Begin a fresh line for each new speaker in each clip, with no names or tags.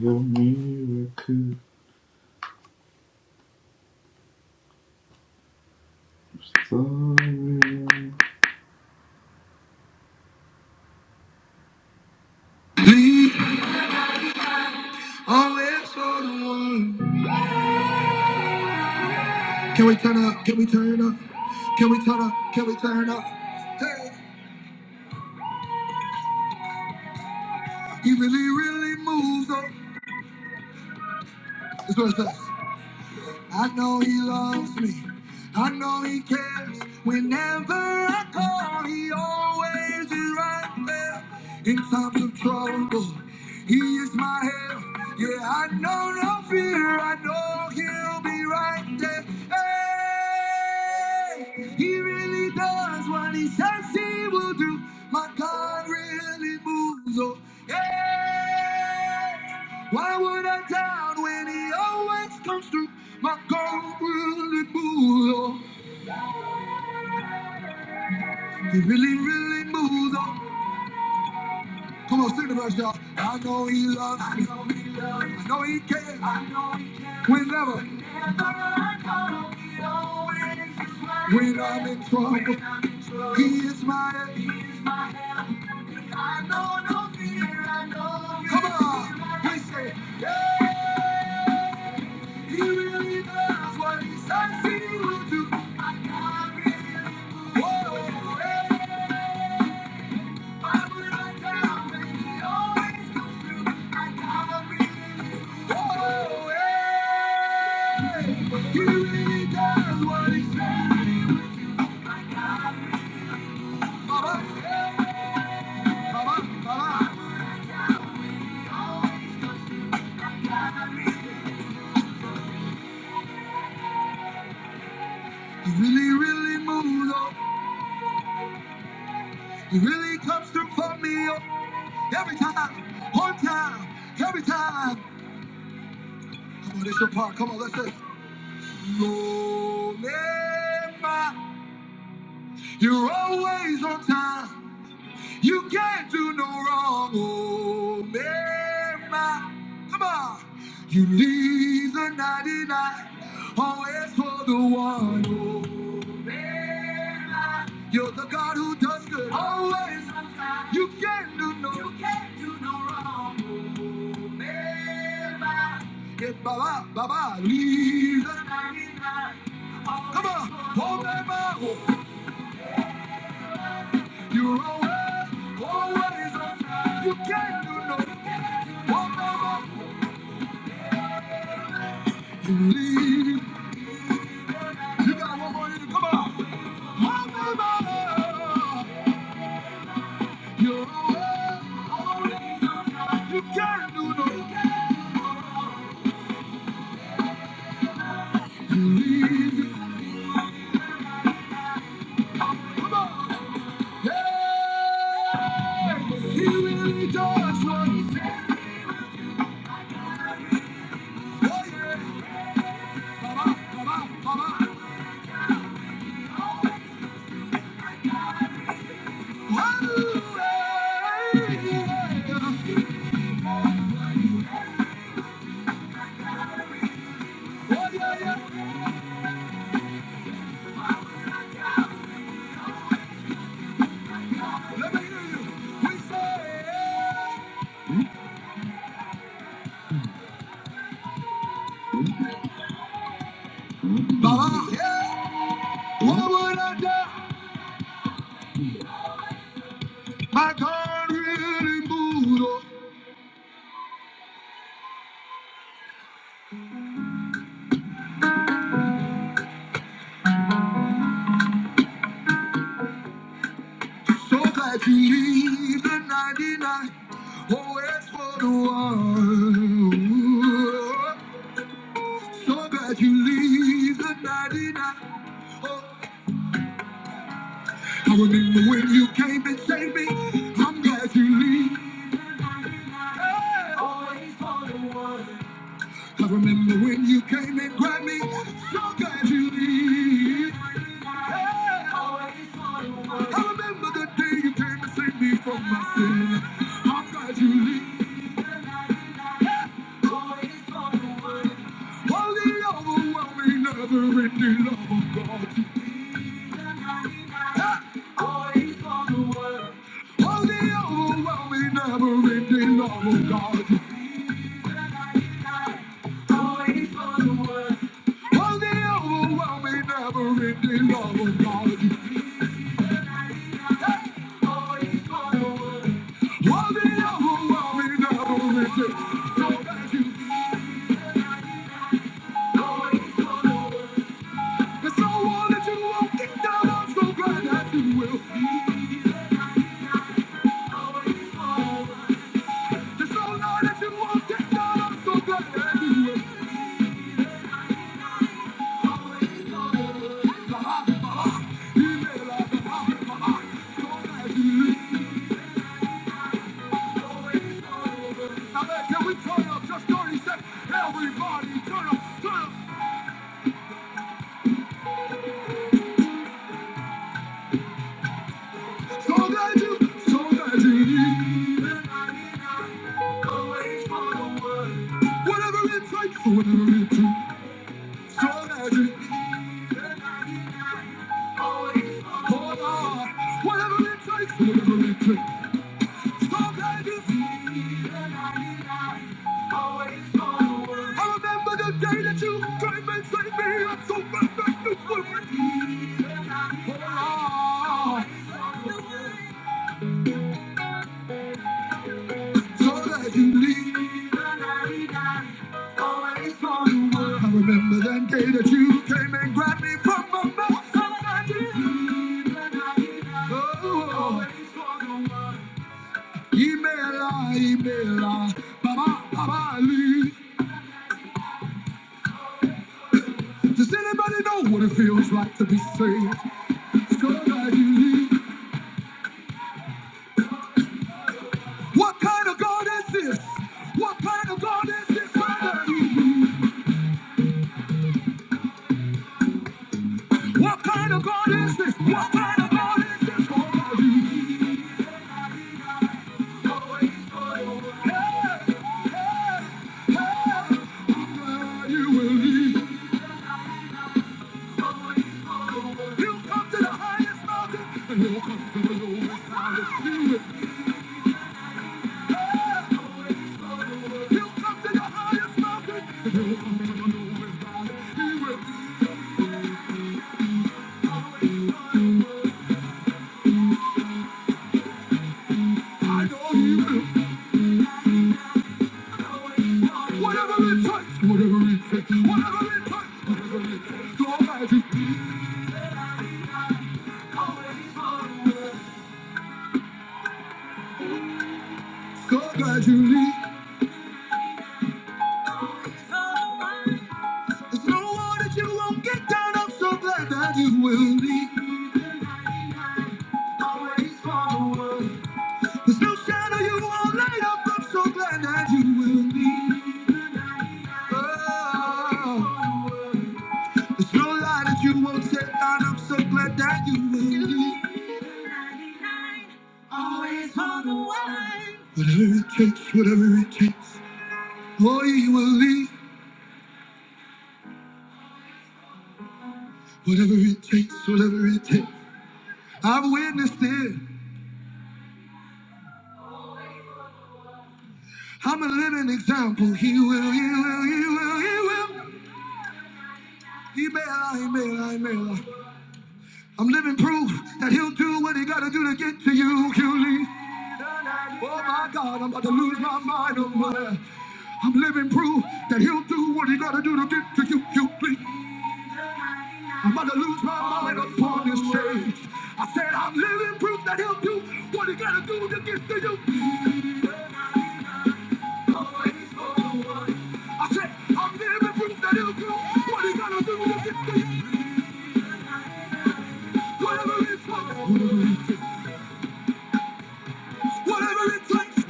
Your miracle glory. Lead always for the one. Can we turn up? Can we turn up? Can we turn up? Can we turn up? Hey, he really, really moves on. That's what it says. I know he loves me. I know he cares. Whenever I call, he always is right there. In times of trouble, he is my help. Yeah, I know no fear. I know he'll be right there. Hey, he really does what he says he will do. My God really moves. Oh, yeah. Why would I doubt when He always comes through? My God really moves. Oh, He really, really moves. Oh, come on, sing the verse, y'all. I know He loves me. I know He loves me. I know He cares. We never. When I'm in trouble, He is my help. I know no fear, I know. Come on, we say, yeah, He really does what He says He will do. I mean, Whoa, every time, and He always comes through. I gotta believe. Whoa, hey, He really does what He says He will do. Baba, You really, really moved on. You really comes through for me oh. every time, on time, every time. Come on, this your part. Come on, let's just. Lord, you're always on time. You can't do no wrong, oh Mary, my. Come on. You leave the 99, always for the one, oh Mary, my. You're the God who does good, always. You can't do no, you can't do no wrong, oh Mary, my. Yeah, Baba, Baba, leave the 99. always, Come on, for the oh Mary, my. oh. You are well, oh, what is on time? You can't do no you can't do no more, you leave. You got one more in you, come on. One more, You're well, oh, what is on time? You can't do no You can't do no. You leave. Come on. Hey, he really does what he says. Oh, yeah. Ba-ba, ba-ba, ba-ba. Hallelujah. Oh, yeah, yeah. yeah. What would I do? My God really moved So glad you leave the 99. Always for the one. So glad you leave the 99. Oh, I remember when you came and saved me. I'm glad you leave. Always for the one. I remember when you came and grabbed me. So glad you leave. I remember the day you came to save me from my sin. I'm glad you leave. All the overwhelming, never-ending love of God. All the overwhelming, never-ending love of God. Well, the overwhelming, never-ending love of God. Well, the overwhelming, never-ending- So thank you. It's so all that you won't kick down. I'm so glad that you will. It's so all that you won't kick down. I'm so glad that you will. Whatever it takes, whatever it takes. I remember the day that you came and saved me. I'm so glad you were with me. So that you leave. I remember that day that you came and grabbed me from my mouth. So that you leave. Oh, oh. Email, Baba, Baba, leave. Does anybody know what it feels like to be saved? So that you leave. What kind of God is this? What kind of God is this? God, that you What kind of God is this? What kind of God is this? God, that you leave? Always for your right. Hey, hey, hey. Where you will lead. You'll come to the highest mountain, and you'll come to the lowest valley. You will so so There's no I'm so glad you will leave. no shadow you won't light up. I'm so glad that you will leave. It's no lie that you won't set down. I'm so glad that you will. Always on the way. Whatever it takes, whatever it takes. Oh, you will leave. Whatever it takes, whatever it takes. I've witnessed it. I'm a living example. He will, he will, he will, he will. He may lie, he may lie, he may lie. I'm living proof that he'll do what he gotta do to get to you, QLE. Oh my God, I'm about to lose my mind. Oh I'm living proof that he'll do what he gotta do to get to you, QLE. I'm about to lose my mind upon this stage. I said I'm living proof that he'll do what he gotta do to get to you. I said I'm living proof that he'll do what he gotta do to get to you. Whatever it takes, whatever it takes.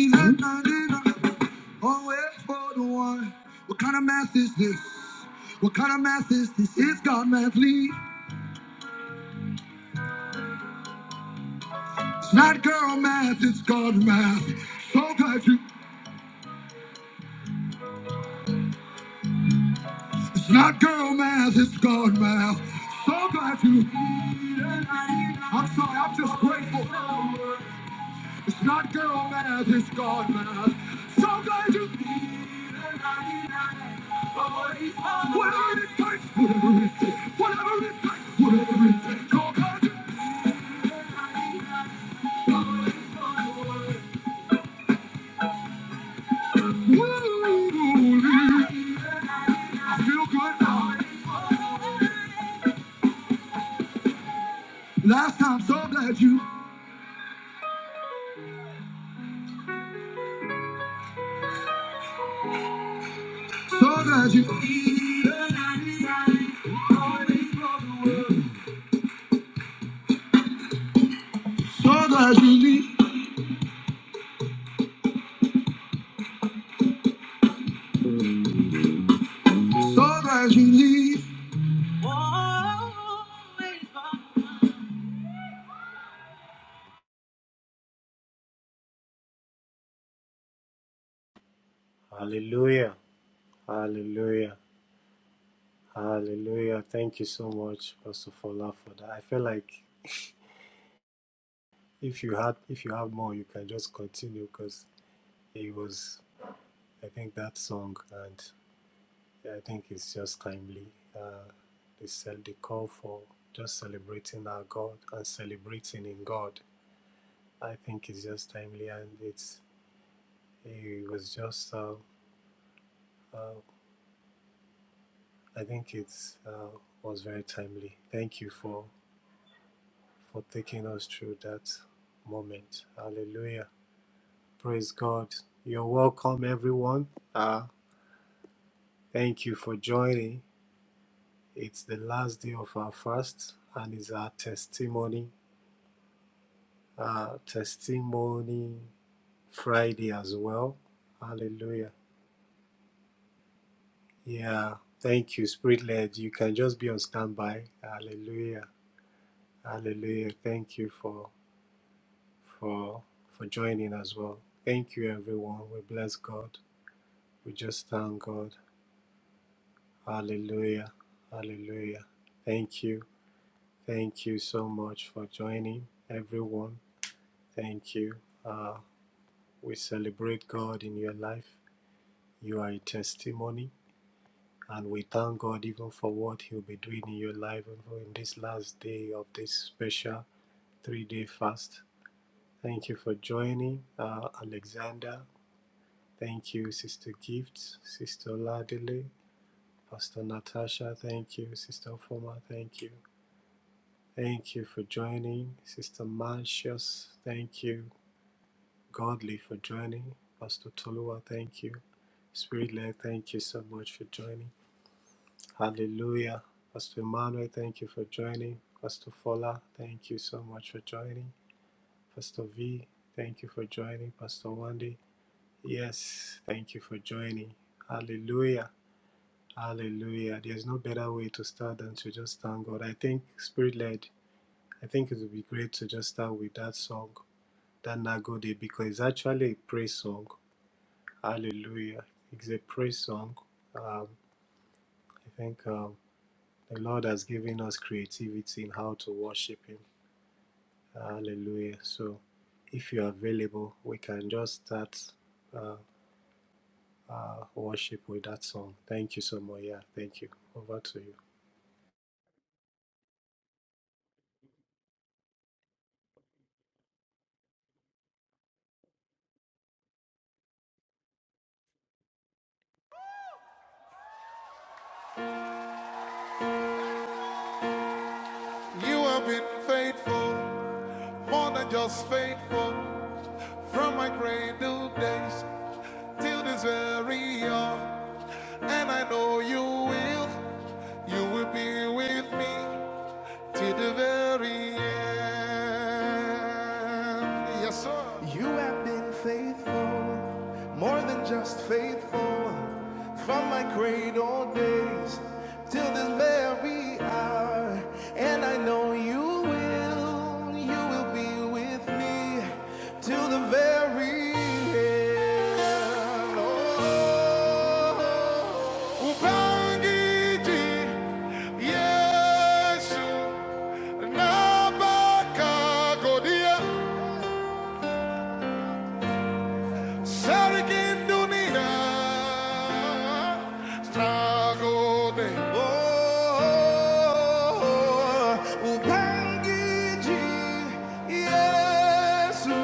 He's at 99. What kind of math is this? What kind of math is this? It's God math, Lee. It's not girl math, it's God math. So glad you. It's not girl math, it's God math. So glad you. I'm sorry, I'm just grateful. It's not girl math, it's God math. So glad you be the 99. Whatever it takes, whatever it takes, whatever it takes, whatever it takes. So glad you be the 99. I feel good. now. Last time, so glad you, so glad you. be the ninety-nine. So glad you leave. Lord, as you lead,
Hallelujah. Hallelujah. Hallelujah. Thank you so much, Pastor Fola, for that. I feel like if you had if you have more, you can just continue because it was I think that song and I think it's just timely. Uh they said the call for just celebrating our God and celebrating in God. I think it's just timely and it's it was just uh, uh I think it's uh, was very timely. Thank you for for taking us through that moment. Hallelujah. Praise God. You're welcome, everyone. Uh, thank you for joining. It's the last day of our fast and it's our testimony, uh, testimony Friday as well. Hallelujah. Yeah. Thank you, Spirit led. You can just be on standby. Hallelujah. Hallelujah. Thank you for for for joining as well. Thank you everyone. We bless God. We just thank God. Hallelujah. Hallelujah. Thank you. Thank you so much for joining, everyone. Thank you. Uh, we celebrate God in your life. You are a testimony, and we thank God even for what He'll be doing in your life and in this last day of this special three day fast. Thank you for joining, uh, Alexander. Thank you, Sister Gifts, Sister Ladele, Pastor Natasha, thank you. Sister Foma, thank you. Thank you for joining. Sister Marcius, thank you. Godly for joining. Pastor Tolua, thank you. Spirit led, thank you so much for joining. Hallelujah. Pastor Emmanuel, thank you for joining. Pastor Fola, thank you so much for joining. Pastor V, thank you for joining. Pastor Wandy, yes, thank you for joining. Hallelujah. Hallelujah. There's no better way to start than to just thank God. I think spirit led, I think it would be great to just start with that song, that Nagode, because it's actually a praise song. Hallelujah. It's a praise song. Um, I think um, the Lord has given us creativity in how to worship Him. Hallelujah. So if you're available, we can just start uh, uh, worship with that song. Thank you so much. Yeah, thank you. Over to you.
You have been faithful, more than just faithful, from my cradle days till this very hour. And I know you will, you will be with me to the very end. Yes, sir. You have been faithful, more than just faithful, from my cradle days till this very hour. And I know you will, you will be with me till the very end ubangiji yesu nabakagodia sarkin dunia stragode oh, ubangiji yesu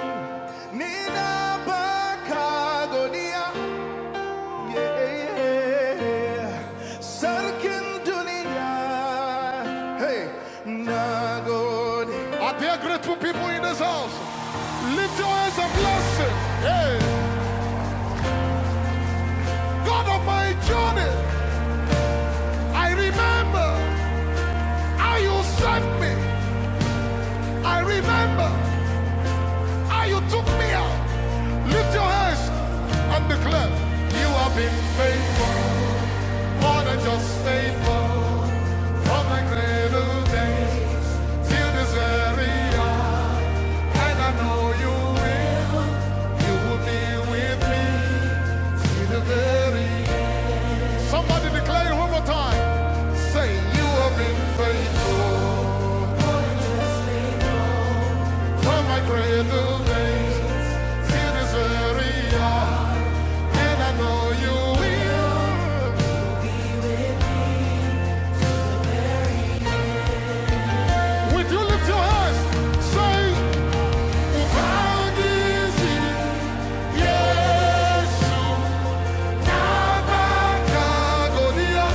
ninabakagodia Sarkin dunia, hey, nagode. Are there grateful people in this house? Lift your hands and bless Him. Hey, God of my journey, I remember how you saved me. I remember how you took me out. Lift your hands and declare, You have been faithful, more than just faithful, from my cradle days. Feel this very and I know you will. You will be with me to the very Somebody declare one more time. Say you have been faithful from my cradle days. Feel this very and I know you will. Would you lift your hands? Say, "How is it? Yes, Abba Kagodia."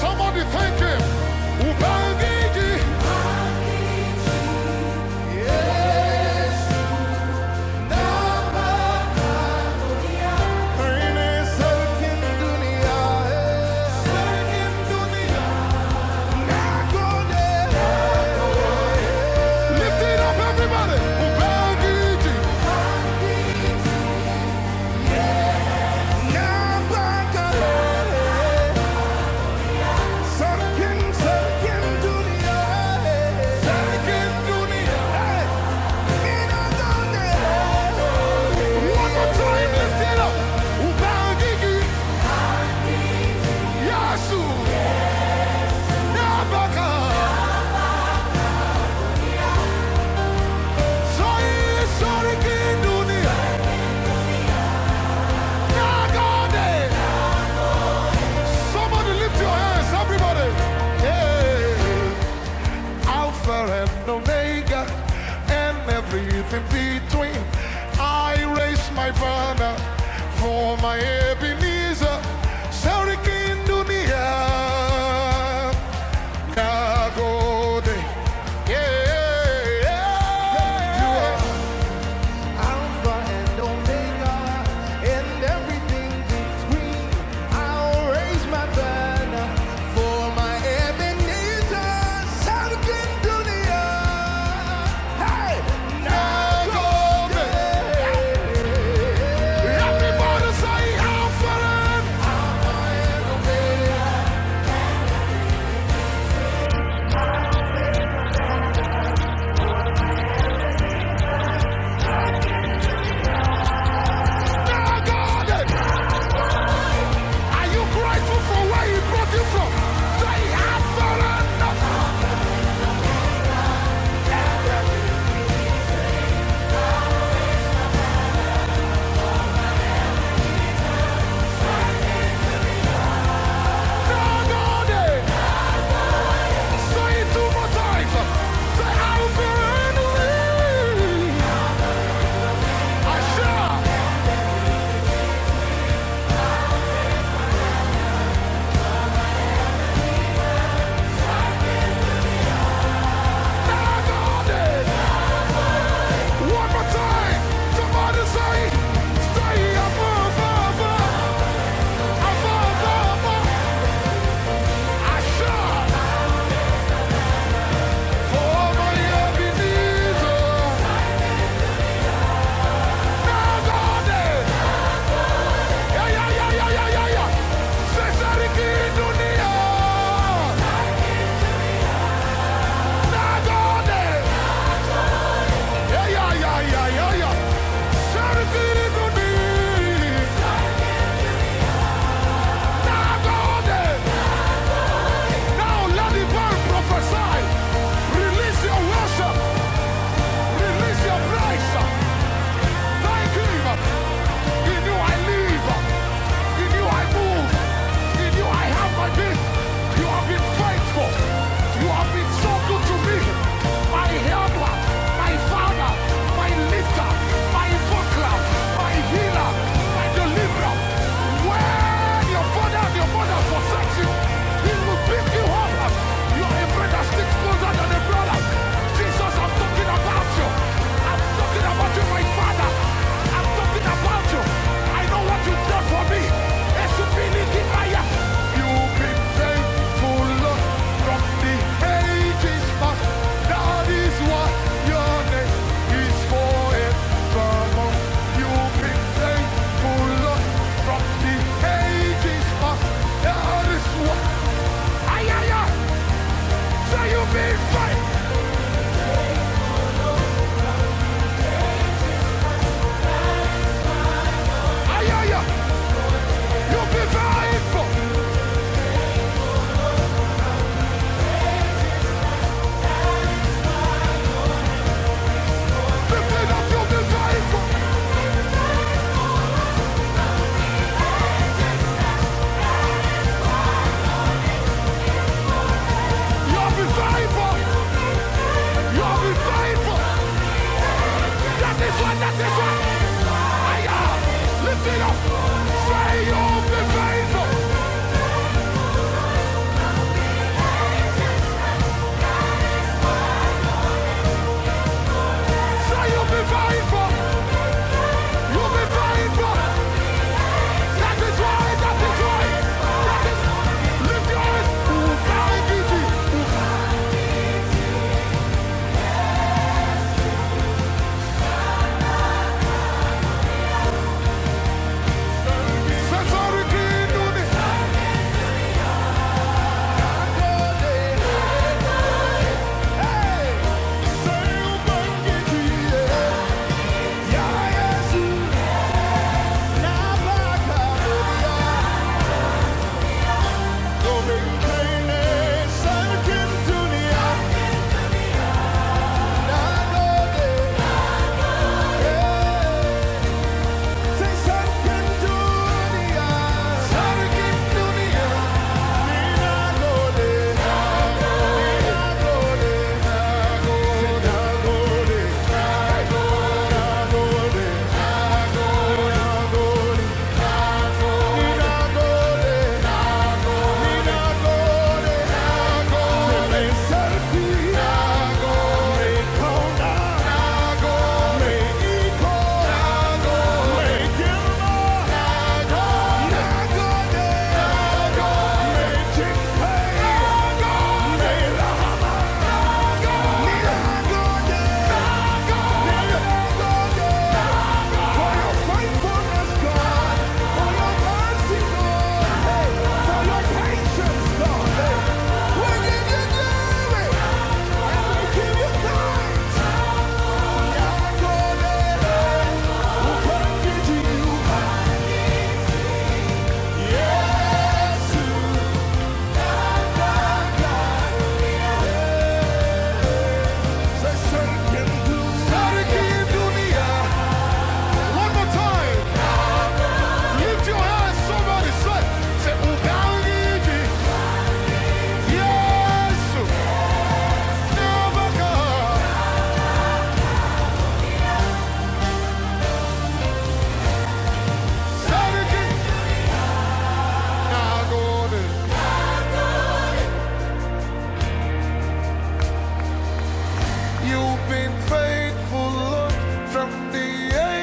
somebody thank him. Yes, eh. eh. Lift it up, everybody. eh. Sarkin, sarkin dünya, sarkin dünya, inanın One more time, lift it up. Ubangi gün yasu, ne bakar? Sayı sarkin dünya, ne kadar? Somebody lift your hands, everybody. Hey. Alpha and Omega, and everything between. I raise my banner for my Ebenezer, Sarikin Dunia, Nagode. Yeah, yeah, yeah. You are Alpha and Omega, and everything between. I'll raise my banner for my Ebenezer, Southern Dunia. Hey, now Golden. Everybody say Alpha and Omega. Now Golden. Are you grateful for where he brought you from? Say Alpha and Now Golden. Say it two more times. Say I will believe. I shall not doubt it. One more time. Somebody say, say above, above, above, above. I shall over Ebenezer, not doubt it. Yeah, yeah, yeah, yeah, yeah, yeah, yeah. Say, say it again, Dunia. Not doubt it. Yeah, yeah, yeah, yeah, yeah, yeah. Charity to thee. Now go there. Now let the world prophesy. Release your worship. Release your praise. Thank him. In you I live. In you I move. In you I have my being. You have been faithful. You have been so good to me. My helper, my father, my lifter, my buckler, my healer, my deliverer. When your father and your mother forsake you, he will pick you up. as You are a friend that sticks closer than a brother. Jesus, I'm talking about you. I'm talking about you, my father. I'm talking about you. I know what you've done for me. Esupini Gibaya. You've been faithful, Lord, from the ages past. That is why your name is forevermore. You've been faithful, Lord, from the ages past. That is why. Ay, ay, ay. Say you've been faithful. Ay, ay, ay. You've been faithful. You've been faithful. You've been faithful. You've been faithful. That is what, that is what. I am. Lift it up. Say you'll be faithful. Say you'll be faithful. You'll be faithful. That is why, that is why. That is. Lift your eyes. Ubangiji. Usesariki nuni. Hey! Say Ubangiji. Yeah. Ya Yesu. Nabaka dunia. Domingkane. Sarkin dunia. Nanode. Sarikin Dunia, Sarikin Dunia, mina goleh, mina goleh, mina goleh, mina goleh, mina goleh, mina goleh, mina goleh, mina goleh. Patience, God. Hey, we give you glory we give you thanks. Yes, never come. Saturday, now go there. You've been faithful, Lord, from the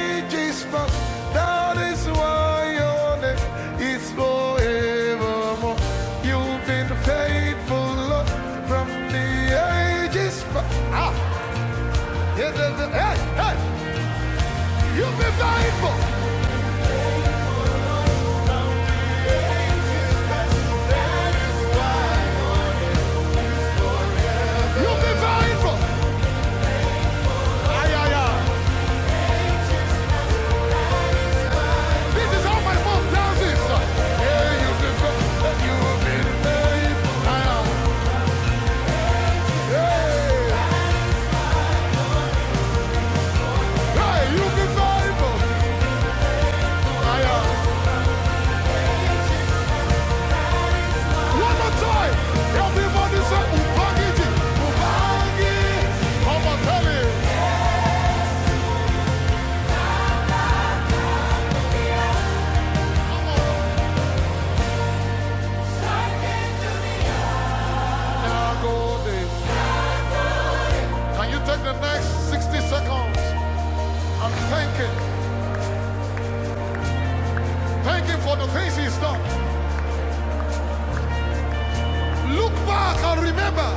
ages past. That is why your name is forevermore. You've been faithful, Lord, from the ages past. Ah, yeah, yeah, yeah. yeah. hey, hey, you've been faithful. You've been faithful. This is how my mom does it. Yeah, you've been faithful. You've been faithful. I am. Hey, hey, you've been faithful. I am. Can you take the next 60 seconds and thank him? Thank him for the things he's done. Look back and remember.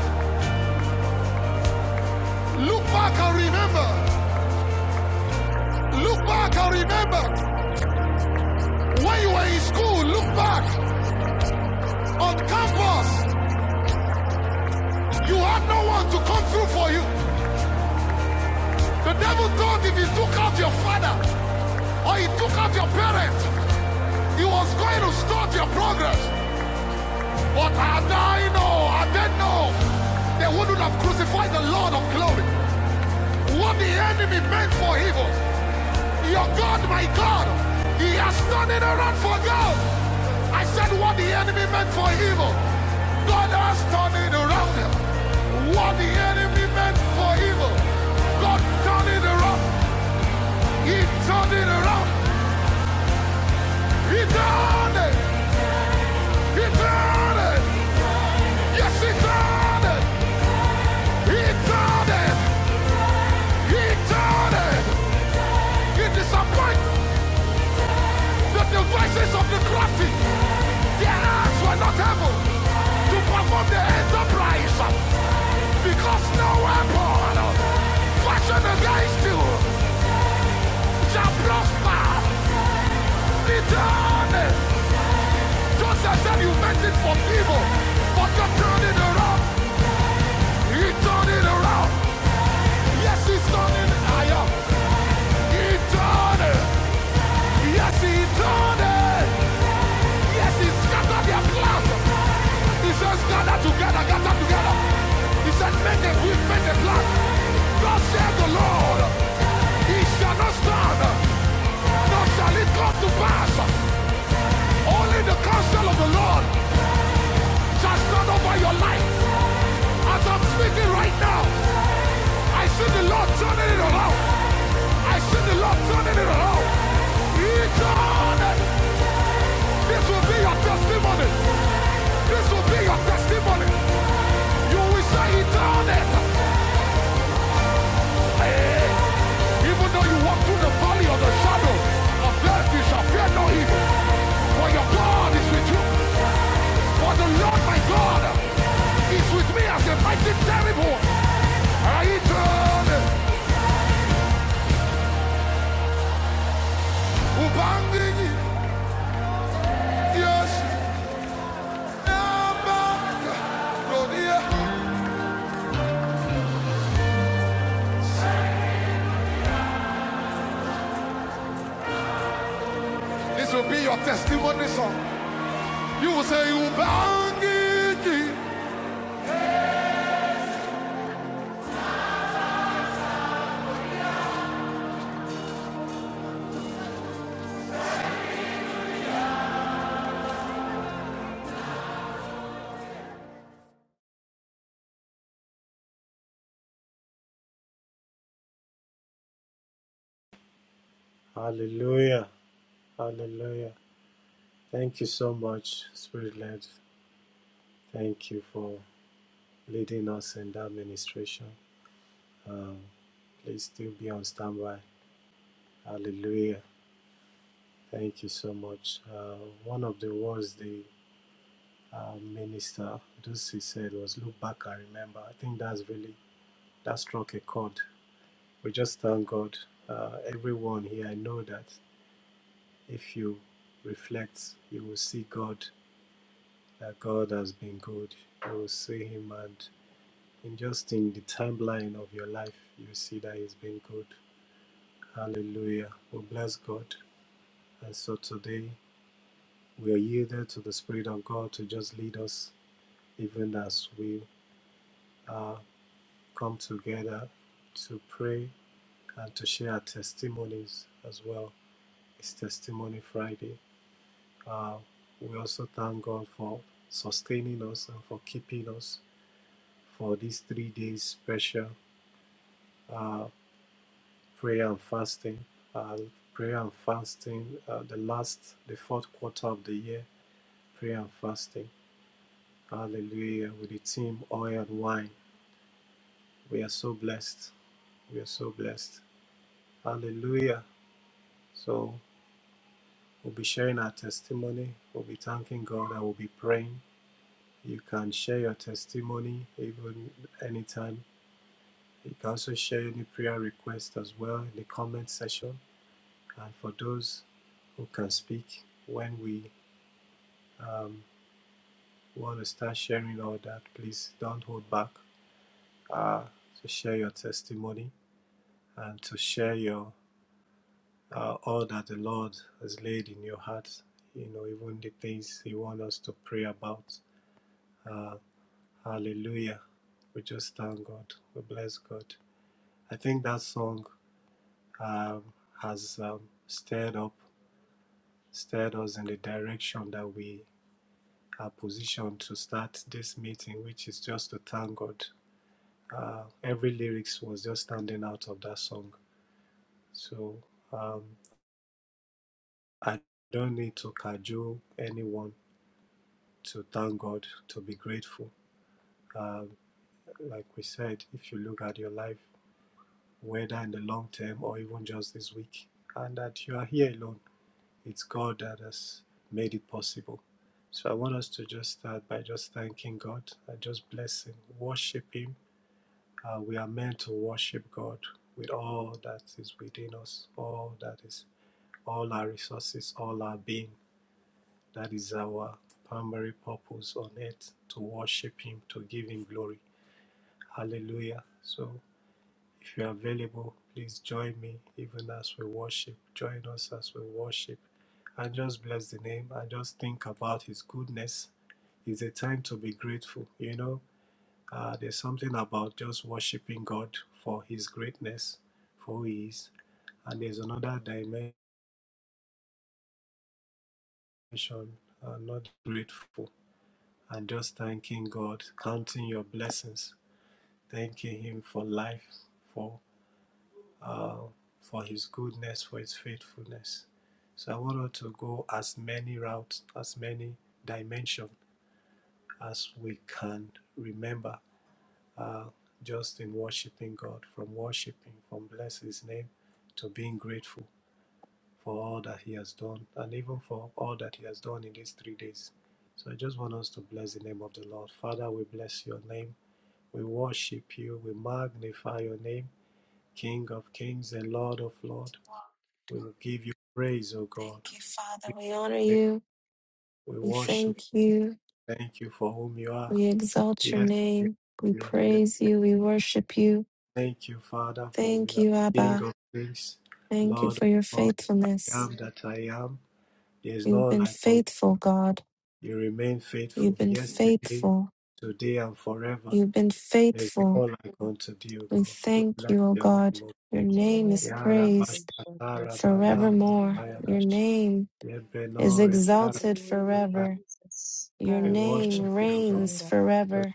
Look back and remember. Look back and remember. When you were in school, look back. On campus, you had no one to come through for you. The devil thought if he took out your father, or he took out your parents. You was going to start your progress, but I I know, I didn't know. They wouldn't have crucified the Lord of glory. What the enemy meant for evil, your God, my God, he has turned it around for good. I said what the enemy meant for evil, God has turned it around. What the enemy meant for evil, God turned it around. He turned it around. He turned it. He turned it. Yes, he done it! He done it! He done it! He disappoints the devices of the crafty. Their arms were not able to perform the enterprise because no weapon fashioned against you shall prosper. He done it! Joseph said you meant it for evil, but you turned it around. He turned it around. Yes, he's turning. I am. He done it. Yes, he done it. Yes, he scattered their plans. He says, gather together, gather together. He said, make a quick, make a plan. Thus said the Lord, he shall not stand, nor shall it come to pass. Only the counsel of the Lord shall stand over your life. As I'm speaking right now, I see the Lord turning it around. I see the Lord turning it around. He turned it. This will be your testimony. This will be your testimony. You will say he done it. Hey. Even though you walk through the valley of the shadow of death, you shall fear no evil. For your God is with you. For the Lord my God is with me as a mighty terrible I turn it. yes, This will be your testimony song. You will say, Ubangiji,
Hallelujah. Hallelujah. Thank you so much, Spirit led. Thank you for leading us in that ministration. Um, please still be on standby. Hallelujah. Thank you so much. Uh, one of the words the uh, minister Dusi said was "Look back, and remember." I think that's really that struck a chord. We just thank God. Uh, everyone here, I know that if you reflect, you will see God. That God has been good. You will see Him and And just in the timeline of your life, you see that He's been good. Hallelujah. We bless God. And so today, we are yielded to the Spirit of God to just lead us, even as we uh, come together to pray and to share our testimonies as well. It's Testimony Friday. Uh, we also thank God for sustaining us and for keeping us for these three days special. uh, prayer and fasting, uh, prayer and fasting, uh, the last, the fourth quarter of the year, prayer and fasting. Hallelujah. With the team, oil and wine. We are so blessed. We are so blessed. Hallelujah. So we'll be sharing our testimony. We'll be thanking God and we'll be praying. You can share your testimony even anytime. You can also share any prayer request as well in the comment section. And for those who can speak when we um, want to start sharing all that, please don't hold back uh, to share your testimony and to share your uh, all that the Lord has laid in your heart. You know, even the things He wants us to pray about. Uh, hallelujah! We just thank God. We bless God. I think that song um, has um, stirred up, stirred us in the direction that we are positioned to start this meeting, which is just to thank God uh, every lyrics was just standing out of that song. So um, I don't need to cajole anyone to thank God, to be grateful. Um, like we said, if you look at your life, whether in the long term or even just this week, and that you are here alone, it's God that has made it possible. So I want us to just start by just thanking God and just blessing, worship Him, Uh, we are meant to worship God with all that is within us, all that is, all our resources, all our being. That is our primary purpose on earth to worship Him, to give Him glory. Hallelujah. So, if you are available, please join me even as we worship. Join us as we worship. And just bless the name and just think about His goodness. It's a time to be grateful, you know uh, there's something about just worshiping God for His greatness, for who He is. And there's another dimension, uh, not grateful, and just thanking God, counting your blessings, thanking Him for life, for uh, for His goodness, for His faithfulness. So I want us to go as many routes, as many dimensions as we can remember uh, just in worshiping God, from worshiping, from bless His name, to being grateful for all that He has done, and even for all that He has done in these three days. So I just want us to bless the name of the Lord. Father, we bless your name. We worship you. We magnify your name, King of kings and Lord of lords. We will give you praise, O God.
Thank you,
We,
Father. We honor you. We
worship.
thank you.
Thank you for whom you are.
We exalt your
Yes, yes,
name. We
you.
praise you. We worship you.
Thank you, Father, for you
Thank
are
you,
King
Abba.
of kings,
Thank you
Lord of
for your
lords, I
faithfulness.
am that I am. There is no
You've been
like unto
faithful, God.
you. You remain faithful
You've been
yesterday,
faithful.
today, and forever.
You've been
There is no
faithful.
like unto thee, O
We
God. We
thank
bless
you, O
your
God.
name, O
Your
Thank you,
name
Lord.
is praised forevermore. Your
Yarabashatarabanarakayadash.
name is
Yebenorekarabatai.
exalted forever.
Jesus.
Your
We
Ah,
worship
name
you, O God.
reigns
Bababokoshanda.
We
forever.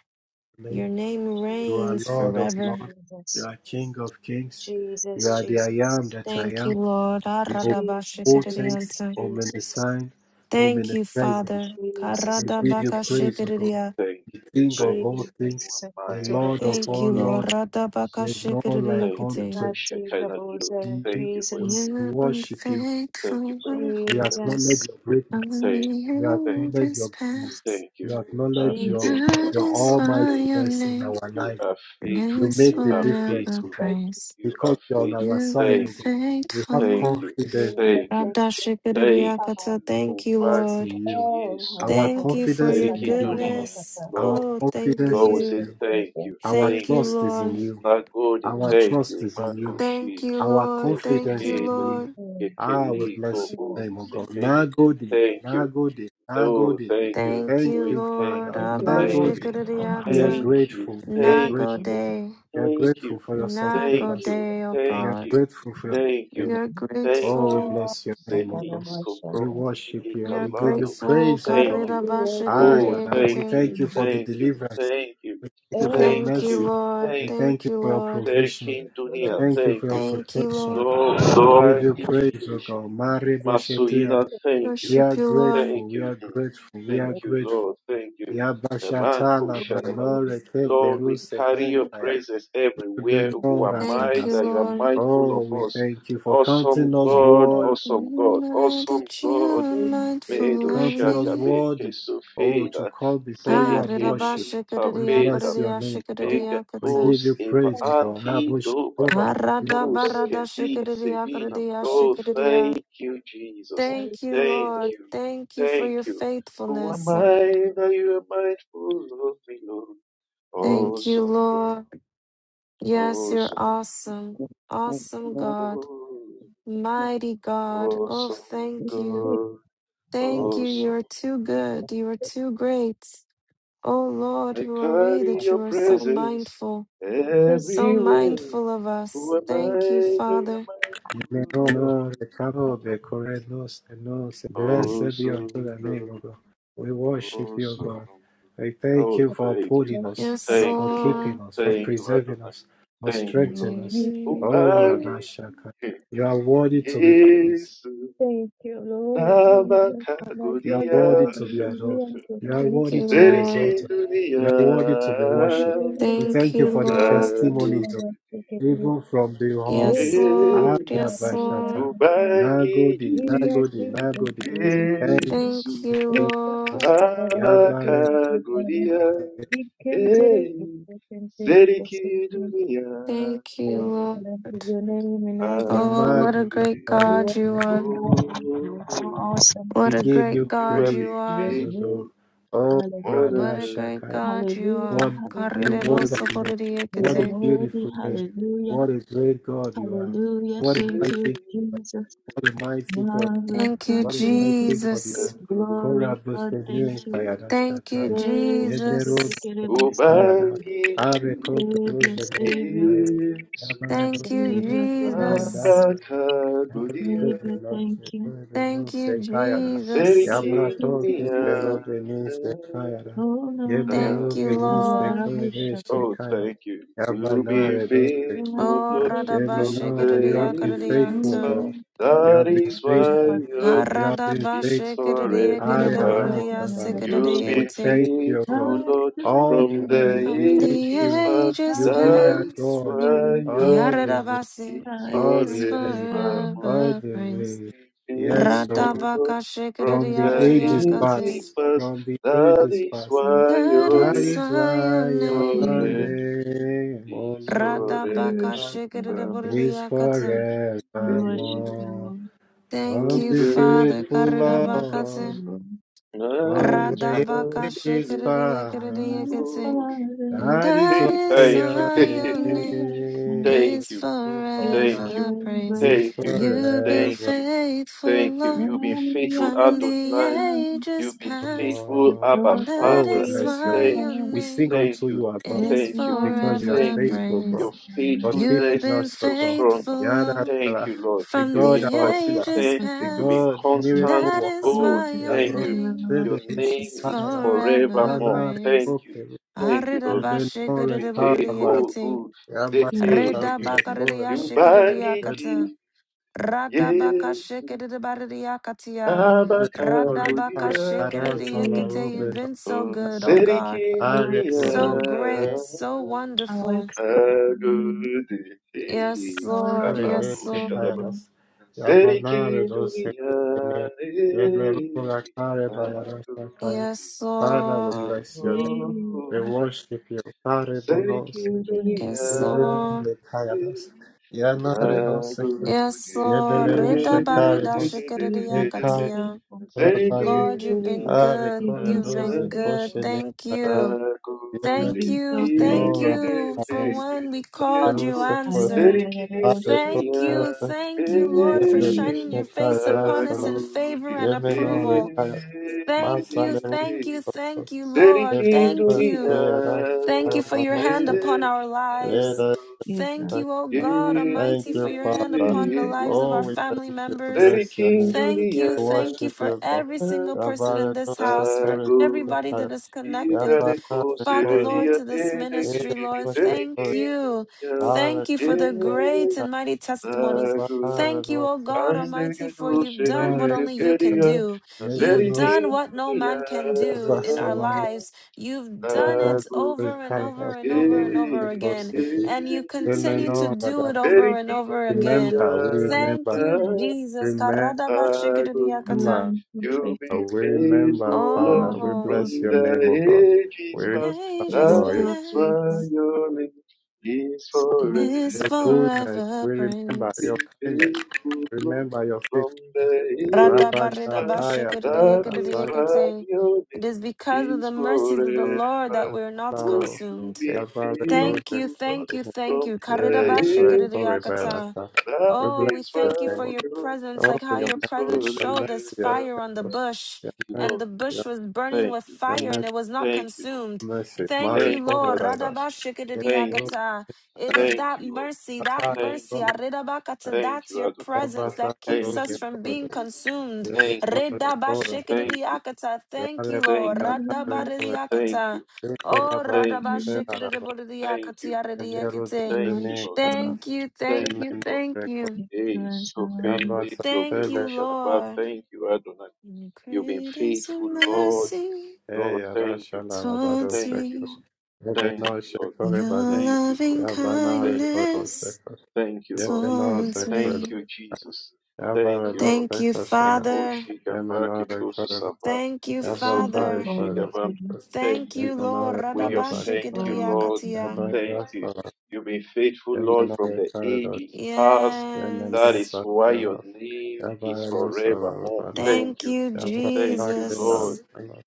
Your
name.
name
You
Jesus,
are
reigns
Lord of
Jesus,
forever.
lords. You are King of kings.
Jesus,
You are the I
Jesus,
am that I
Thank
am.
you, Lord.
the
Jesus, Jesus, Jesus,
omnipotent,
Aradabashikadidiyanta.
omniscient,
Thank you,
omnipresent.
Jesus,
Father.
Jesus,
We give you praise, O God,
Karadabakashikadidiya.
Thank
the
you.
Jesus,
King of
Thank
all
you
things,
for
Jesus,
my,
the Lord of
Thank
for
all
you,
Kotorobosonda.
your
Lord.
lords.
mindful of us.
There is none like
Thank you for
Radabakashikadidiyakati.
unto
your
Kati
Shekinah glory.
Babosa,
thee.
Thank you for your
We
Jesus,
glory,
You've
God.
been
worship you.
Thank you
faithful
for your
We
manifest
Jesus,
acknowledge
presence.
your
from
greatness.
Thank you.
We
Thank
the
you.
acknowledge your
ages
goodness.
past.
Thank you.
We
You are
acknowledge your
Jesus.
faithful.
That
your
You
is
are
why your
faithful.
almightiness in
name
our
You
life.
are faithful.
You
is
make
You
the
are
difference,
forever
O
faithful.
God.
Thank you,
praised.
You are
Because you're on
faithful.
our
You've
side,
been
O
Thank
God.
you.
We have
Thank
faithful.
you.
confidence
Jesus.
Thank you.
Thank
Thank
you,
you.
Radashikadidiyakata. Thank you, Lord.
in you.
Obangiji
Oh, ho,
Yesu.
ho,
Our
ho,
Thank
ho.
you for
confidence is
your
in
Sakata
Seriki
you, God.
Dunia.
goodness.
barabakata.
Our
Lord.
Oh, thank
confidence
Lord, we
is
you.
in
say
Jesus,
you.
thank
thank
you.
you.
Our
Thank
Thank
you,
you.
trust is in
Lord.
you.
Magodi,
Our
Mm,
thank
trust
you.
is in you.
Thank
Makoshi,
you,
Our
Lord. Thank
confidence
you,
is in
Zekekedo,
you.
Lord.
mm,
Ah, we
mm,
Kekeliko,
bless
mm.
your
Bo,
name, O God.
Zefege.
Nagode,
Thank you.
Nagode,
Oh,
Nagode.
thank you.
Thank
Thank
you,
We
you,
thank
Lord.
Father.
you.
Thank you,
Thank
Lord.
you.
Nagode.
Thank you,
We are
Lord.
Abashikiriata.
Thank you.
grateful. We are
Thank
Nago
grateful.
you.
Thank
day.
We are
Thank
grateful
you.
for your
you,
Thank
Nago
sustenance.
you.
Jesus.
day, oh
We
Thank
are
God.
you.
grateful for your
Thank
We
sustenance.
you.
are
Thank you,
Thank
Oh, we
you.
grateful.
Lord.
bless your name, O God.
Zehisco
We
Akarabashaka.
propti
worship
e
you.
We are
We give you
calado.
grateful.
praise, O
Thank
Thank
God.
you.
you, Lord
Aye,
Oh,
Jesus.
Ada. We
thank
Karirabashikiriakate.
you.
thank you for the
Thank you.
deliverance.
Thank you.
We thank you for your
Thank
Thank
Thank
you,
you,
mercy.
you.
Lord.
We
Thank you.
thank
Thank
you
you,
for your
Lord.
provision.
Serkin
thank you, Lord. Thank you,
We
Dunia,
Lord.
thank you for
thank
your
you.
Thank you,
protection.
Lord.
Lo
We give you praise, O
Vadikish
God. Mare boshete, Ada.
Masuina, thank you.
We
Worship
are
you, Lord.
grateful.
Thank
We
you.
are
mm.
grateful. We are
Thank
Thank
you,
grateful.
Lord. Thank you.
Yabashata
Emanko
you,
Shadaba.
Lord.
labranore
Lord, we
kepleruse
carry your
denkaya.
presence everywhere.
Thank
Who
Ebenora,
am
Thank
I
you,
Madas.
that you are
Lord.
mindful
Oh,
of
we
us?
thank you for counting
Awesome
us
you,
God,
worthy.
Lord.
awesome God,
Now
awesome
that you
God.
are
Thank you,
mindful
Medo
Jesus.
of
counting us
me.
Shakabe,
worthy, oh, to
Kesofeda,
come
Thank you,
before you and
Ariraba
worship. We
shikiriya
Zeekenita,
bless your
kiriya
name, God.
Lord.
shikiriya
We
kata.
Megatos
give you praise, O God.
Evati
Rabbo
Doba
Shekora,
Thank
Arada
Nurus
you,
barada
Kedi
shikiriya
Sevinam.
kiriya
Lord.
Oh,
Thank
shikiriya.
thank you,
you,
Jesus.
Lord.
Thank you,
Thank
Thank
you,
Lord.
you.
Thank you for your
Thank you. Who am
faithfulness, Lord.
I that you are mindful of me, Lord?
Lord.
Thank you,
Awesome, God.
Lord. Yes, you're
Awesome.
awesome. Awesome God.
God.
Mighty God. Oh,
Awesome,
We
thank you.
God.
Thank you. You
Awesome.
are too good. You are too great. O Lord,
I
who are we
carry
that you
your
are so
presence
mindful,
Thank
so
everywhere.
mindful of
Who
us?
am
Thank you,
I that you
Father.
you,
mindful of
Lord.
Yimeno,
me?
Blessed be unto the
Awesome
name, O
God,
God. We worship you, O
awesome
God.
God.
We thank
Oh,
you for
thank you.
upholding us,
Yes,
Thank
for
you, Lord.
keeping
Lord.
us, for
Thank you,
preserving
Adonai.
us, for
Thank
Thank
you,
strengthening
Lord.
us.
Thank you,
you,
Oh, Radashaka,
Ubangiji,
you are worthy to be praised.
Yesu,
Thank you, Lord Jesus. My
You are
dear
Nabakagodia,
worthy
Lord, I
to be adored.
really am so
You are
happy
worthy
that
to be
Lord.
Seriki
exalted.
Dunia,
You are worthy to be worshipped. We
Thank
thank you
you,
for the
Lord.
Ago,
testimonies of
you
even from the
Yes,
huddle.
Lord.
Aya
Yes,
Bashata.
Lord.
Nagodi,
Ubangiji,
Jesus,
Nagodi,
Jesus,
Nagodi.
Jesus,
Thank
thank
you,
you.
Thank
Yesu
you,
Isaka
Lord.
Jesus.
Taravasu
Yabare.
Koto Kotara,
nabakagulia
Ikentere
eh,
Kote Kentere Kote
seriki
Kente.
dunia
Thank you,
I love
Lord.
your name and all
We
the
Oh, what a great
nagode
magnify
You
you.
God
are
you
so
are.
mighty. You
oh,
are so awesome.
What
We
a
give you
great
you
God
have
praise,
you
been
You are
are.
O
faithful
God.
great.
Oh,
Hallelujah.
more than
What
Radha
a great
ever
God you
Hallelujah.
What
are.
a
you
Hallelujah.
have
wonderful name.
been with
You
What
are
a
worthy.
beautiful name.
you
Hallelujah.
What a great God you are.
Hallelujah.
What a
Thank you,
mighty
seriki
Jesus.
what a mighty God.
Marvelous
Thank you,
God.
What a
Thank you.
mighty God you
Jesus.
are.
nagode.
Kora
Glorious God. Thank
Busenui
you.
Kayada
Thank you,
Shataya.
Savior,
Yedlero
Savior,
Jesus.
Kayada. Are
ubangiji
Kope Rose Kaya.
Yesu
Yabare
Thank you,
Busenui
Savior, thank you.
Kayada
Jesus.
Sana. Yare
Abakagudia,
Rose
Savior, thank
Nose
you.
Kore
Thank
Nose
you,
Kayada.
Jesus.
What
Yabra
is your
Toke
Serikindunia,
Plero
name?
Benise Kayada.
Oh,
Thank
Yeblero
you,
Benise
Lord.
Kore Nese
Oh,
Kaya.
thank you. We will
Lord.
be
Yabanare Dose
Kina
faithful,
mazuri
Oh,
Lord,
yeah, man,
from
no,
the
you have been
ages
faithful,
radabashikiriyakariyanta.
past.
God. You
That
have been
is why
faithful.
your
You
name
have been
is
faithful.
forevermore.
I announce
You've
yanagosha.
We
been
Karadabashikiriyakiriyakariyasikaridiyinti.
thank you,
How
faithful,
God.
Lord,
excellent
All
is
the
from
your
the
name.
way, we
From the
thank
ages
you.
past.
ages
You've
How
been
That
our
excellent
is
past,
is
God
your
why
name.
your
all
name
the way,
Yaradabasi
How
is
all the
is
excellent is
way,
your name.
forevermore.
all
forever
the
praised.
You've
way.
been
Yes, so
faithful, Lord,
from
from
the
the
ages
Radabakashikiriyariyakati.
ages
past,
past.
from the
That
ages
is
past.
And
why
that
your
That
is
name
is
why your
why your
name.
Sore,
Jesus,
name, O
sore,
Lord,
we
Radabaka
worship you, Lord.
it
vamos,
is
you've
shikadaburiakata.
We
been
worship you,
faithful
forevermore.
Lord.
Thank
From
from
you,
the
the
Father.
faithful
We
ages past.
worship you,
Karidabakata.
Lord,
Lord.
from
Nights by
the
Radabaka
ages
your
past,
Our
shikadaburiakata.
own.
Father,
And
that is
that
Hey,
why
is
thank you,
your
why your
Lord,
name
I can.
name
thank
is
you,
will
thank
follow
you,
Faithful
forever
and
praised.
great
this
thank you,
God.
You've been
thank
forevermore.
you,
faithful,
thank
I
you.
Lord,
You've been
am the
faithful,
apple
from
of His
the
Adonai.
eye.
You've
ages
been
past.
The
faithful, Abba
And
thought of
Oh,
that
we
Father.
is
you
bless
is
your
why
name.
Thank
your
you,
We
fun.
sing
name
thank
unto
you,
you, our God.
is
Every
thank you,
because you are
forever
thank
morning
you.
faithful,
praised.
God,
Your
for
You've
faithfulness
keeping
been
is
us, O
so
God.
strong.
faithful, Lord,
Thank
Yadadala,
you, Lord.
the
from
You've
God,
been
the
our healer,
you
ages
consistent.
put
the
You've
on
been
past.
God,
and
miracle
constant.
That
worker.
is
Oh,
why
Jesus,
your
thank
to
Yabro,
the
you.
name
Your
Sede,
relationship
name
is
is
forever
forevermore.
praised.
Thank you.
Open,
Thank you, Lord.
Yebenore, Karaba,
Arirabashikiridiboridiyekiti,
Ibekekogu zeke.
Yabasola,
making.
Rosa, Korenas,
Ubangiji
redabakaridiyashikiridiakata,
Yesu
radabakashikiridibaridiyakatiya,
Yebenore, Karaba,
Nabakagodia.
Arasala,
radabakashikiridiekite.
Jesus,
You've
Ruben,
been so good, oh God.
Seriki
how
Are,
dünya
So
excellent,
great, so
how
wonderful.
excellent,
agudi
Yes,
how
Lord.
excellent
Yes,
is
Lord.
Revese
kabaduş
your
adamım.
name.
Kayadas, Yabanare
Seriki
Dose
dünya
Kene, Yeblerula Kare Bayarasa Kaya.
agudi
Yes,
Father, we
Lord.
bless your name. We
Jesus,
worship you. Kare
Seriki
Bonos,
Jesus,
Yes,
dünya
Lord.
Yebenule Kayadas, Yanare
you-
Nose,
Yes,
agudi
Lord. Rida
Yebelerushe Kare
barida
Nos,
you've
shikiridia
been so
Ekara
katia.
faithful.
Bane,
Seriki
Lord, you've been
dünya
Are
good.
You've
Kore
been
You've
so
Dose
been good.
Koshe
faithful.
Ne
Thank
Kayadas,
you.
You've
Nakote
Thank
been
you.
so
Thank
faithful.
Yemenora
you
yegedede
for
Bayadas,
when we called,
yedodo
you
Yeruse Kore,
answered.
Hallelujah,
Are
Thank
serikidunia
you.
Kore
Thank you,
you've been
Lord, for shining
eh
Yeblerishne
faithful.
your face
kaya
upon us
sala.
in favor
nakote
and
Yemeno
approval.
rekaya.
serikidunia
Thank you.
Masale.
Thank you. Thank you, Lord. Thank
Yebenore
you.
kaya
Thank you for your hand
barobanose.
eh
upon our lives.
Yere.
nakote
Jesus,
Thank you, O God
Thank
Almighty,
you,
for your hand
Father.
upon the
Jesus,
lives of
Oh,
our
we
family
thank you.
members.
Bless your name.
Thank
serikidunia
you,
We
thank you
worship
for
you, God.
every single person
Yabare
in this
dose
house, for
kore
nakote
dose
everybody
kaya.
that is connected.
Itare
Yabana
ko
Father,
rekore
Lord,
dose.
severia
to this
tere ke
Yere
ministry,
ke ke
Lord,
dose
seriki
thank
kore.
you.
dunia
Are kore
Thank you
e
for the
dose
great
kaya.
and mighty testimonies.
nagu
Yabana
Thank you, O
dose
God
kore.
ande ke
Almighty, for you've
dushe de
done
de
what
Yebenore
de
only you can
keria
do. You've
seriki
Yevenos
done what no
dunia
man can do in our
Yavasalam
lives. You've done
Yavan
it
nagu
over and
Rikara
over and
de
over and
Salos
over again.
e
City.
And you continue to
Remember,
do it over and
seriki
over
dunia
again.
remember, we
Thank
remember,
you, Jesus.
remember,
thy good.
we
you've
Karadabashikiriakata.
been so
you have
faithful.
been
remember,
faithful, Lord,
Father,
You've
we
been
Oh,
from
so
bless your name,
faithful.
O God.
the
We
ages
and
past.
remember,
You've
ages
been
That
God,
so
is
pass.
why
faithful.
your name is
So
forevermore.
This
your
faithful.
goodness,
forever
we remember
You've
praise.
your
been
kindness,
faithful, Lord,
remember your faithfulness.
from the
Rabbi
ages past.
Shataya,
That is
Salaro,
why
Radabaridabashikiridiyekiridiyekete.
your
It
name
is because of the
is forevermore.
mercies of the Lord that we are not
You have
consumed.
been
Yavare, Rose,
Thank you,
faithful, Lord,
thank you, thank
from
you.
Yemen,
the
Recorre,
ages past.
Karidabashikiridiyakata.
Berata.
That
We
Oh,
bless
we
is
your
thank you
why
name,
for
O
your
your
presence,
Oh,
like how
your
your
is
mercy,
presence
forever.
your mercy,
showed us
your
Thank
fire on the bush,
you,
and
Lord.
the
mercy, your
bush was burning
Thank
with
you.
mercy, your your
fire and it
mercy,
was not
Thank you, Lord.
consumed.
your mercy.
Thank
Mare
you,
Thank you,
Lord.
Adonai.
Corvadas,
Thank
Yeruvadas,
you.
Radabashikididiyakata. It is
Thank
that
you, Lord.
mercy, that
Atale
Thank
mercy,
you.
Corvadas,
aridabakata,
Thank
that's
you,
your
Adonai.
presence that
Yabatale
keeps
Thank
us
Roge
you.
from being
Corvadas,
consumed.
Thank you.
Yeruvadas Corvadas,
Thank you.
Redabashikididiyakata. Thank
Yare
you,
Thank
Lord.
I
you.
Batale
worship
Corvadas,
you.
Thank
Radabaridiyakata.
you.
Oh,
Yekoraba,
Thank
I
you.
worship
Seraraba,
Thank you.
Yemeru
I
Radabashikididibodidiyakatiyaridiyakite.
Thank you,
worship
Lord.
you,
Zenegaras,
Lord.
Thank you, thank
Thank
you,
you, Lord.
thank
Yemenere
you.
Corvadas,
Thank you,
Hey,
as I
so offended, Lord.
Thank you,
Yerushalayim.
Lord.
Thank you, Adonai.
And
You've been
Great is your
faithful, Lord.
Shekos.
mercy
Hey,
Lord, thank
Arasha
you.
Larabado
towards
Thank you,
Sekos.
Lord.
me,
Thank
Ebeno
you, Lord.
your
Shekorebane.
Thank you, Lord.
loving
Yavana
Thank you, Lord.
Rekoros
kindness
Sekos.
Thank you, Lord.
Yebeno
towards
Sekoros.
Thank
me.
you, Jesus. Thank you,
Yavarado
Lord.
Thank you,
Sekoshenas.
Father.
Ekoshigava
Yemeno Rekorebane.
kebususaba,
Thank you,
Thank
Yavrata
you
Father.
for all the
Rekoros
esofrikoshigava.
children.
Sekos.
Thank
Thank you,
you,
Lord.
Lord.
Yemeno
We just
Thank
Rekorebane.
you for
thank you,
all the
Lord.
Radabashikidiakatia.
children.
Thank you.
Yavarado
You've been faithful, Lord,
Yemeno
from the
Rekoros.
ages past.
Yemeno
That
Yes.
is why your
Sekoros.
name is
Yavarado
forevermore.
Solarabana.
Thank
Thank
you.
you,
Thank
Yavrata
you, Lord.
Kelaros.
Jesus.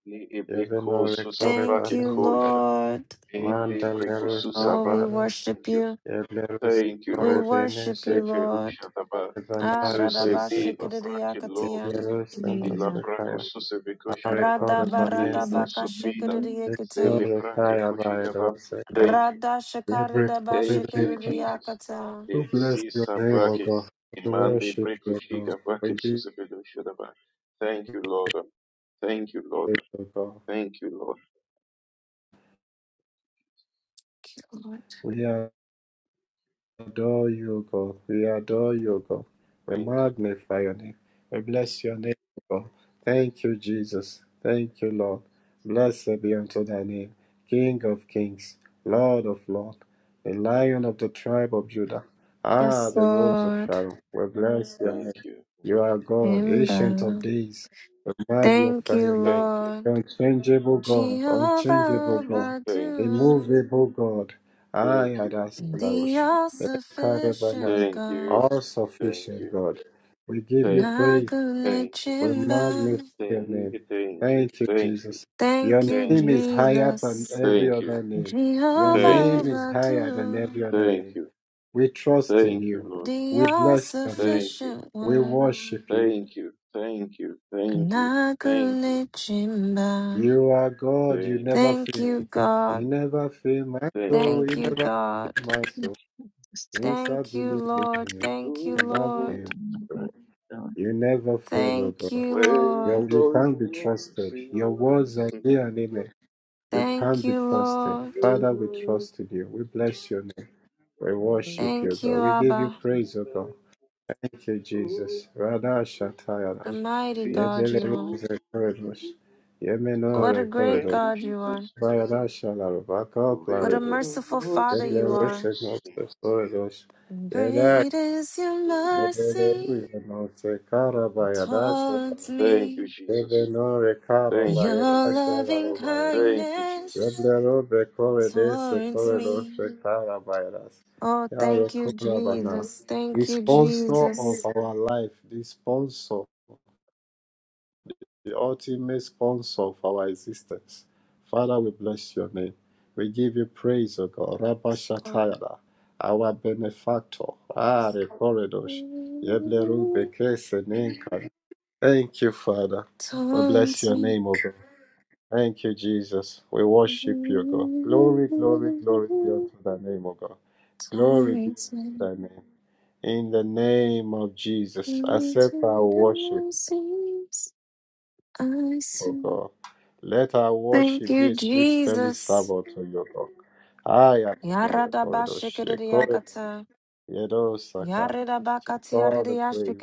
Ni-
Yebeno
ebekosusaba
Thank you,
Rekorebane.
kekosha,
Lord.
Mandalero
Oh, we
mendebrikosusaba.
Shakoras,
worship
Thank you.
you.
Yadlero
Thank you,
We
Lord.
Shakorene
worship you, Lord.
Seferusha daba,
Shakadanare
Zuse
Aradaba
vila
Dosekos,
brake
shikadiyakatia.
loge,
Yadlero
vila
Jesus,
brako
Samaskaya,
suse vekoshi daba,
I
Radaba
want to
Arekorabane
e no
Sek,
radabaka
sofida,
you.
sele
shikadiyakate.
brake
Yadlorekaya
koshi
by
daba.
Doseko.
Thank you.
Rada
Every
shikaridaba
Thank
prayer
you, Jesus.
shikadiyakata.
to
E
bless your
sisa
name, O
brake,
God. We
imande
worship
breko
you, O God.
shiga brake
We give
suse vekoshi daba. Thank you, Lord. Thank you, Lord.
you, O God.
Thank you, Lord.
We are adore you, O God. We adore you, O God. We
Thank you.
magnify your name. We bless your name, O God. Thank you, Jesus. Thank you, Lord. Blessed be unto thy name, King of kings, Lord of lords, the
Thank
lion
you.
of the tribe of Judah. Ah,
Yes,
the
Thank you.
rose of
Lord.
Sharon. We bless your name.
Thank you.
You are God, ancient of
Amen.
days. We
Thank
magnify
you,
your
Thank you.
name.
Thank you.
Lord.
The unchangeable God, unchangeable
Jehovah
God,
Thank you.
Badu,
immovable God. I
Thank
had
you.
the
asked Karebanas,
all-sufficient
Thank
God.
you.
all
Thank
sufficient
you.
God. We give you
Thank you. Thank you.
praise.
Nagune
Thank you.
We magnify
Chimba.
your name.
Thank you.
Thank you,
Thank you.
Jesus. Your
Thank you,
Thank
name
you.
is higher than
Jesus.
every
Thank you.
other name. Your
Thank
name
Jehovah
you.
is higher than every
Badu.
other
Thank
name.
you.
We trust in
Thank you,
you.
Lord.
The
We
all
bless your name.
Thank you.
sufficient
We
one.
worship you.
Thank you. Thank you. Thank you. Thank you.
Nagulichimba.
You are God. You
Thank
never
you.
Thank
fail.
you,
Thank you.
You
God.
never fail my
Thank
soul.
you.
Thank
You
you,
never
God.
fail my
Thank
soul.
you for this thing.
Since I
Thank you,
believe
Lord.
in
This
you,
is
Thank you,
you
the
never
Lord.
fail.
Oh
moment
my God. God.
You never fail, oh
Thank
God.
you,
when
Yo,
Lord.
you
God
can't be
moves
trusted. Your words are yea
in
and amen. You
Thank
can't be
you,
trusted.
Lord.
Father, we
us.
trust in you. We bless your name. We worship you,
Thank
God.
you,
We give you
Abba.
praise, O God. Thank you,
Oh,
Jesus. Radha
A
Shatayadash.
mighty
this
God
Yebele
is
you are.
holy.
Rose Corridors.
What a
Yemenore
great
Thank
Corridors.
you,
God you
Jesus.
are.
Thank
Bayada Shalaruba
What a
Coplaredos.
merciful Father you
Yebele Rose
are.
Corridors. Yeda.
Great is your
Yebele
mercy
Rose Monster Carabayada
towards
you,
me.
Jesus.
Ebenore
Thank
Your
you,
karabaye
Lord.
loving
başararabayra.
Thank you, Jesus.
kindness
Yeblero bekore dese
towards
korelo
me.
şekarabayras.
Oh,
Yahweh
thank you,
korabana.
Jesus.
The
Thank you,
sponsor of
Jesus.
our life, the sponsor, the ultimate sponsor of our existence. Father, we bless your name. We give you praise, O God. Rabba
Oh,
Shatayara, our benefactor. Ah, Rekoredosh. Yeblero bekese nenka. Thank you, Father. We bless
towards
your
me.
name, O God. Thank you, Jesus. We worship you, God. Glory, glory, glory be unto thy name, O God. Glory be
Towards me. Towards
unto
me.
thy name. In the name of Jesus, accept our
The
worship,
Lord sees. I
O
see.
God. Let our
Thank
worship be
you,
a sweet smelling
Jesus.
savour to you, God. I am honored, Koredosh.
Yaradabashikiriakata.
Yedosaka. Take all the praise.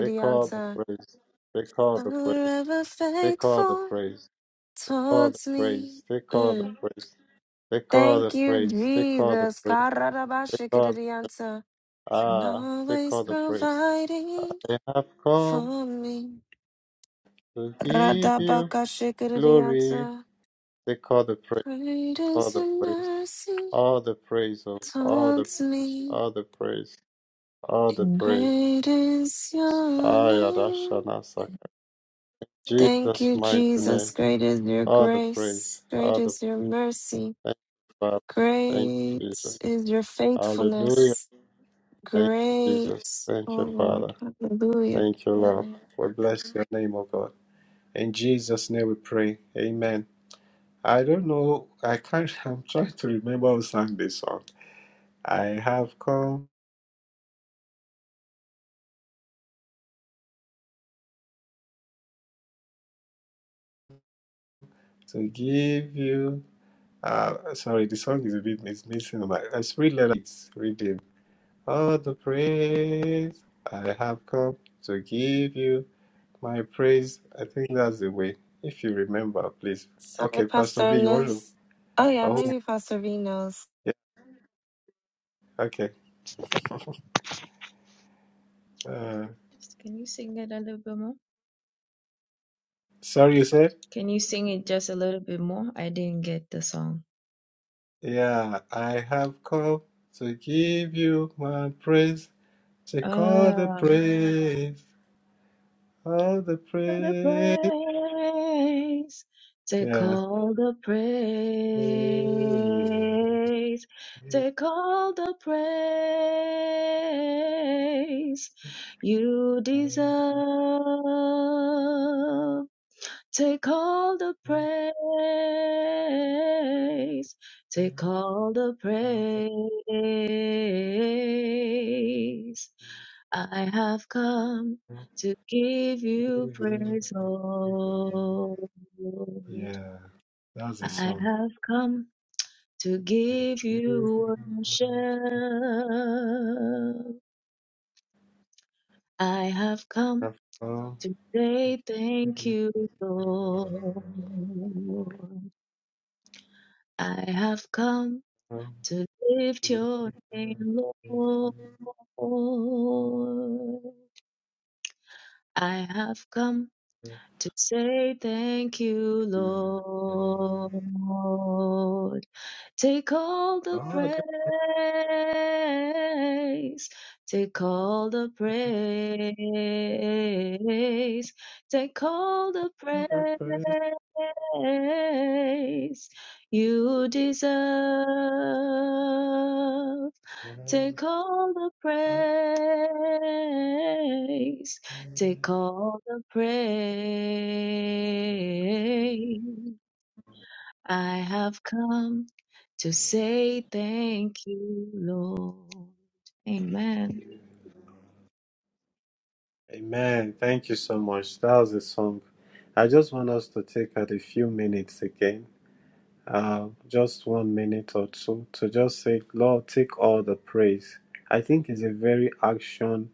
Take all the praise. Take all the praise.
Forever
Take all the
faithful
praise. all the
towards
praise.
me.
Take all the
Mm.
praise. Take all the
Thank you,
praise. Take all the
Jesus.
praise. Take all the,
Karadabashikiridianta. And
ah. Take
always
all the praise.
providing
I have come
for me.
to give you glory.
Radabakashikiridianta.
Take all the praise.
Great
All
is
the
your
praise.
mercy
All the praise. Of, all the
towards
praise.
me.
All the praise. All the
And
praise.
great is your name.
Ayadashana Saka.
Thank
Jesus'
you,
mighty
Jesus.
name.
Great is your
All the praise.
grace. Great
All the
is your mercy.
thank you, Father. Thank you,
Great
Jesus.
is your
Hallelujah.
faithfulness.
Thank you, Jesus.
Great, oh
Thank you,
Lord,
Father.
hallelujah.
Thank you, Lord. We bless your name, O God. In Jesus' name we pray. Amen. I don't know. I can't. I'm trying to remember who sang this song. I have come to give you. Uh, sorry, the song is a bit it's missing. My, it's really let it's reading. All the praise I have come to give you my praise. I think that's the way. If you remember, please.
Sorry,
Okay,
Pastor
Pastor V, you want to?
Ernest. Oh, yeah,
Oh,
maybe Pastor V knows.
yeah. Okay. Uh,
Just- Can you sing it a little bit more?
sorry, you said.
Can you sing it just a little bit more? I didn't get the song.
Yeah, I have come to give you my praise. Take all the
Ah.
praise, all the
all the
praise.
praise. Take
Yeah.
all the praise. Take all the praise you deserve. Take all the praise. Take all the praise. I have come to give you praise, Lord.
Yeah, that's the
I
song.
have come to give you worship. I have come
I've come
to say
to
thank
give
you, Lord.
you
I have come to lift your name, Lord. I have come to say thank you, Lord. Take all the praise. Take all the praise. Take all the
my
praise you deserve.
praise.
Take all the praise. Take all the praise. I have come to say thank you, Lord. Amen.
Amen. Thank you so much. That was a song. I just want us to take at a few minutes again, uh, just one minute or two, to just say, Lord, take all the praise. I think it's a very action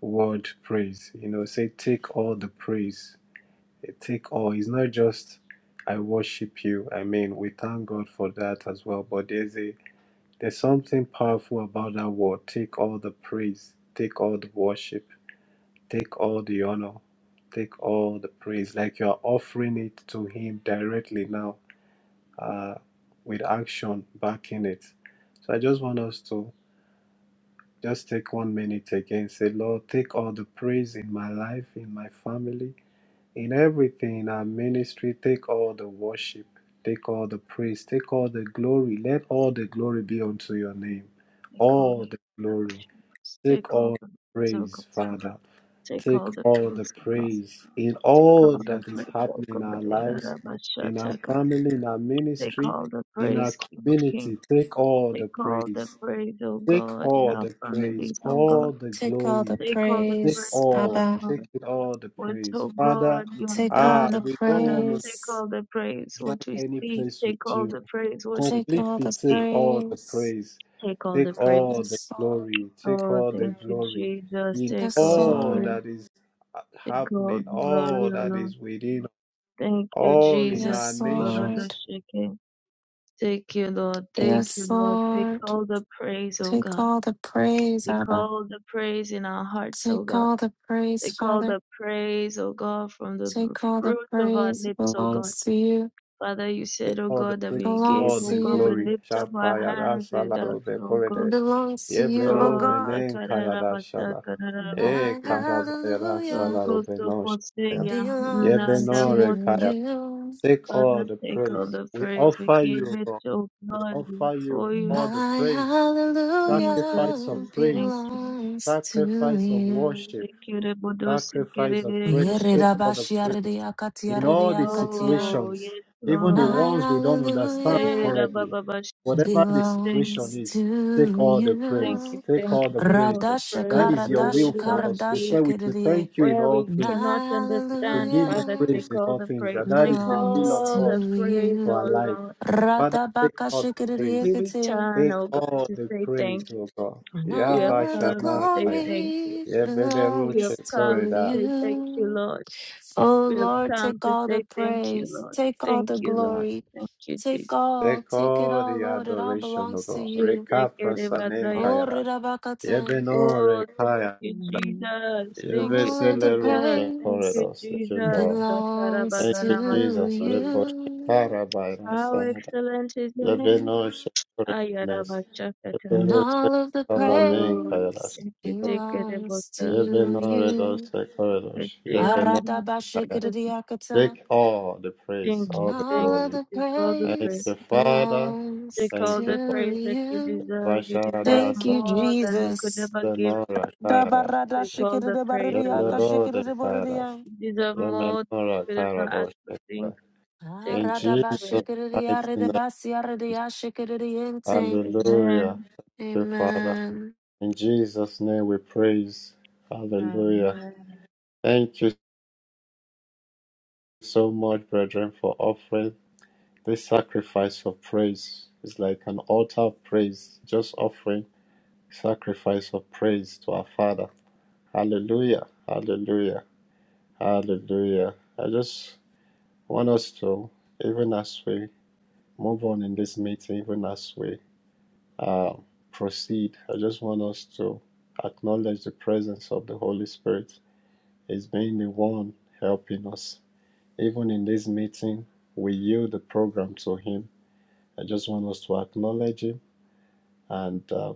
word praise. You know, say, take all the praise. Eh, Take all. It's not just, I worship you. I mean, we thank God for that as well. But there's a there's something powerful about that word. Take all the praise. Take all the worship Take all the honor, take all the praise, like you're offering it to Him directly now uh, with action backing it. So I just want us to just take one minute again, say, Lord, take all the praise in my life, in my family, in everything, in our ministry, take all the worship, take all the praise, take all the glory. Let all the glory be unto your name.
Take all
All
the
the glory.
emotions.
Take
Take all
all
the praise, oh God.
praise, Father.
Take
Take
all the
all the
praise, oh God.
praise in
Take all
all
the
that is
praise, oh
happening in
God.
our lives, in our family, in our
Take
ministry,
all the
in our
praise, King of Kings.
community. Take all
Take
the
all the
praise.
praise, O
Take
God, in
all
our
the praise,
families, O God.
all the
Take all the
glory.
Take all the
Take
praise,
praise,
O
all,
Abba.
take
Lord.
it all the
What,
praise.
O
Father,
God, you have
Take all
ah,
done,
the
O
we don't
Father.
want to
Take
praise.
all the praise,
drag
what we
any
see.
place
Take
with
all
you
the praise, what we
Take
can
all
completely
the
take
see.
all the
praise.
praise,
Take all the
take
praise.
all the
Yes, Lord.
glory, take
Oh,
all the
thank you,
glory
Jesus.
in
Take
Yes,
all the
all
praise.
Lord.
that is
Take all
happening,
the
all
glory, O
that
Lord.
is within,
Thank you,
all in
Jesus.
our
Yes,
nations,
Lord.
Abaradashake. Thank you, Lord. Thank you,
Yes,
Lord. Take
Lord.
all the praise, O
Take
God.
all the praise,
Take
Abba.
all the praise in our hearts, O
Take
God.
all the praise,
Take all
Father.
the praise, O God, from the
Take all the
fruit of our
praise
lips, O God.
belongs to you,
Father, you said,
take
O
all the
God, that
praise,
we give,
all
belongs to
O
the
God, we
you,
glory.
lift up our
Shapayada
hands without,
Salarobe
O God.
Koredesh,
belongs to you, oh
Yeblero
Oh,
God.
Menen Kayada Shala, E
My
sakarabatakaraboti.
Karabayada
Oh,
hallelujah
Salarobe No
kosokoseya,
belongs to
nandamosa.
Yebenore
you.
Take all
Father,
the
take all
praise.
the
We
praise. We
offer
give
you,
it,
God.
O
We
God,
offer you
before you.
all the
My
praise,
Jesus,
sacrifice of
hallelujah
we thank
praise,
you.
belongs to
sacrifice of
you.
worship,
Take you, Rebodosi,
sacrifice of
Kerebe,
praise. Take all
Koshokote.
the praise. In all the
Yeridabashiaridiakatiaridiakatia.
Oh, yes,
situations, even the
Lord.
My
ones we don't understand
Eh,
hallelujah
da, ba,
correctly,
ba, ba, sh-
whatever
Thank
the
you, thank you,
situation
belongs
is, take
to
all the
thank
you.
praise.
you,
Take
thank
all
you.
the
Take
praise.
all the
Radasha
That
praise
is your
where we
Karadasha
will
do
for
not
us. You
Karadasha
see,
said we should
Kiriye.
thank you in
where
all
we
things.
cannot
My
We should
understand.
give you
Father, take
praise
hallelujah
in
all
all
the
things.
praise.
That that
Take
is the will
belongs
of
to
all
God
the praise,
for our
you.
oh
life.
Lord.
Father, take
Radabaka,
all the
Kiriye
We
praise.
Kitim.
return,
Take
oh God,
all
to
the
say
praise,
thank you.
O God.
We have
All of the
come to say
Yabashanakaya.
thank you.
glory
We
Yebelerushe
have
belongs
come
to
to
koreda.
say thank you,
you.
Lord.
Oh
We have
Lord,
come
take
to
all the
say thank you,
praise,
Lord.
take all
Thank
the
you, Lord.
glory,
Thank you,
take
Jesus.
all,
Take
take it
all
all,
the
Lord, it all
adoration, O
belongs to
God.
you.
Reka
Oh,
prasanekayada.
Ridabakatan.
Yebenore
Oh, thank
kaya.
you, Jesus. Thank you,
All of the
Jesus.
Yebeselerushe
Thank
praise.
you,
koredos. Thank you,
Jesus.
Lord.
belongs
Thank
to
you,
Satarabagana
Jesus.
masofori.
Reposhe
you,
karabaira
How
sanada.
excellent is your name.
Yebenoshe koredones.
Ayarabashakata.
and
Yeberushe
all of the
Oh, Lord.
kabanekayada.
praise
Thank you, take it about
belongs to
that.
You've been honored, O
you.
It's
Sekorosh.
the
You've been
honor and the
honored.
protection.
Aradabashikiriakata,
Take all the praise,
Thank
and
all
you,
the
all
thank
of
glory.
you.
the
Take all the
Thank
praise.
you,
praise
Father.
belongs
Take all
Thank you,
the
to
praise that you
you.
Lord.
deserve. You deserve
Thank
Bashara
you,
more than we could
Jesus.
ever give.
Sabenora Kairos.
Take all the praise, oh Lord.
Yeblerode Kairos.
Dabaradashikiridabaririakashikiridaboririya.
You deserve more than
Yemenora
we could ever ask
Kairos.
for. Take
In
all
Jesus'
praise.
mighty name.
Aradabashikiridiaridabasiaridiashikiridiente.
Amen.
Hallelujah. Thank you, Father.
Amen.
In Jesus' name we praise. Hallelujah.
Amen.
Thank you so much, brethren, for offering. This sacrifice of praise is like an altar of praise, just offering sacrifice of praise to our Father. Hallelujah, hallelujah, hallelujah. I just want us to, even as we move on in this meeting, even as we uh, proceed, I just want us to acknowledge the presence of the Holy Spirit. He's being the one helping us. Even in this meeting, we yield the program to Him. I just want us to acknowledge Him and uh,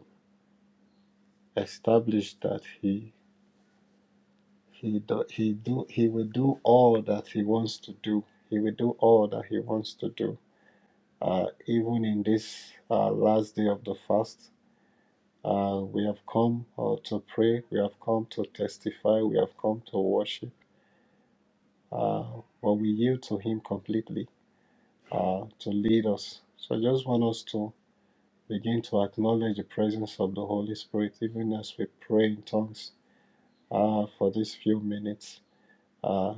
established that he he do, he do he will do all that he wants to do. He will do all that he wants to do. Uh, even in this uh, last day of the fast, uh, we have come uh, to pray. We have come to testify. We have come to worship. Uh, but we yield to Him completely uh, to lead us. So I just want us to begin to acknowledge the presence of the Holy Spirit, even as we pray in tongues uh, for these few minutes uh,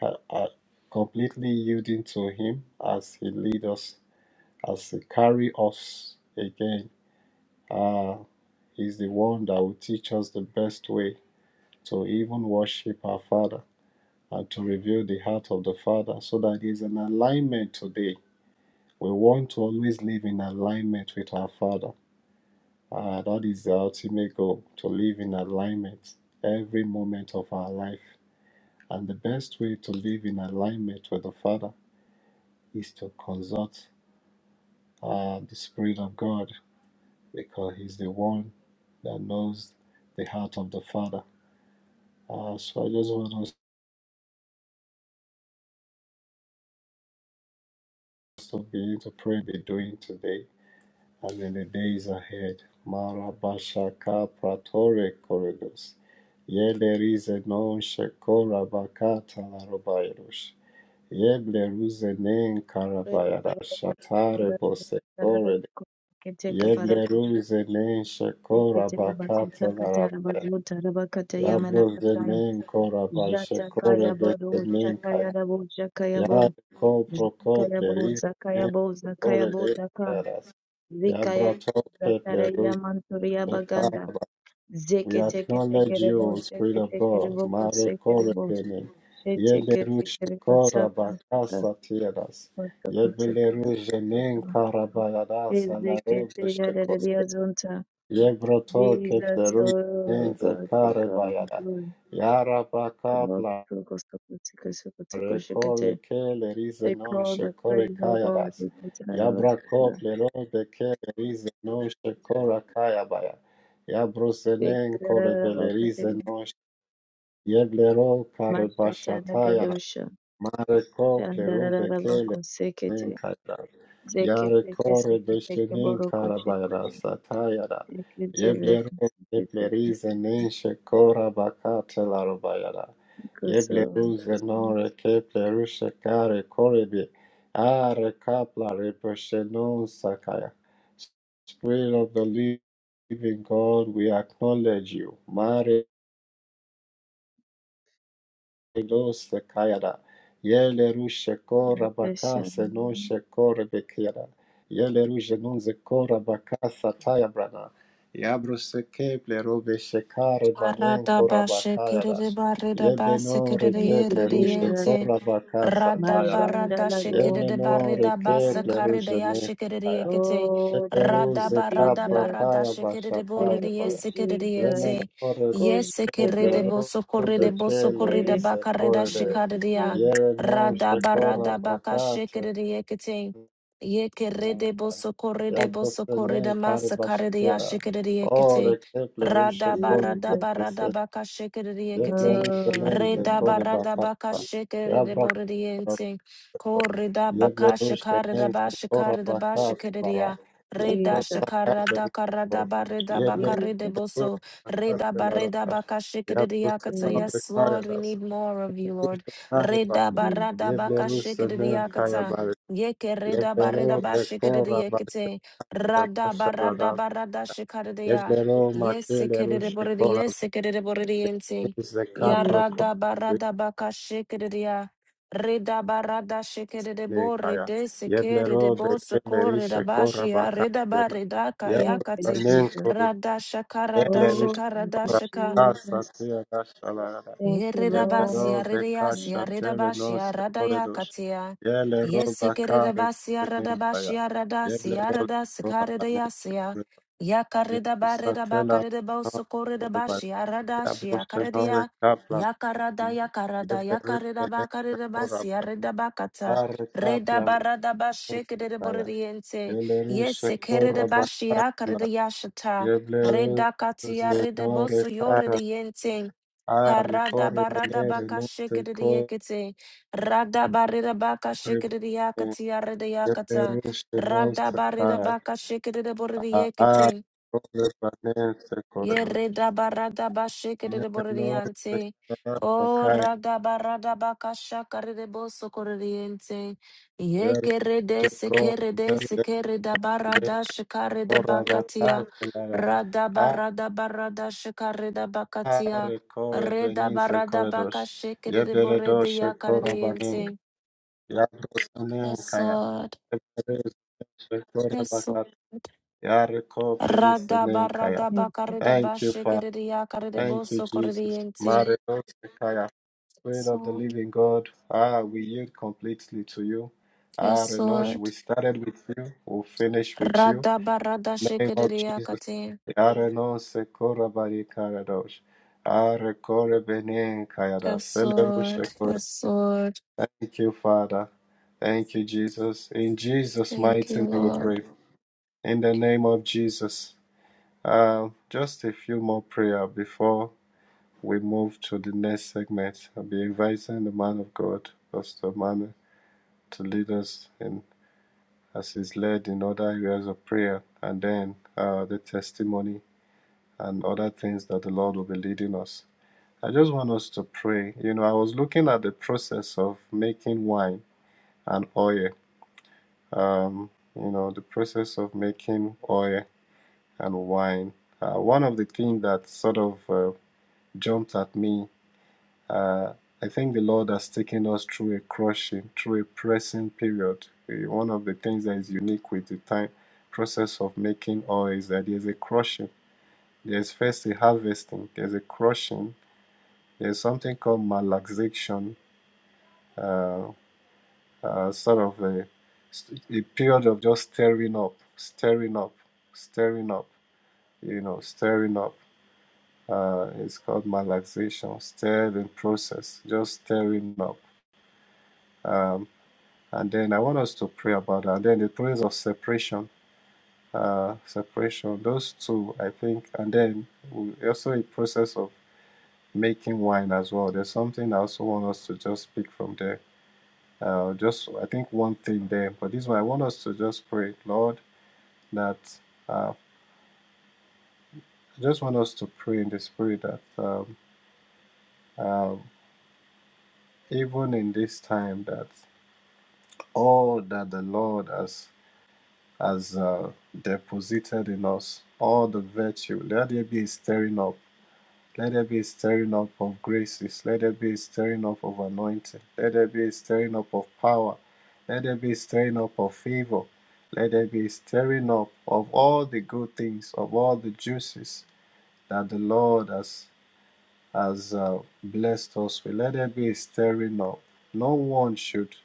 ha- uh, completely yielding to Him as He leads us, as He carry us again. Uh, he's the one that will teach us the best way to even worship our Father and to reveal the heart of the Father so that there's an alignment today. We want to always live in alignment with our Father. Uh, that is the ultimate goal to live in alignment every moment of our life. And the best way to live in alignment with the Father is to consult uh, the Spirit of God because He's the one that knows the heart of the Father. Uh, so I just want us to begin to pray, be doing today and in the days ahead. Marabashaka Pratore Corridors. Yelerize non shekora bakata la robayarush. Yebleruze nen
Praise
karabayara
the Lord.
shatare bosekore.
Keteke barakush,
Yebleruze nen shekora
teketele bakuta katara
bakata
bazuta rabakata
Ya
yamana kataya.
brozemen kora baisha
Jata
kore
kaya baro,
besemen
shakaya
kaya.
rabo, shakaya
Ya
bo.
ko proko
Zakaya bo,
pleris
zakaya
men
bo, zakaya
kore
bo,
de
zaka.
karas. Ya
Zikaya
brato
rabo,
ke
zatara
plerus
yamanturia
de
baganda.
kara. We
Zeke teke teke
acknowledge
rebo,
you, Spirit
sheke
of
teke
God.
rebo,
Mare
koseke
kore
rebo.
benin. Ye
Shete teke
lerus kora
rebo,
bakasa tieras.
Jesus,
Ye belerus jenin kara bayadas alare beshekos. Ye brato ke plerus
oh
men
God, they
zekare
call the
bayada.
glory.
Ya rabaka
Come up to Costa
Recore
Kusikate.
que le rise
They
non
call the
shekore
praise of God.
kayadas.
They put another
Yabra koplero de que le rise non shekora kayabaya.
They
Yabrosenen kore belerize
Bakate.
non yeblero kare
Mashata
bashatayana.
Nagadosha.
Mare koplero
Chandarabako
Nin
Sekete.
kara. Yare
Zekete
kore
Kesekete
beşenin
Boroko
kara bayra
Shekete.
satayara.
Zekete
Yebleru yeblerize
Zekete
nin şekora bakatelar bayara.
Koso.
Yebleruze nore kepleru şekare korebi. Are kaplare beşenon sakaya. Spirit of the living God, we acknowledge you. Mare Ilos Kayada, Yele Rushe Kora
Kesha.
Bakase no Shekore Bekira, Yele Rushe Nunze Kora Bakasa Tayabrana, Yabruse Keple Robe Shekare Banen Kora
Aradabashi
Bakayadas, Yebeno
Thank you,
Rekeple Rushe
Jesus.
Kora Bakasa
Rada
Tayada,
barada
Majandala
shikiri
go
de
Yemeno
seke
barida
seke.
basa
Rekeple
karida
Rushe
ya shikiri de
Nekaya.
yekete.
Oh, thank
Rada
you,
Peperuze
barada
kapra
Jesus.
barada
kaya
shikiri
bashataya
borida
Thank you,
baya.
yesikiri de
Jesus.
yente.
Yemenore
Yesikiri de
Koshikede,
boso
pepleruze
korida boso
kele
korida
koshikede,
rise
bakarida
kore.
shikari de ya.
koshikede.
Yere no
Rada
shekora
barada baka
bakate.
shikiri de yekete. Yekiri de boso korida boso
Yabrosene
korida
kari
masa karida ya
bashatera.
shikiri de yekete.
Ore keplerushe kore
Jesus,
kese.
Radabaradabaka shikiriakate.
Yeplerushe
oh,
lenge
Jesus,
kore
Redabaradabaka
bakata.
shikiribordiente. Koridabaka
Yeblerus Benin
shikaridaba
Fedora
shikaridaba
Baka Telara,
shikiriya. Reda
Yabro
Jesus,
Baka
shakara dakara
Beruro,
barida
Yeblerus
bakari de
Jesus,
Fedora
boso.
Baka
Reda
Telara,
barida baka
Yabro
shikiriakata.
Senare
Yes, Lord, we
Kayadas,
need more of you, Lord.
Yushanari Bak,
Reda
Jesus.
barada baka
Yeblerus Benin
shikiriakata.
Kayabar,
Yeke reda
Yeblero
barida
Bekora Baka
bashikiriakate. Rada
Telara,
barada barada shikariya.
Yeblero
Yes,
Matele
sekerere
Rushe
borere,
Kora
yes, sekerere borere yente.
Bruze Kapro
Yarada
Kore
barada baka shekerere ya. Reda barada shekerere bore
Kaya,
de sekere de
Yeblero
bo
Bekele
sokore da
Rishe Kora
bashi ya
Baka
reda bareda
Thank you,
kayakate.
Jesus.
Telara,
Rada shakara da
Oh,
Yelerusha
shakara
thank
da
you,
shaka.
Jesus.
kasatia dashalara.
Thank you, Lord.
Yebero
Yererabasia rereasia
bekasha tere non
redabasia radaya
sekoridosh.
katia.
Yelero bakare
Yesekeredabasia
beninkaya.
radabasia radasia
Yeblero sekora banense
radasikaredayasia.
koreba. Yebo satela non koreba.
Yakaredabaredabakaredabosokoridabasia
Yabro
radashia
senore
karedia.
kaplan.
Yakarada yakarada
Yebero benense
yakaredabakaredabasia
koreba.
redabakata.
Are kaplan non sekaya.
Redabaradabashekeredaboriente.
Yelerusha koreba
Yesekeredabasia
kaplan.
karedayashata.
Yeblero
Redakatia
Zenore Kara.
redabosoyoredayente.
Arre
Karada
corre
barada
venere
baka
non se
shikiri
corre
yakete. Rada barida baka shikiri yakati arida yakata.
Yeperush non
Rada
se
barida
ha
baka shikiri
Arre
burida
corre venere se corre
Yerida barada bashikere de
Yere non se
Yeredabaradabashikiriboririante.
corre
O
sakai
radabaradabakashakaridebosokoririente.
Yere se corre Yere se corre
Yekeredesekeredesekeredabaradashikaridabakatia.
vakai Lara
Radabaradabashikaridabakatia.
Arre corre venere se corre dosh Yebere dosh se corre
Redabaradabakashikiriborediakaririente.
vanin Yadro sunen
Yes,
kaya
Lord.
Yebere se
Yes,
corre
Lord.
Yariko Plerisene Kaya. Thank you, Father. Thank you, Jesus.
Radabaradabakaridabashikiriakaridibosokoririente.
Marinos Kaya. Spirit of the
So.
living God, ah, we yield completely to you. Ah,
Yes,
Renosh, we
Lord.
started with you, we'll finish with you.
Radha barada
Name of Jesus.
shikiriakate.
Yarenos Sekora Bari Karadosh. Ah, Rekore Bene Kayada.
Yes, Lord.
Selerush Rekore.
Yes, Lord.
Thank you, Father. Thank you, Jesus. In Jesus'
Thank you,
mighty name we
Lord.
pray. In the name of Jesus. Uh, just a few more prayer before we move to the next segment. I'll be inviting the man of God, Pastor Manu, to lead us in as he's led in other areas of prayer, and then uh, the testimony and other things that the Lord will be leading us. I just want us to pray. You know, I was looking at the process of making wine and oil. Um, you know, the process of making oil and wine. Uh, one of the things that sort of uh, jumped at me. Uh, I think the Lord has taken us through a crushing, through a pressing period. Eh, One of the things that is unique with the time process of making oil is that there's a crushing. There's first a harvesting, there's a crushing, there's something called malaxation, uh, uh, sort of a, a period of just stirring up, stirring up, stirring up, you know, stirring up uh, it's called malaxation, stirred in process, just stirring up. Um, and then I want us to pray about that. And then the things of separation, uh, separation, those two, I think. And then we also a process of making wine as well. There's something I also want us to just speak from there. Uh, just, I think, one thing there. But this one, I want us to just pray, Lord, that uh, I just want us to pray in the spirit that um, um, even in this time, that all that the Lord has has uh, deposited in us all the virtue. Let there be a stirring up. Let there be a stirring up of graces. Let there be a stirring up of anointing. Let there be a stirring up of power. Let there be a stirring up of favor. Let there be a stirring up of all the good things, of all the juices that the Lord has has uh, blessed us with. Let there be a stirring up. No one should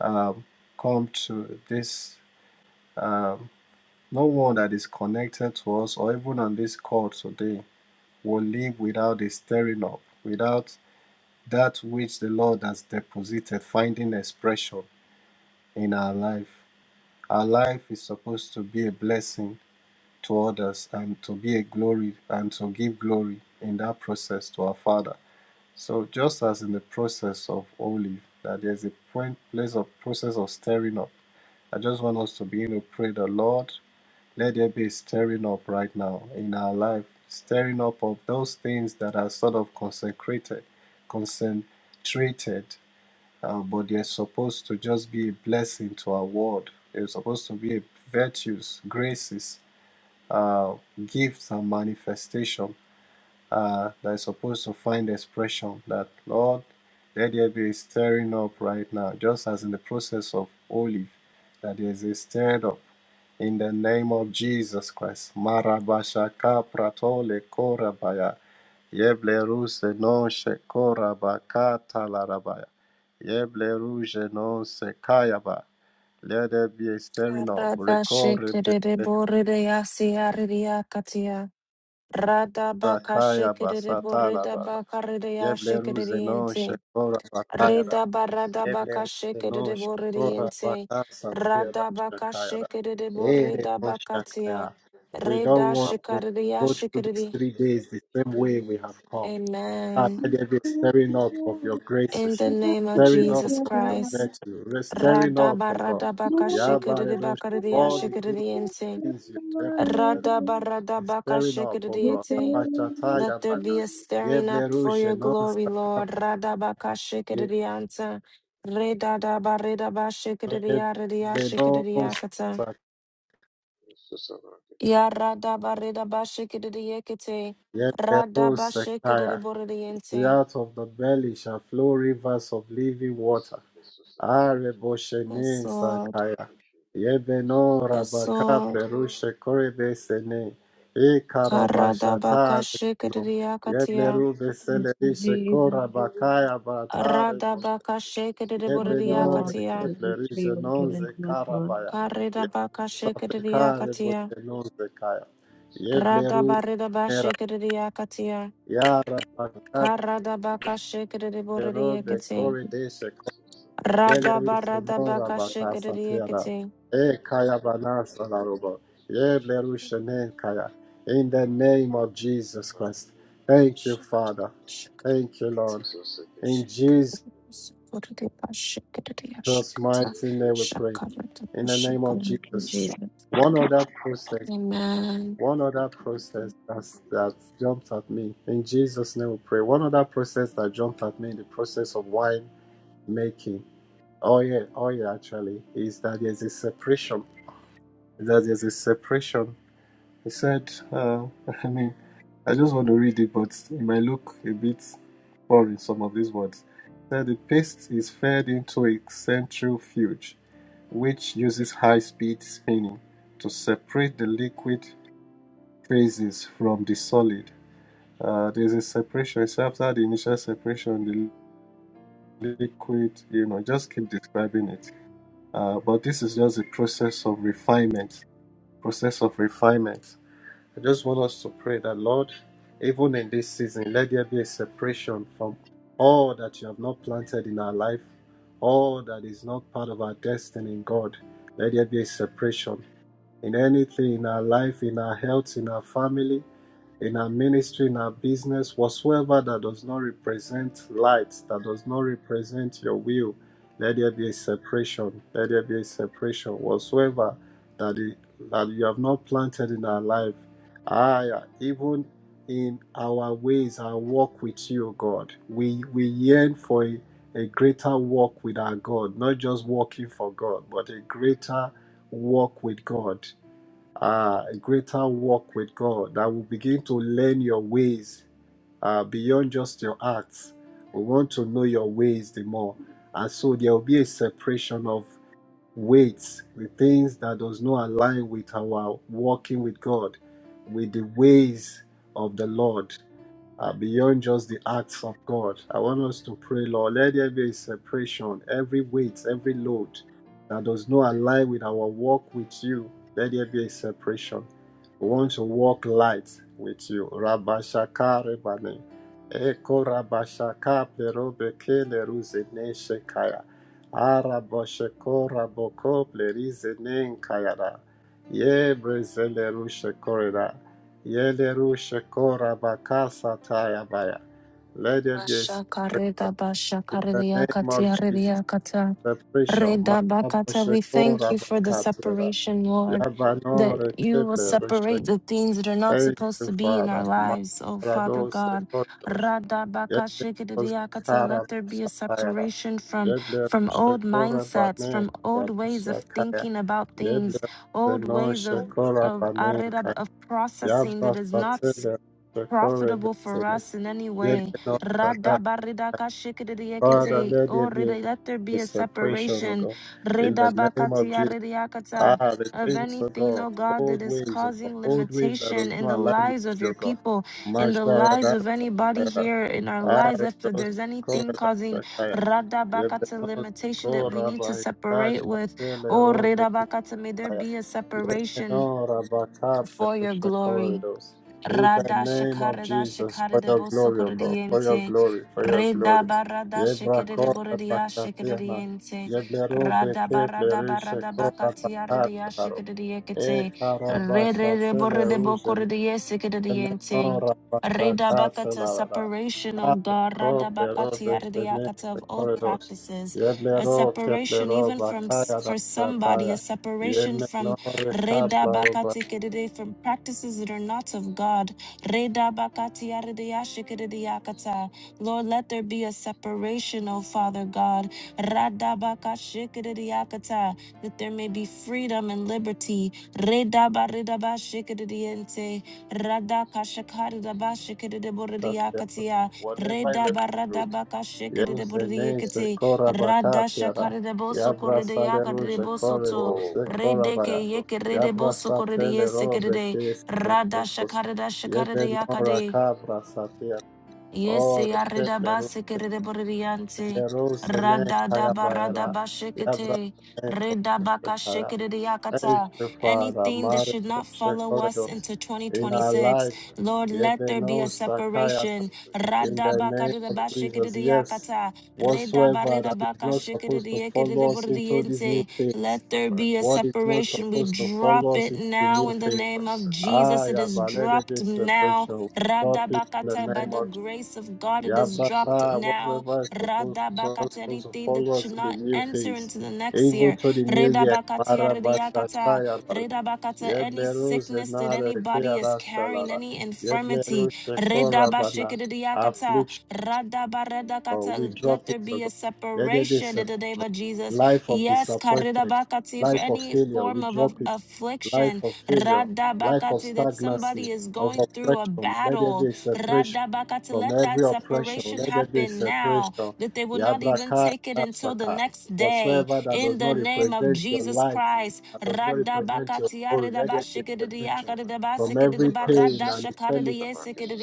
um, come to this. Um, no one that is connected to us or even on this call today will live without a stirring up, without that which the Lord has deposited finding expression in our life. Our life is supposed to be a blessing to others and to be a glory and to give glory in that process to our Father. So just as in the process of olive, that there's a point place of process of stirring up. I just want us to begin to pray the Lord. Let there be a stirring up right now in our life, stirring up of those things that are sort of consecrated, concentrated, uh, but they're supposed to just be a blessing to our world. They're supposed to be a virtues, graces, uh, gifts, and manifestation uh, that is supposed to find expression. That Lord, let there be a stirring up right now, just as in the process of olive, that there is a stirred up in the name of Jesus Christ. Marabashaka pratole korabaya. Yeble ruse non shekorabaka talarabaya. Yeble ruje non sekayaba. Let there be a stirring up.
Radha
Rekore
shikiriboririasiaririakatia. Radha baka
kayaba
shikiriborida
satalabana.
bakaridia
Yeble ruse non
shikiriente.
shekorabakayara.
Rida barada baka
Yeble no shakora
shikiriboririente.
bakasa tira
Radha baka
shakaya Ere
shikiriborida
no
bakatia.
shakaya. We don't
Rida
want to
shikaridia
go through these
shikiri.
three days the same way we have come. Ah,
Amen.
Um,
let there be
the purple
Thank
stirring up
versus the
of
you.
your
English
In
graces,
the
Jesus,
efficiency.
name of
stirring
thank
up
Jesus
you,
of your
Christ.
virtue,
The
re-
country
stirring
whereby
up,
their
Radaba
oh God.
courses of
radabaka
English,
Yabare no sh-
shikadidibakadidiya
All the good
shikadidiyente.
aviation, and
things
we
you
should
have
buy
deposited,
their
Radaba
courses
is
radabaka
stirring up, oh God.
shikadidiyete. Let
this
Abashataya
is
there
an
be
bana.
a stirring up
Yeble
for
ruge
your
no
glory,
sakapa
Lord. Radabaka shikadidiyanta. Redadaba redaba shikadidiya ridiya
Yeble
This
shikadidiyakata.
no
is a market
Ya
question.
radaba redaba shikadidiyekete.
Yet
Thank
the
you,
road
Radaba
Jesus. Market
Sekaya.
over
See,
shikadidiboridiente.
out of the belly shall flow rivers of living
This is a
water.
business of
Yes,
Areboshene
Lord.
And
Sakaya.
maybe she got back to
Yebeno
Yes,
society.
Rabaka
Lord.
Perushe Korebe
Maybe she
Sene.
got back to
E
society.
Karadabaka
Karabashata Rebano.
Maybe
shikadiyakatia.
Yebleru
she got back to
Veseleri
society.
Shekora Bakaya Batare Bosh.
Radabaka
Zukte sisabaka
Yebeno
Lord, for
shibakatus.
shikadiburidiakatia.
the
Rekepleri
victory you've given
Genonze
to us, Lord.
Ego
Karabaya.
shadabande
Karidabaka
brekus
Yasapeka
sabaka.
shikadiyakatia.
Reboshenonze Kaya.
Zusabaka
Yebleru
Radabaridaba
Era.
kushibaka.
shikadiyakatia.
Yara
Thank you,
Karadabaka
Jesus.
Pero
shikadiburidiakati.
bekori dese
Zusabaka
kodeleri
shibakatus.
senora
Radabaradabaka
bakasa
shikadiyakati.
E kaya
Zusabaka
banasa narubo.
shibakatus.
Yeble kaya. In the
Mande
name of
brekus
Jesus
sabaka
Christ.
lukus.
Thank you,
Shikad,
Father.
shikad,
Thank you, Lord.
Zuseketu
In
shikad.
Jesus'
shadamande brekus sabaka.
Sukuridaba shikadiyashakata.
mighty name we pray.
Shakaradaba
In the name of
shikad.
Thank you,
Jesus.
Jesus.
One other process.
Amen.
One other process that's, that jumped at me. In Jesus' name we pray. One other process that jumped at me the process of wine making Oh yeah, oh yeah. Actually, is that there's a separation. That there's a separation. He said, uh, I mean, I just want to read it, but it might look a bit foreign. Some of these words. He said the paste is fed into a centrifuge, which uses high-speed spinning to separate the liquid phases from the solid. Uh, there's a separation. It's after the initial separation, the liquid. You know, just keep describing it. Uh, but this is just a process of refinement. Process of refinement. I just want us to pray that, Lord, even in this season, let there be a separation from all that you have not planted in our life, all that is not part of our destiny in God. Let there be a separation in anything in our life, in our health, in our family, in our ministry, in our business, whatsoever that does not represent light, that does not represent your will, let there be a separation. Let there be a separation. Whatsoever that, it, that you have not planted in our life, I, even in our ways, our walk with you, God, we, we yearn for a, a greater walk with our God, not just walking for God, but a greater walk with God uh, a greater walk with God that will begin to learn your ways uh, beyond just your acts. We want to know your ways the more. And so there will be a separation of weights, the things that does not align with our walking with God, with the ways of the Lord uh, beyond just the acts of God. I want us to pray, Lord, let there be a separation, every weight, every load that does not align with our walk with you. Let there be a separation. We want to walk light with you. Rabashaka rebane. Eko rabashaka plerobe kele ruzene shekaya. Arabosheko raboko plerize nen kayara. Ye brezele rushekorera. Yeleru Shekora Bakasa Tayabaya. Let there be a
Basha
spirit
Bashakareda
in the
bashakaredia
name of
katia
Jesus.
redia kata.
Separation.
Reda
Mamabo
bakata. We thank you
Shekora
for the
Bakatera.
separation, Lord, that
Yabanore
you will
Keple Rushe.
separate the things that are not
Thank
supposed
you,
to be in
Father.
our lives, oh Father
Makarado
God.
Sekoros.
Rada
Yeleru
bakashikaredia kata. Let
Shekara
there be a
Basatayara.
separation from
Yeleru
from old
Shekora
mindsets,
Bane
from old ways of
Kayabashakaya.
thinking about
Yeleru
things, old
Zeno
ways of
Shekora
of
Bane
areda- of processing that is not
Kayabasatele
profitable for
Shekore
us in any
Yet,
way.
Lord,
Rada
that,
barida
Father,
kashikiriakete.
let there
Oh,
be
rida- let there
a
be a
separation, oh
separation.
God. In
Rida
the name of
bakatia
Jesus. Ah,
ridiakata.
the
Of
things, oh
anything,
God,
oh God, that
old
is
ways, oh God,
causing
old ways that
limitation
does
in
not
the
align with
lives of
you,
your
oh God.
people, in the
Mashara
lives
da
of anybody
Shara.
here, in our
Ah,
lives, if
those
there's
Kora
anything
da
causing
Shakaya.
rada
Yet,
Shadabaka
bakata limitation that
sabaka.
we
Kora
need to
by
separate with, oh
Lord
Tasha
rida bakata, may there be a
Jesus.
separation
Lenora Bakapre
for your
Ego
glory.
Shakoridos.
shibakatus.
In the
Rada
name of
shakarada
Jesus, for
shakarada
your glory,
regular
O
shape
God,
of
for your
bosokorodiente.
practices.
glory, for your
Reda
glory.
barada shakarada
Yebrakora
Consists of
boradia
Bakatena.
application of
shakaradiente.
practice.
Yebleru
Rada
Beke
barada
Plerisha
barada
This
Kora
is some
bakatia radia
application of
Bakataro.
practices.
E
shakaradiekete.
Karabasha
Rede de borede
Regular shape
bokorodie
of practices.
shakaradiente.
Menora
Reda
pasakata
bakata
lara.
This is
separation,
some
O God,
application
Arco
rada
of
plero
bakatia
practices.
radiakata
desdeneste
of old
corridos.
practices. A
This
Yeblero
separation
teplero
even from s- for somebody, a separation from
is the shape of
Reda
practices.
bakati kedede from practices that are not
This
of
is the
God. Reda
repetition.
bakati yaredeyashe
This is
yakata.
some
Lord,
application
let
of
there be a
practices.
separation, O Father God. Rada
The law of
bakashe yakata That there may be freedom and
Regular
liberty.
shape of
Reda bareda
practices.
bashe kededeyente. Rada
This is some
kashakareda
application of
bashe
practices.
kededeboredeyakatia.
Whatever I
Reda
read
Regular
barada
shape of
bakashe
practices.
use the name
kededeboredeyekete.
Sekora
So
Rada
this
Bakatiara.
is
shakareda
some
boso
Yabra
korede
application.
yakade
Saleru
de boso to.
Jekorino,
Oh,
Rede ke
Barakito,
Sekorabaya.
yeke rede
Sotiria,
Yabra
the
boso korede
Satele
yese
Robe
kerede.
Case
Rada
Sekos.
shakarada shakarada yakade.
Cabra Satia. Ore
Yese arreda
Teplero.
base que rede
Yerusene
Rada da
and
barada
bayara.
bashikete.
Yabrasene
Reda
koroshe
baka
kaya.
shekerede
Thank
yakata.
you, Father.
Anything that
Mare
should not
doshe
follow us
koredos.
into
In our
2026.
life,
Lord, let there be
yebeno
a
sakaya.
separation.
In
Rada
the
baka
name
reda
of
bashikete
Jesus, yes.
yakata. Reda
Whatsoever that
bareda
is
baka
not
shikete
supposed to
yekete
follow us into this new
borriente.
phase,
Let there be a
what is not
separation. We
supposed to
drop
follow us
it
into the
now
new
in the
phase,
name of
ah,
Jesus. It is
yabalele
dropped
this
now
separation. Drop it in
Radabakata,
the
by
name
the
of
grace of God, it
yeah,
is dropped
brother,
now.
whatever is supposed
Susan
not
Radabakata,
supposed to
anything that
follow us
should
to the
not
new
enter
Negotiate
phase.
into the next
brackets.
Even
year.
to the new year.
Redabakatia,
This
rediakata,
is
Marabashakaya
a
bara.
bracket. This is
redabakata,
the
any
Yebleru
sickness that
zenare
anybody is
keara
negotiate
carrying,
shalara.
brackets.
any
Yebleru
infirmity.
shekora bana.
This is a bracket.
Redabashikadiakata,
This is the negotiate
Oh, we
radabaredakata, let
drop it,
there
oh
be
God.
a
Let there be
separation in
separation.
the name of
brackets.
Jesus.
Life of
Yes,
disappointment,
karedabakati, for
life of
Negotiate
any
failure, we
form of
brackets.
of
drop it.
affliction.
Life of failure,
This
life
is
of
Radabakati,
the
that
stagnancy,
somebody
bracket.
is
of
going through a
oppression, let there be
battle.
a separation
Radabakati,
from
let
every
that
Negotiate
oppression.
brackets.
separation
Let there be a
happen now,
separation.
that they will not even
Yabraka
take
This
it
is
until
the bracket. Negotiate
the
Saka.
next day.
Whatsoever
brackets.
that
In
does
the
not
name of
represent your
Jesus
light,
Christ.
that does not represent your
Radabakati,
glory, let there be a separation from every
aridabashikididiakadidabasikididaba,
pain and infirmity.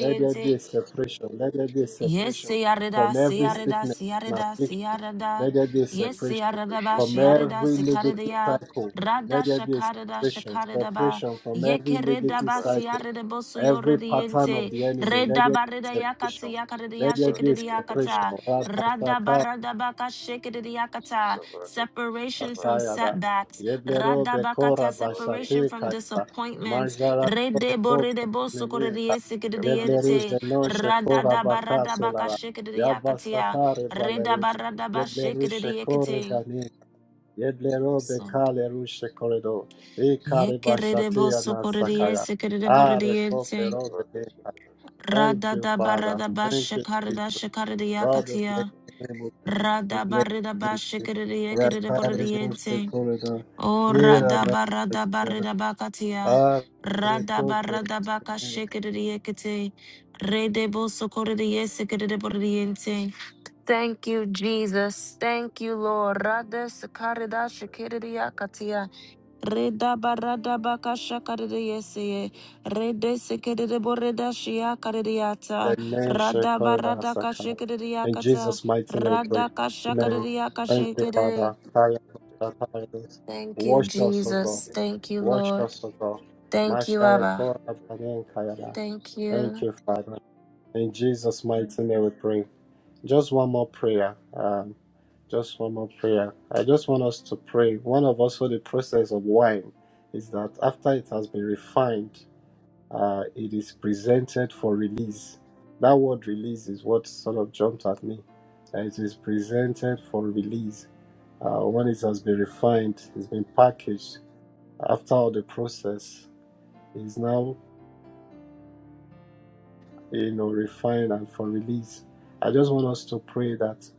Let there be a separation. Let there be a
Yes,
separation
siarida,
from
In
every
the
siarida,
sickness
name of
and
Jesus
siarida,
affliction.
Christ,
siarida.
Let there be a
Yes,
separation.
siarida ba,
Negotiating
From
back
siarida,
every
and sister
negative
sicarida.
negotiating
cycle,
back
Rada
let there be a
shakarida,
and
separation.
shakarida ba.
Separation from every
Yekerida
negotiating
negative
ba,
back and
cycle,
siarida
sister
bosu
every
negotiating back and
pattern
sister
of
yoridiente.
the enemy, let
Reda
there be
barida
a
yakata,
separation.
yakarida
Jesus
Let there
back
be
yashikida
and sister back
yakata.
and
a
sister Jesus
Rada
separation.
barada baka shikida yakata.
back and sister
Separation
back
from
and
Kayada,
setbacks.
Yeblero
Rada bakata,
Bekora
Lord in
separation
the
Bashate
from
name
Kayada,
of Jesus
disappointments.
Christ
Majara
negotiating
Rede
back
Beko
boride bosu korida
Semene
and sister back and
Yebleru
yesikida
sister
Zeno Shekora
Radada barada baka
Bakatelara,
shikiri yakatia.
Yabasakare
Reda
Balerush,
negotiating back and sister negotiating back
barada
and
ba
sister
Yebleru
shikiri
Shekore
yakati.
Gani,
Jesus
Yeblero
Absurd.
Bekale Rushe Koredo, Ekare
Yekerede
Bashate
bo sokorede
Anasakaya,
yesekerede borede
Are
yente.
Kopero
back
Bene
and sister
Thank you,
Radada
Father.
barada ba
Thank you,
shakarada
Jesus.
Thank
shakarada
you,
Lord, bless
yakatia.
Jesus. Thank you,
you.
Jesus.
We
Rada
bless
barida ba
you.
shikiri yekerede
Rakare
borede
doste
yente.
This
koleda.
O
Ira
rada
na
barada
koleda.
barida bakatia.
Are
Rada
kople.
barada baka shikiri yakati. Rede bo sokorede yesekerede borede yente. Thank you, Jesus. Thank you, Lord. Rada sakarida shakiridia katia. Reda barada baka shakaridia yeseye. Rede sikirida borida shia karidiata.
Amen.
Rada
Shekoleda
barada
sakat.
kashikiridia
In
kata.
Jesus' mighty name we pray.
Rada
Amen.
kashakaridia
is
Thank
the
you,
kashikiri.
Father. Kaya dosta kaya dos.
Thank you,
Wash us, O God.
Jesus. Thank you,
Wash
Lord.
us, O God.
Thank you,
Mashare
Abba.
koleda banen kaya da.
Thank
Thank
you.
you, Father. In Jesus' mighty name we pray. Just one more prayer. Um, Just one more prayer. I just want us to pray. One of also the process of wine is that after it has been refined, uh, it is presented for release. That word release is what sort of jumped at me. That it is presented for release. Uh, when it has been refined, it's been packaged after all the process it is now you know, refined and for release. I just want us to pray that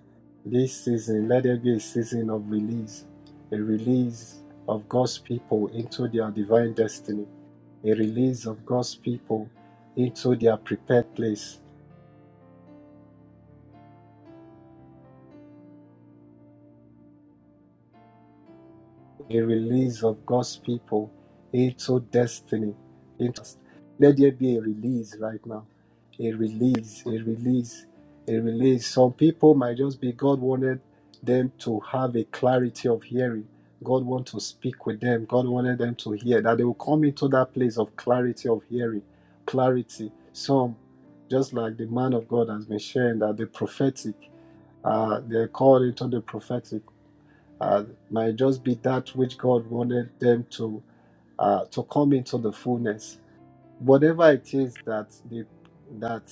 this season, let there be a season of release, a release of God's people into their divine destiny, a release of God's people into their prepared place, the release of God's people into destiny. Into, let there be a release right now. A release, a release, a release. Some people might just be God wanted them to have a clarity of hearing. God want to speak with them. God wanted them to hear that they will come into that place of clarity of hearing, clarity. Some, just like the man of God has been sharing, that the prophetic, uh, they're called into the prophetic uh, might just be that which God wanted them to uh, to come into the fullness. Whatever it is that the that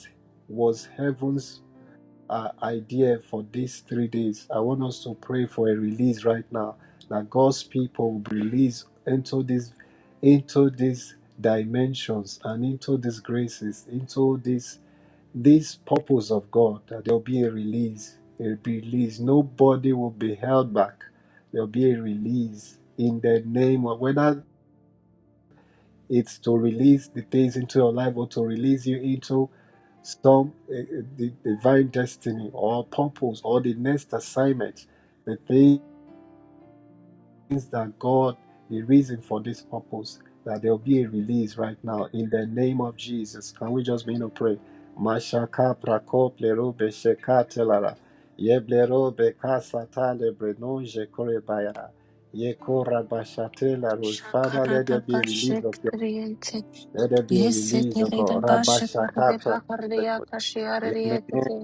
was heaven's uh, idea for these three days, I want us to pray for a release right now that God's people will be released into this into these dimensions and into these graces, into this this purpose of God, that there'll be a release, a release. Nobody will be held back. There'll be a release in the name of whether it's to release the things into your life or to release you into some uh, uh, the divine destiny or purpose or the next assignment. The thing means that God, the reason for this purpose, that there will be a release right now in the name of Jesus. Can we just begin to pray? Mashaka prako plero besheka telara. Yeblero beka satale brenon jekore bayara. Yekora bashate laro. Father, let there
Shakarada
be a release of your
bashikiriya
let there be a
Yes, se
release of
kerida
God.
basha karde
Rabashaka
ba kardiya
pra- Yemeno
kete.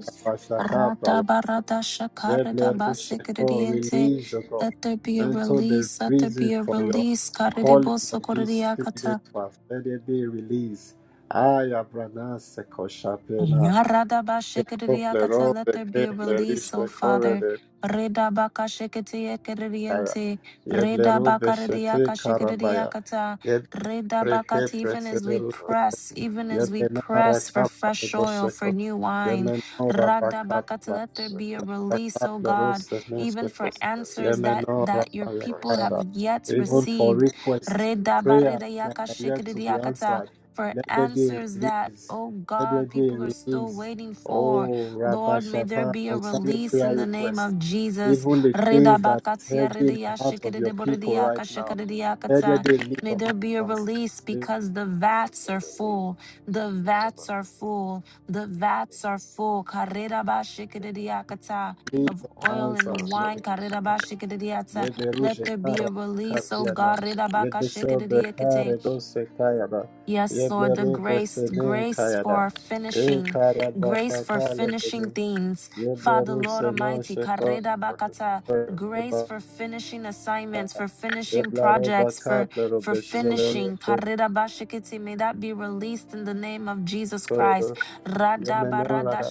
Rata barata shakarida
Yeblerusha
base
God, release, O God,
Let there be a
unto the
release. Let there
reason
be a
for your
release. Karide
calling
boso
of this
kordiya
three-day fast. Let there be a release. Aya branase koshapena.
Yaradabashikiriakata,
Ekoplero
Let there be a release, O
bekeplerisha
Father.
korede.
Redabakashikitiakiriente,
Yeblero beshete karabaya.
Redabakaridiakashikiriakata,
Yebreke
Redabakati, Even as we
presederu.
press, even as we
market.
Yebenara
press for
kapa
fresh oil, for
rebosheko.
new wine,
Jesus
Radabakata,
Yemenora
let
Christ,
there be a
Sakoshita,
release, O God, even for
in the
answers
name
that,
of
that your
Jesus
people
Christ,
have yet
Even for
received.
requests,
Supiki to
prayers
Susaba,
that are yet to
Dikaba,
be
Redabaridiakashikiriakata,
answered,
for
let
and
there be a
answers
Susaba,
that,
release.
Dikaba,
oh
Dikaba,
Let there
God,
be
people are
a
still
release.
waiting for.
Oh, Rabbi
Lord, may there
Shatan,
Susaba, Dikaba,
be a
concerning
Susaba,
release in
prayer
the name
requests,
of
Dikaba,
Jesus.
even the things that is
Redabakatia
heavy in the
redia
heart of
Susaba,
your people
shikidiboridiaka
right
Dikaba,
now,
Susaba,
let there
shikadidiakata.
be a
Dikaba,
release
May
of
there be a
answers.
release because the
Lord,
vats
in
are
the name
full.
of
The
Jesus Christ,
vats are
Sabaka,
full. The vats are
Ekoshita,
full.
Baka, Susaba, Dikaba,
Karedabashikididiakata
Release
Of
of
oil
Lord,
and
answers.
answer
wine.
the reason,
Karedabashikididiata.
Yede
in the
Let
ruje
name
there be
kara
a
of
release, oh
Jesus
katiana.
God.
Christ,
Yede
Sabakita,
sobe
Redabakashikididiakate.
kare dose
Ikushika
kayana.
braka
Yes,
susa
Yeble
Lord, the
rube
bekushika ba.
grace,
sene
grace
kayana.
for
Isusa
E
braka
finishing,
kara
kushika
grace
basha
braka
for
susa
kale
be.
finishing
benus.
things.
Yeble
Father, Lord
ruse no
Almighty,
sheko.
Isusa
karida
braka
bakata,
kushika braka
grace for
susa be.
finishing assignments, for finishing
Yeble roba
projects,
Ikushika
for
kaple
braka
for
robe
susa
shizele
braka
finishing.
susa
ruje
karida
be.
bashikiti, May that be released in the name of
Ikushika braka kushika braka
Jesus Christ.
koyro.
Rada
susa
Yeble no
barada
rada.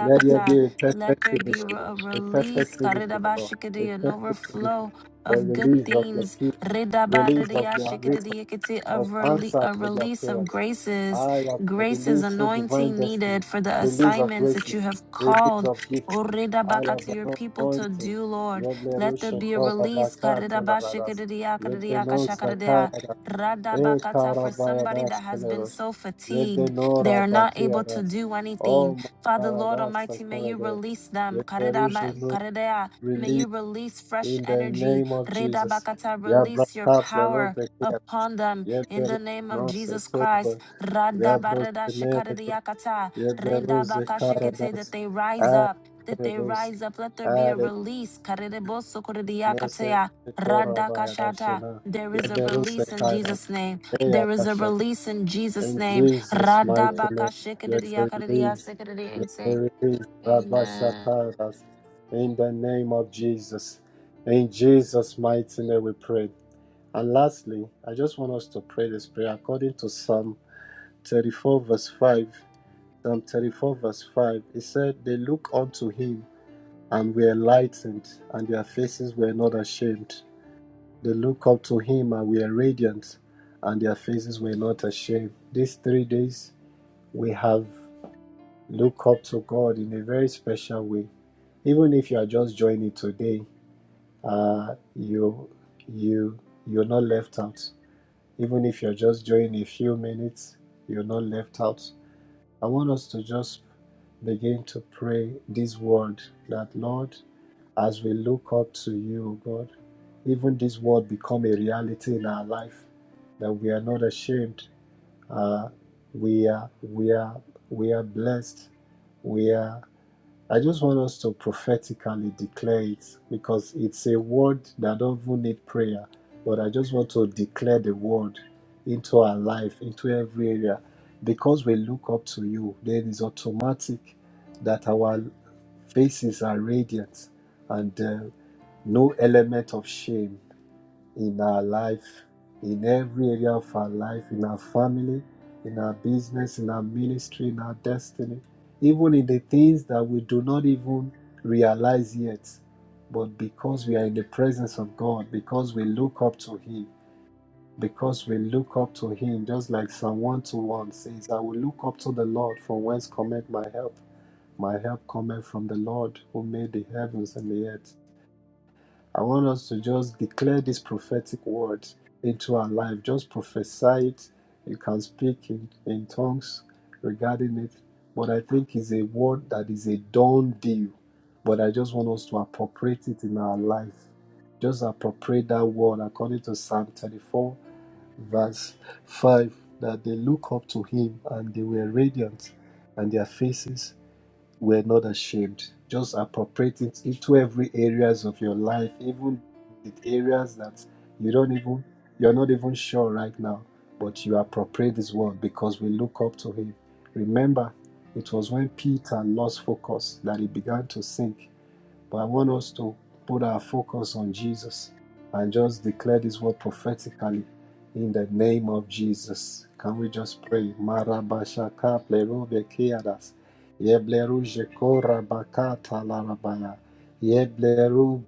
Let there be a
be.
Let
perfect
there
Ikushika
be re-
finishing.
a
braka susa
A
be. Ikushika braka susa be. Ikushika braka susa be. Isusa braka
perfect
release,
kushika
karida
finishing, Lord.
braka
A
bashikiti, an
perfect finishing.
overflow
The
of good
release of your
things
people. Release of
susa
your resources.
Ridabaridiashikiridiakiti, a,
of
rele-
answers
a
to their
be.
release of
prayers.
Ikushika braka
graces,
I
susa
am
be.
graces,
released to divine
anointing
destiny,
needed for the
release of
assignments that
graces,
you have
release
called.
of gifts. I
Uridabaka
have
to your
an
people to
anointing.
do, Lord.
Yebleru
Let there be a
shekora
release.
bakatu laradas. Yebleru
Karidabashikiridiakiridiakashakaridea.
zakayadas. E
Radabakata For somebody
karabayadas
that has been
keleros.
so fatigued,
Yebleru
they are not able to
rabakiyadas.
do
Oh
anything.
my
Father, Lord
laradas
Almighty, may you
sakorede.
release them.
Yebleru
Karidaba-
jenu
karidea. May
release
you release fresh
in the
energy.
name of Jesus.
Redabakata, release your
Yabrakap
power upon them in
Yeberu
the name of
nase
Jesus Christ.
kurba yabros
Radabareda
teneredos
shikaridiakata,
yeberuze
redabakashikete,
karadas
That they rise up, that they
aredos
rise up. Let there be a
are
release.
nose
Karidebosokoridiakatea,
koraba
radakashata.
yarashina
There is a
yeberuse
release in
kairas
Jesus' name. There is a
eyarasha
release in Jesus'
in
name.
Jesus mighty name yes I release yes I
Radabakashikiridiakaridiasikiridiakate.
release rabasha
Amen.
kairas in the name of Jesus in Jesus mighty name we pray and lastly I just want us to pray this prayer according to Psalm 34 verse 5, Psalm 34 verse 5, it said, They look unto him and were enlightened, and their faces were not ashamed. They look up to him and were radiant, and their faces were not ashamed. These three days, we have looked up to God in a very special way. Even if you are just joining today, uh, you you you're not left out. Even if you're just joining a few minutes, you're not left out. I want us to just begin to pray this word that, Lord, as we look up to you, O God, even this word become a reality in our life that we are not ashamed. Uh, we are we are we are blessed. We are I just want us to prophetically declare it because it's a word that doesn't need prayer. But I just want to declare the word into our life, into every area. Because we look up to you, then it's automatic that our faces are radiant and uh, no element of shame in our life, in every area of our life, in our family, in our business, in our ministry, in our destiny, even in the things that we do not even realize yet. But because we are in the presence of God, because we look up to Him, because we look up to Him, just like Psalm 121 says, I will look up to the Lord from whence cometh my help. My help cometh from the Lord who made the heavens and the earth. I want us to just declare this prophetic word into our life. Just prophesy it. You can speak in, in tongues regarding it. But I think it's a word that is a done deal. But I just want us to appropriate it in our life. Just appropriate that word according to Psalm 34, verse 5, that they look up to him and they were radiant and their faces we're not ashamed. Just appropriate it into every areas of your life, even the areas that you don't even you're not even sure right now, but you appropriate this word because we look up to him. Remember, it was when Peter lost focus that he began to sink. But I want us to put our focus on Jesus and just declare this word prophetically in the name of Jesus. Can we just pray? Marabashaka plerobe keadas. Yebleru jekora bakata larabaya. Yebleru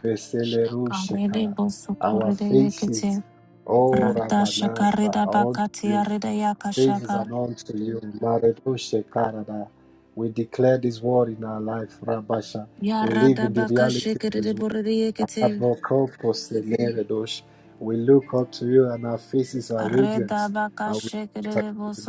beseleru shekaya. Our faces, oh
Rada
Rabanasa,
shakarida
unto
bakati
you,
arida
Praise is
yakashaka.
an unto you. Maredoshe Karada. We declare this word in our life, Rabasha. We live
Yarada
in the reality of
bakashikirida
this word.
buridiyekiti.
Abokopos Meredosh. We look up to you and our faces are
Reda
radiant. And we are not
bakashikirida
ashamed.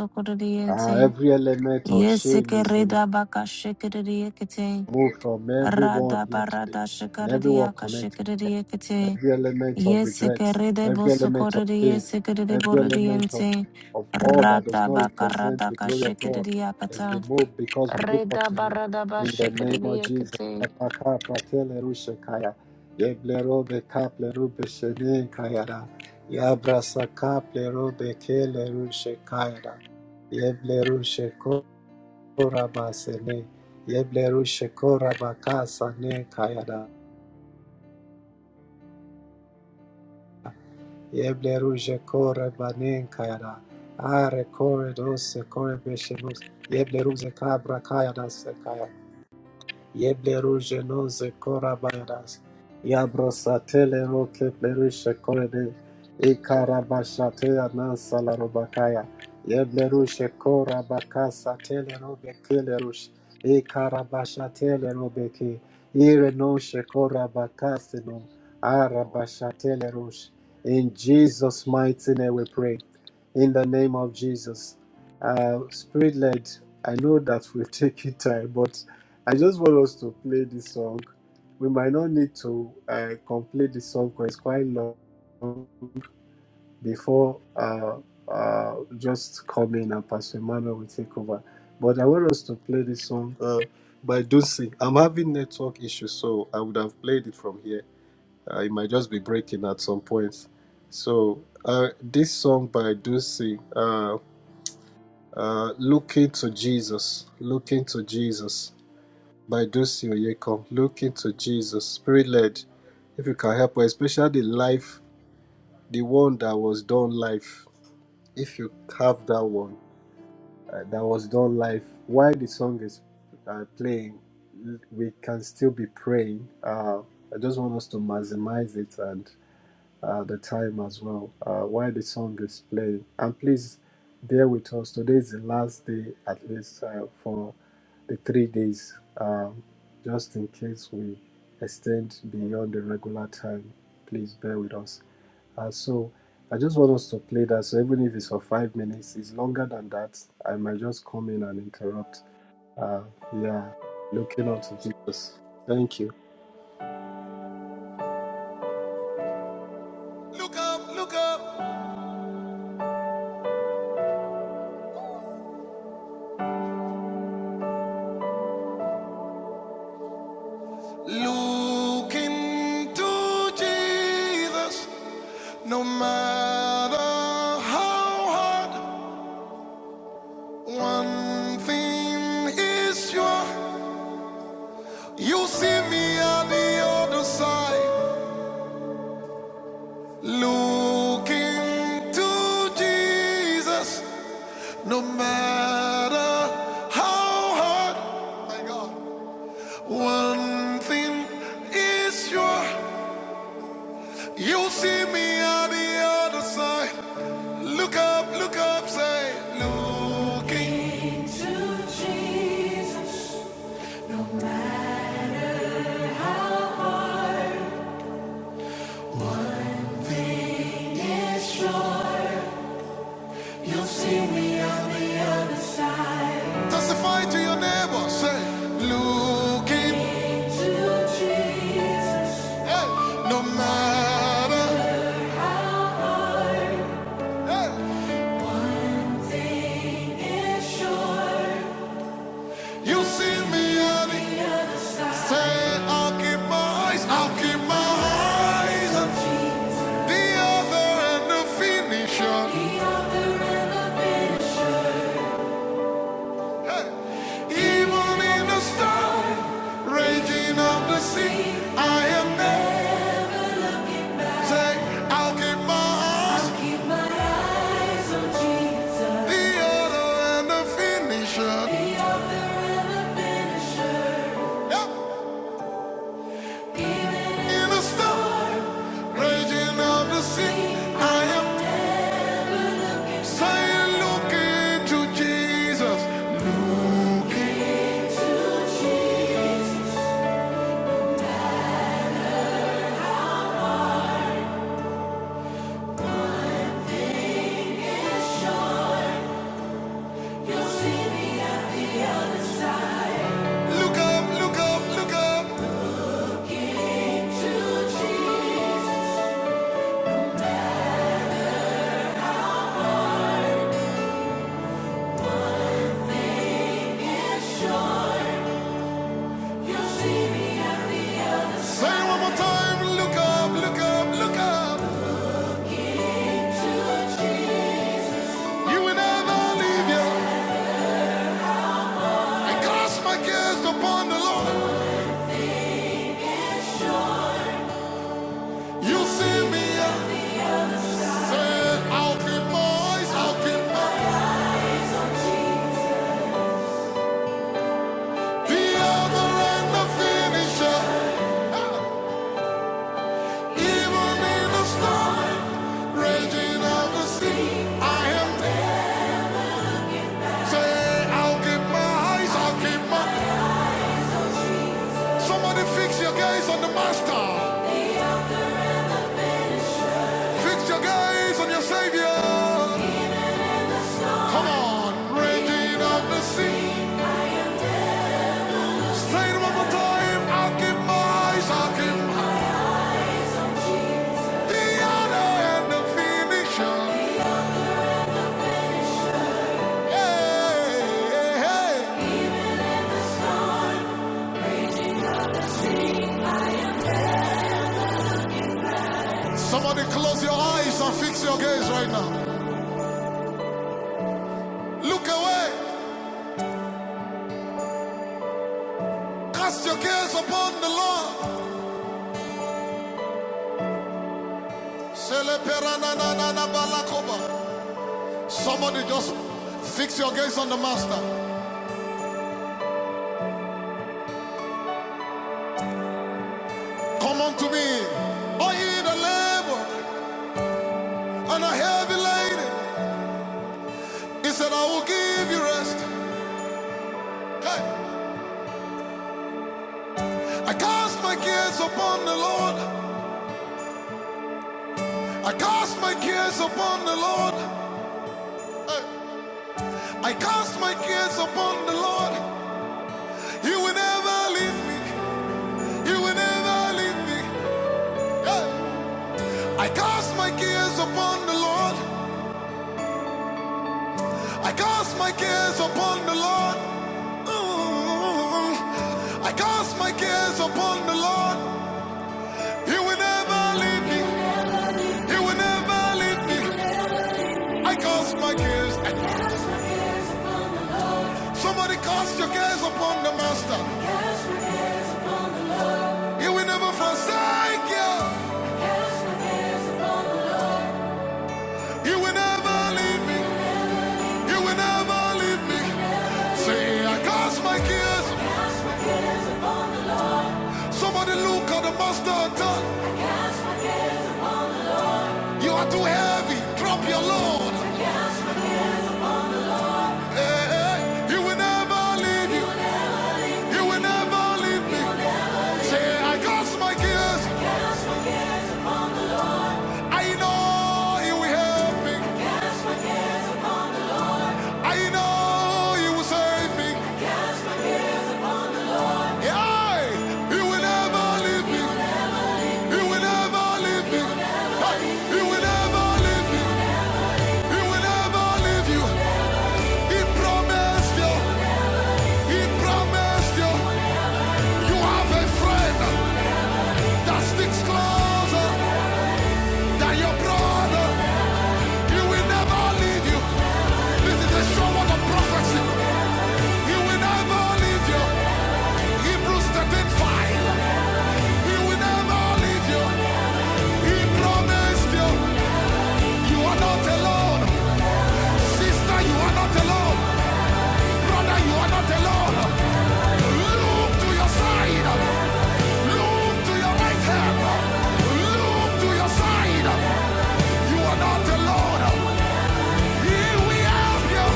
Uh, every element of shame is removed
Yesikirida bakashikiriyekiti.
from everyone
Rada
here today
barada
and everyone connected.
shakariyakashikiriyekiti.
every element of regret,
Yesikirida
every element of pain,
bosokuriyekiti
every element of,
buridiyente.
of all that does
Rada
not represent
bakarada
the glory of God is
kashikiriyakata.
removed because we look up
Reda
to Him
barada
in the name of Jesus.
bashikiriyekiti.
Apaka pratele rushekaya, yeblero beka plero beshene kayada, yabrasaka plero bekele rushekayada, yeblero shekora basene, yeblero shekora bakasane kayada. Yeble ruje kore banen kayada. Are kore dose kore beshemus. Yeble ruze kabra kayada se Yeblerugenoze korabayras. Yabrosatele roke plerishe korede. Ikarabashatea nansala robakaya. Yeblerushe korabakasa tele robe kelerush. Ikarabashatele robeke. Irenoshe korabakasino. Arabashatele rush. In Jesus' mighty name we pray. In the name of Jesus. Uh, Spirit led, I know that we've taken time, but I just want us to play this song. We might not need to uh, complete the song because it's quite long before uh, uh, just come in and Pastor Emmanuel will take over. But I want us to play this song uh, by Dusi. I'm having network issues, so I would have played it from here. Uh, it might just be breaking at some point. So uh, this song by Dusi, uh, uh, Looking to Jesus, Looking to Jesus. by Josie Oyeko. Look into Jesus, spirit led. If you can help, us, especially life, the one that was done life. If you have that one uh, that was done life, while the song is uh, playing, we can still be praying. Uh, I just want us to maximize it, and uh, the time as well uh, while the song is playing. And please bear with us. Today is the last day, at least uh, for the three days, um, just in case we extend beyond the regular time. Please bear with us. Uh, so I just want us to play that. So even if it's for five minutes, it's longer than that. I might just come in and interrupt. Uh, yeah, looking up to Jesus. Thank you.
Look up, look up. Look into Jesus. No matter how hard, one thing is sure. You see me on the other side. Look into Jesus. No matter how hard, my God. One thing is sure. You see me on the other side. Look up, look up, say, looking. Jesus is sure. You see me on the other side. Testify to your neighbor, say, looking. To Jesus. Hey, no matter. Hey. sure. You see me on the side. I'll keep my eyes, I'll keep my eyes. The author and the finisher. Even in the storm, raging of the sea, I am there. I'll keep my eyes. The author and the finisher. Yeah. In the storm, raging of the sea, I am saying, look into Jesus. Look Look up, look up, look up. Say one more time. Look up, look up, look up. You will never leave you. I cast my cares upon the Lord. You see me. here. Say, I'll keep The other and Even in the storm, raging of the sea, I am saying, I'll keep my eyes, I'll keep my. Somebody fix your gaze on the Master. Fix your gaze on your Savior. Come on, raging of the sea. Say one more time. I'll keep my eyes, I'll keep my. The honor and the finisher. Hey, hey, hey. Somebody close your eyes and fix your gaze right now. Look away. Cast your cares upon the Lord. Somebody just fix your gaze on the Master. Come unto me, all ye the labor and a heavy laden. He said, I will give you rest. Hey. I cast my cares upon the Lord. I cast my cares upon the Lord. Hey. I cast my cares upon the Lord. He will never leave me. He will never leave me. Hey. I cast my cares upon the Lord. I cast my cares upon the Lord. Mm. I cast my cares upon the Lord. He will never leave me. He will never leave me. I cast my cares. I cast my cares upon. Somebody cast your cares upon the Master. Cast your cares upon the Lord. He will never forsake you. Cast my cares upon the Lord. He will never leave me. He will never leave me. Say, I cast my cares. Somebody look at the Master and tell. You are too heavy. Drop your load. Eh, eh. He will never leave you. He will never leave me. Say, I cast my cares. I know He will help me. I know He will save me. Yeah. He will never leave me. He will never leave me. Hey, He will never leave me. He will never leave you. He promised you. He promised you. You have a friend that sticks closer than your brother. He will never leave you. This is a sure word of prophecy. He will never leave you. Hebrews 13 He will never leave you. He promised you. You are not alone. Sister, you are not alone. Brother, you are not alone. Look to your side. Look to your right hand. Look to your side. You are not alone. He will help you.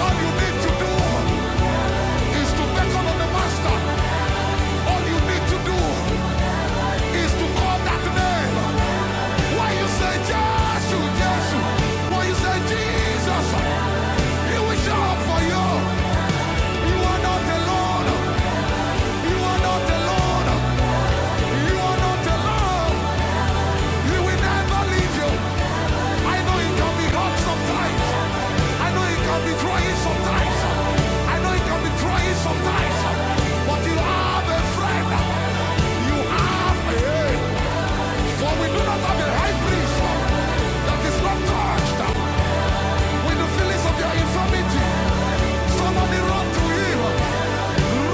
All you need to do is to beckon on the Master. All you need to do is to call that name. When you say Joshua, Joshua, when you say Jesus, He will show up for you. You are not alone. You are not alone. You are not alone. He will never leave you. I know it can be hard sometimes. I know it can be trying sometimes. I know it can be trying sometimes. But you have a friend. You have a For we do not have a high priest that is not touched with the feelings of your infirmity. Somebody run to him.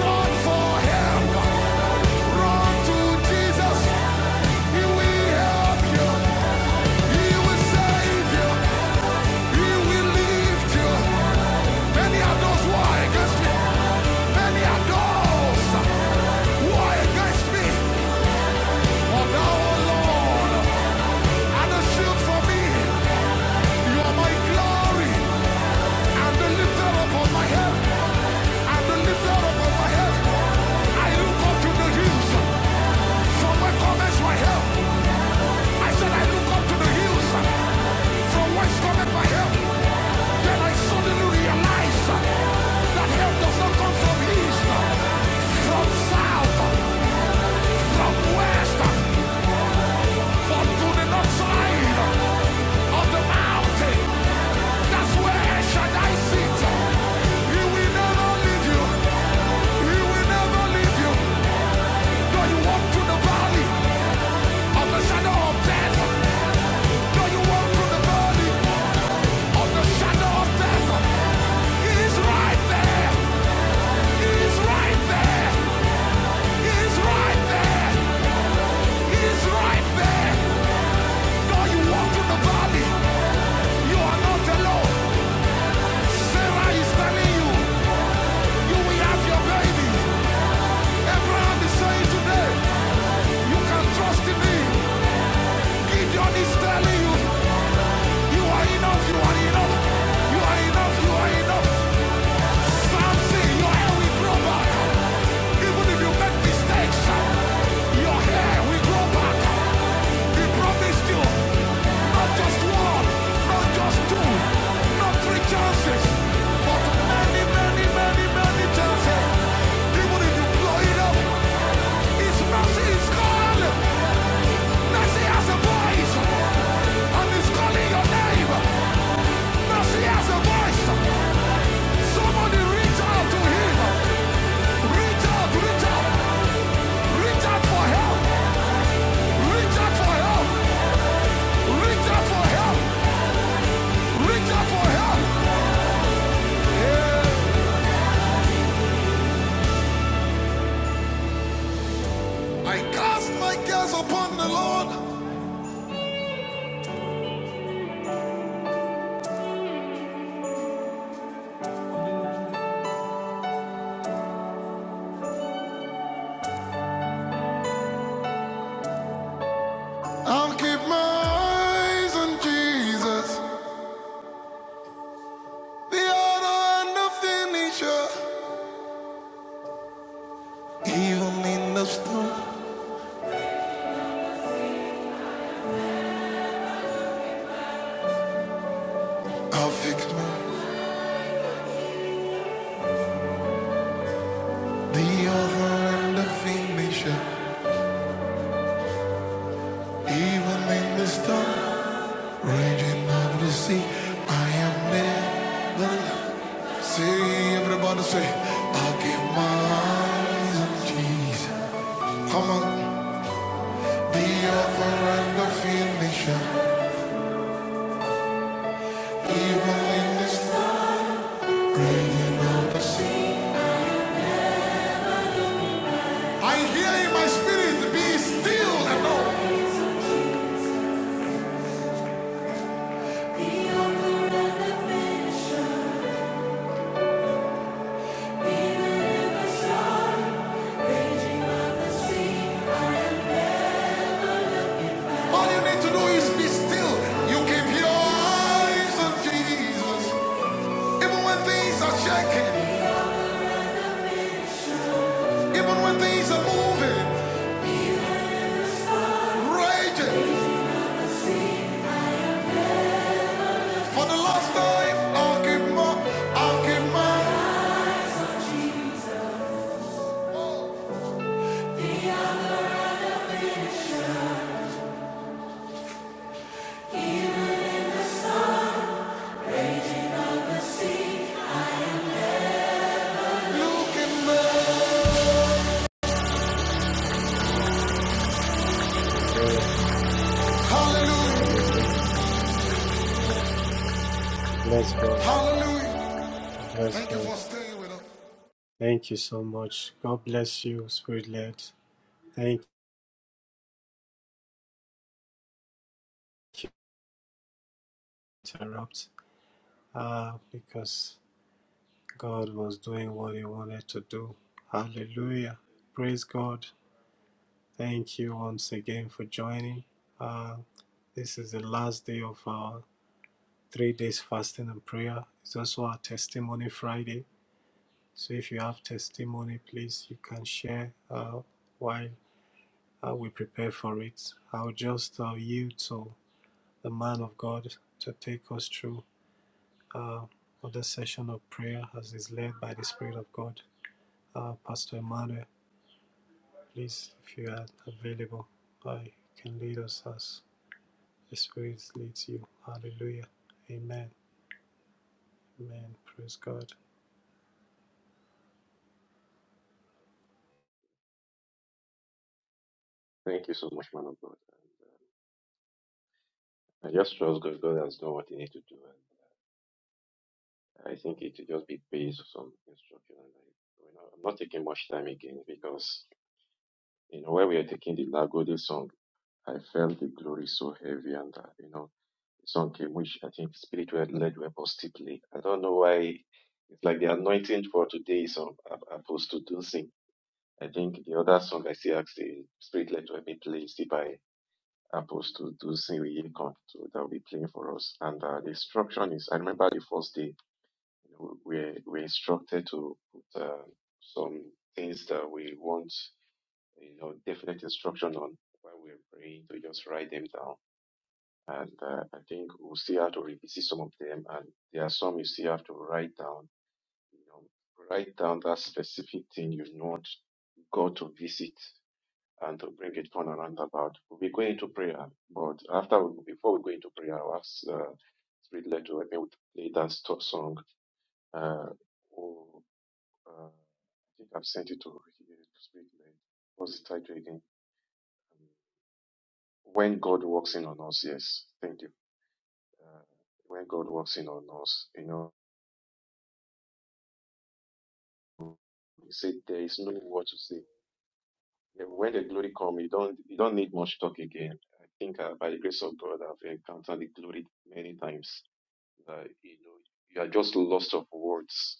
Run for help. Run to Jesus. He will help you. He will save you. He will lift you. Many are those who are against me. Many are those who are against me. But thou, O Lord, are a shield for me. You are my glory. i look up to the hills. From my comments, my help. I said, I look up to the hills. From whence cometh my help? Then I suddenly realized that help does not come from east, from south, from west. But to the north side of the mountain, that's where El Shaddai sits. He will never leave you. He will never leave you. Though you walk through the valley of the shadow of death, though you walk through the valley of the shadow of death, He right there. He right there. He right there. He right there. Though you walk through the valley, you are not alone. Sarah is telling you. You will have your baby. Abraham is saying today, you can trust in me. Gideon is telling you, you are enough, you are enough. You are enough, you are enough. Samson, your hair will grow back. Even if you make mistakes, your hair will grow back. He promised you, not just one, not just two, not three chances, but many, many, many, many chances. Even if you blow it up, His mercy is gone. Mercy has a voice. And he's calling your name. Mercy has a voice. Somebody reach out to him. Reach out, reach out. Reach out for help. Reach out for help. Reach out for help. Reach out for help. I cast my cares upon the Lord. I'll keep my eyes on Jesus. The author and the finisher. Even in the storm, I'll fix my The author and the fiend even in the storm, raging of the sea. I am never. See, everybody say, i give my eyes on Jesus. Come on. The author and the fiend even in the storm, raging of the sea. I hear in my spirit, be still and know. The author and the fiend even in the storm. All you need to do is be still. You keep your eyes on Jesus. Even when things are shaking, even when things are moving, raging. For the last time, I'll give my, I'll give my, look in the
Hallelujah. Hallelujah.
hallelujah,
Hallelujah. Hallelujah. We Bless God.
hallelujah.
We Bless
Thank you
God.
for staying with us.
Thank you so much. God bless you, Spirit led. Thank you. Interrupt. Ah, because God was doing what He wanted to do. Hallelujah. Praise God. Thank you once again for joining. Uh, this is the last day of our three days fasting and prayer. It's also our testimony Friday. So if you have testimony, please you can share uh, while how we prepare for it. I'll just uh, yield to the man of God to take us through uh, another session of prayer as is led by the Spirit of God. Uh, Pastor Emmanuel, please, if you are available, uh, you can lead us as the Spirit leads you. Hallelujah. Amen. Amen. Praise God.
Thank you so much, man of God. And, uh, I just trust God. God has done what He needs to do, and uh, I think it will just be based on some instruction. And I, we're I'm not taking much time again because, you know, when we are taking the Lagode song, I felt the glory so heavy and, uh, you know, the song came, which I think Spirit led led were positively. I don't know why. It's like the anointing for today is on a- Apostle Dulcin. I think the other song I see actually Spirit led will be played still by Apostle Dosing. we come to that will be playing for us. And uh, the instruction is, I remember the first day you know, we're we're instructed to put uh, some things that we want, you know, definite instruction on while we're praying to just write them down. And uh, I think we'll still have to revisit some of them. And there are some you still have to write down. You know, write down that specific thing you want God to visit and to bring it on around about. We'll be going into prayer, but after we, before we go into prayer, I'll ask uh, Spirit led to help me with play that sto- song. Uh, oh, uh, I think I've sent it to uh, Spirit Led. What's the title again? Um, when God walks in on us, yes. Thank you. Uh, when God walks in on us, you know, he said there is no word to say. Yeah, When the glory comes, you don't you don't need much talk again. I think uh, by the grace of God, I've encountered the glory many times. That you know, you are just lost of words.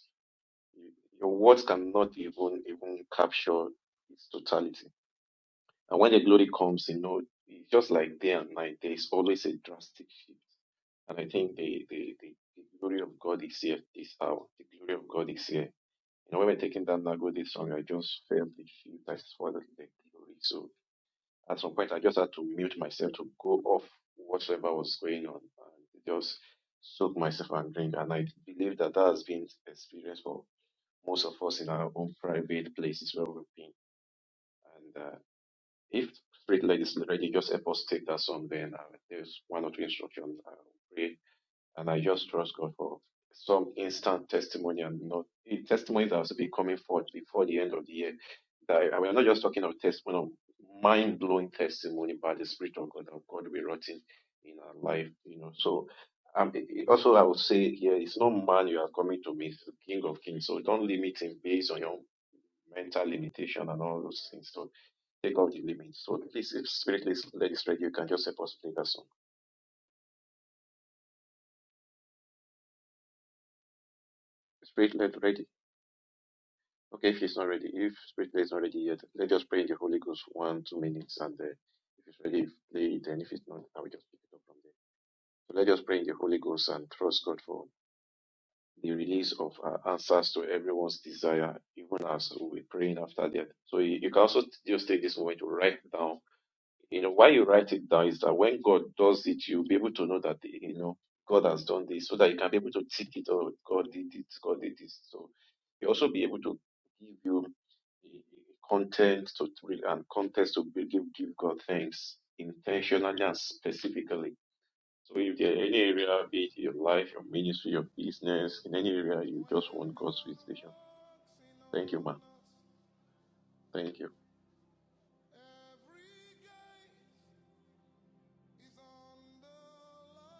You, your words cannot even even capture its totality And when the glory comes, you know, it's just like day and night, there's always a drastic shift. And I think the, the, the, the glory of God is here this hour. The glory of God is here. You know, when we're taking that Nagode song, I just felt the shift. I felt the the glory. So at some point, I just had to mute myself to go off whatever was going on and just soak myself and drink. And I believe that that has been experienced for most of us in our own private places where we've been. If street leg is ready, religious apostate or something, uh, there's one or two instructions I will pray, and I just trust God for some instant testimony and not eh, testimonies that will be coming forth before the end of the year. That I, we're not just talking of testimony, of mind blowing testimony by the Spirit of God that God will be rotting in our life, you know. So. Um, eh, eh, also, I would say here, yeah, it's no man you are coming to meet, the King of Kings. So don't limit him based on your mental limitation and all those things. So Take out the limits. So please, if Spirit is- led is ready, you can just help us play that song. Spirit led ready. Okay, if it's not ready, if Spirit led is not ready yet, let us pray in the Holy Ghost for one, two minutes, and uh, if it's ready, play it. And if it's not, I will just pick it up from there. So let us pray in the Holy Ghost and trust God for the release of uh, answers to everyone's desire, even as we're praying after that. So you, you can also just take this moment to write down You know, why you write it down is that when God does it, you'll be able to know that, you know, God has done this so that you can be able to tick it, or God did it, God did this. So you also be able to give you content to and context to give, give God thanks intentionally and specifically. So if there are any area, be it your life, your ministry, your business, in any area you just
When
want God's
God
visitation.
walks in
Thank you,
on
man.
us
Thank you.
every day. He's on the lion and the lamb.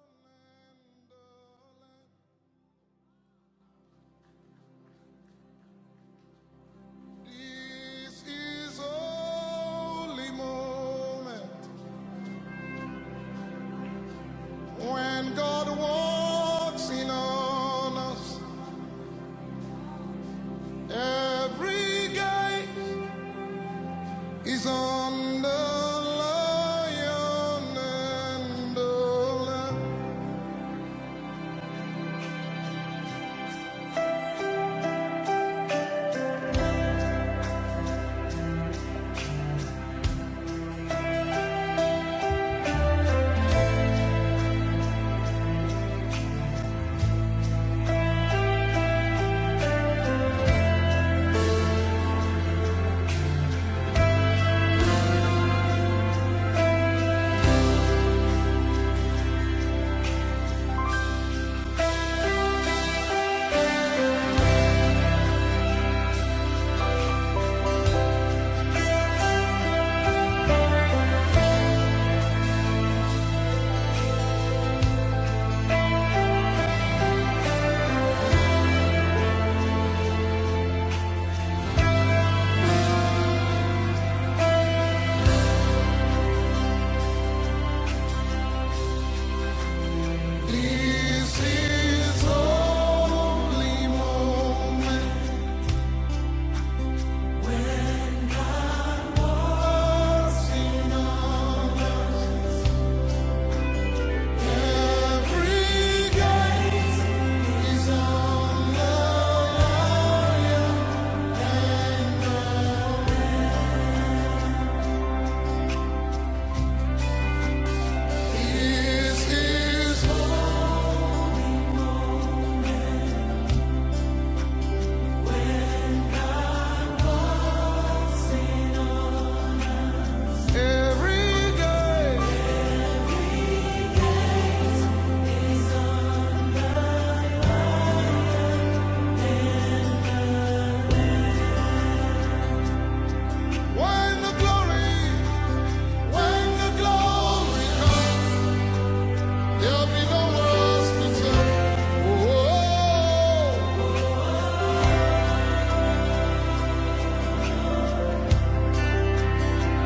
This is holy moment when God walks in on us. Every gate is on the lion and the lamb. This is holy moment. Us in on us.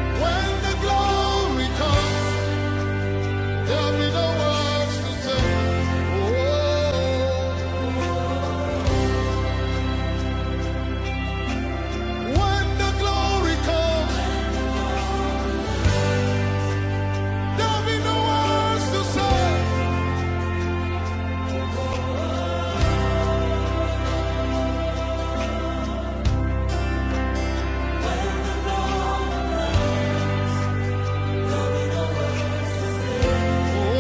When the glory comes, there'll be no words to say. There'll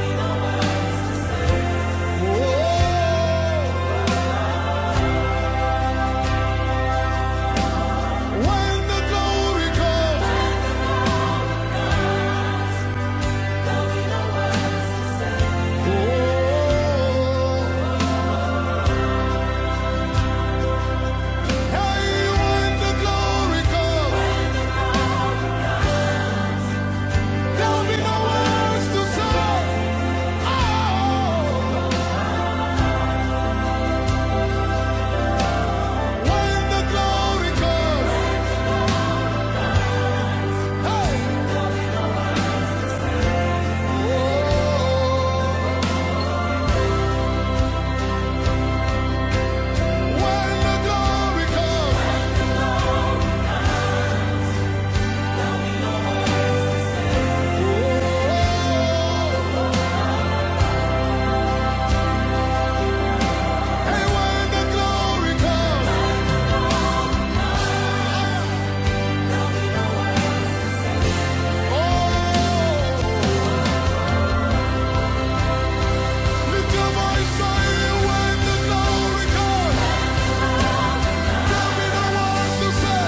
be no words to say. Oh. When the glory comes, hey, oh, when the glory comes, oh, hey, when the glory comes, oh, lift your voice and when the glory comes, tell me the words to say,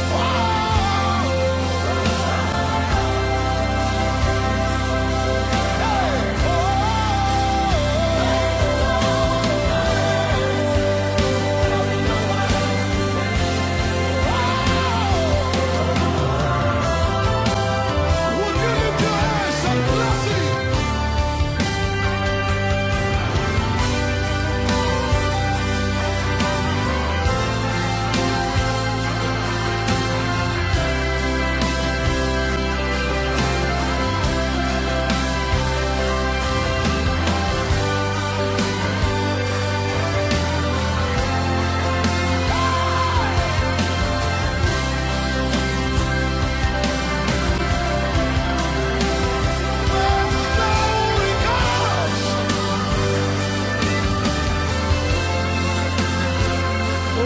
oh, hey, oh, would you lift your hands and bless it when the glory comes? Oh, when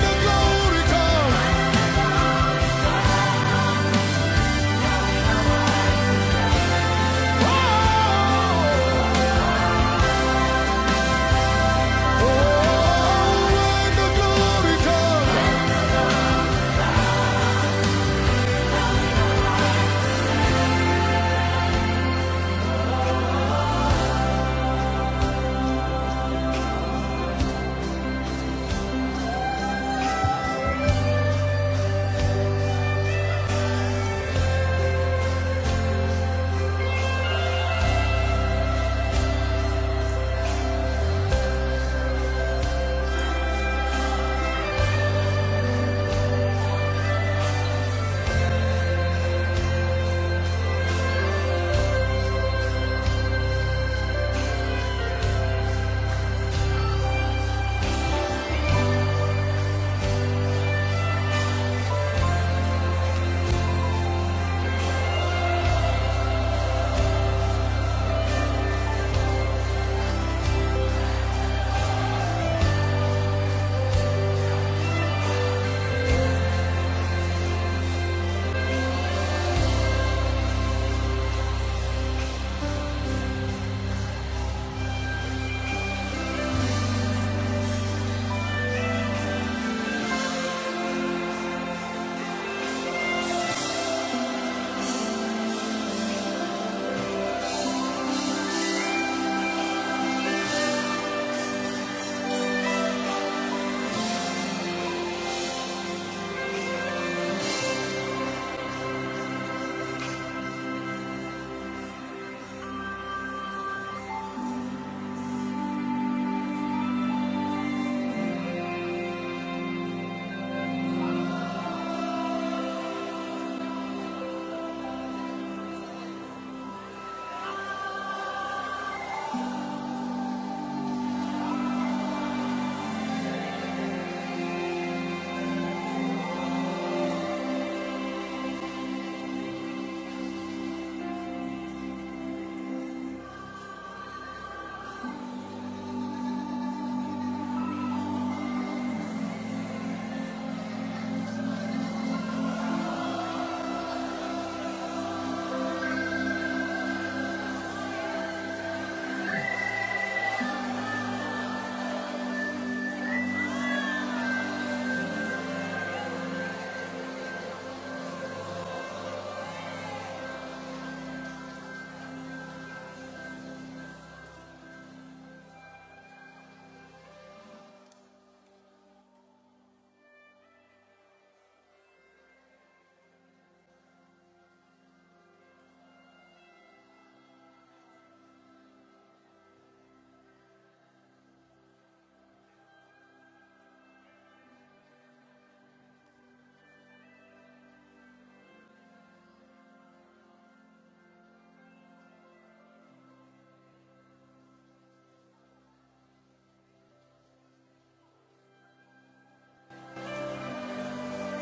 the glory comes.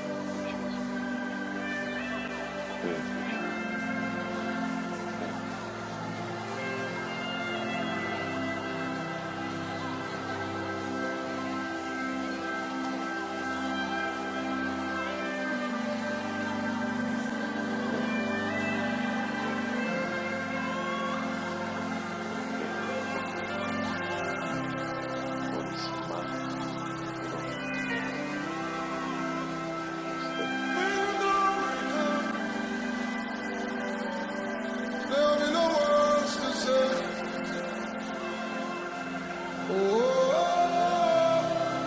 Thank you, Jesus. Thank you, Jesus. Thank you, Jesus. Thank you, Jesus. Thank you. Thank you, Jesus. Thank you for your grace. Thank you for your manifest presence. Thank you for your palpable presence. Thank you for thank you for walking in amongst us. What is man that you are mindful of him? What, what is man that you are mindful of us? Thank you. Thank you for your glory.
There ain't no words to say.
Thank you. Thank you.
Oh, oh.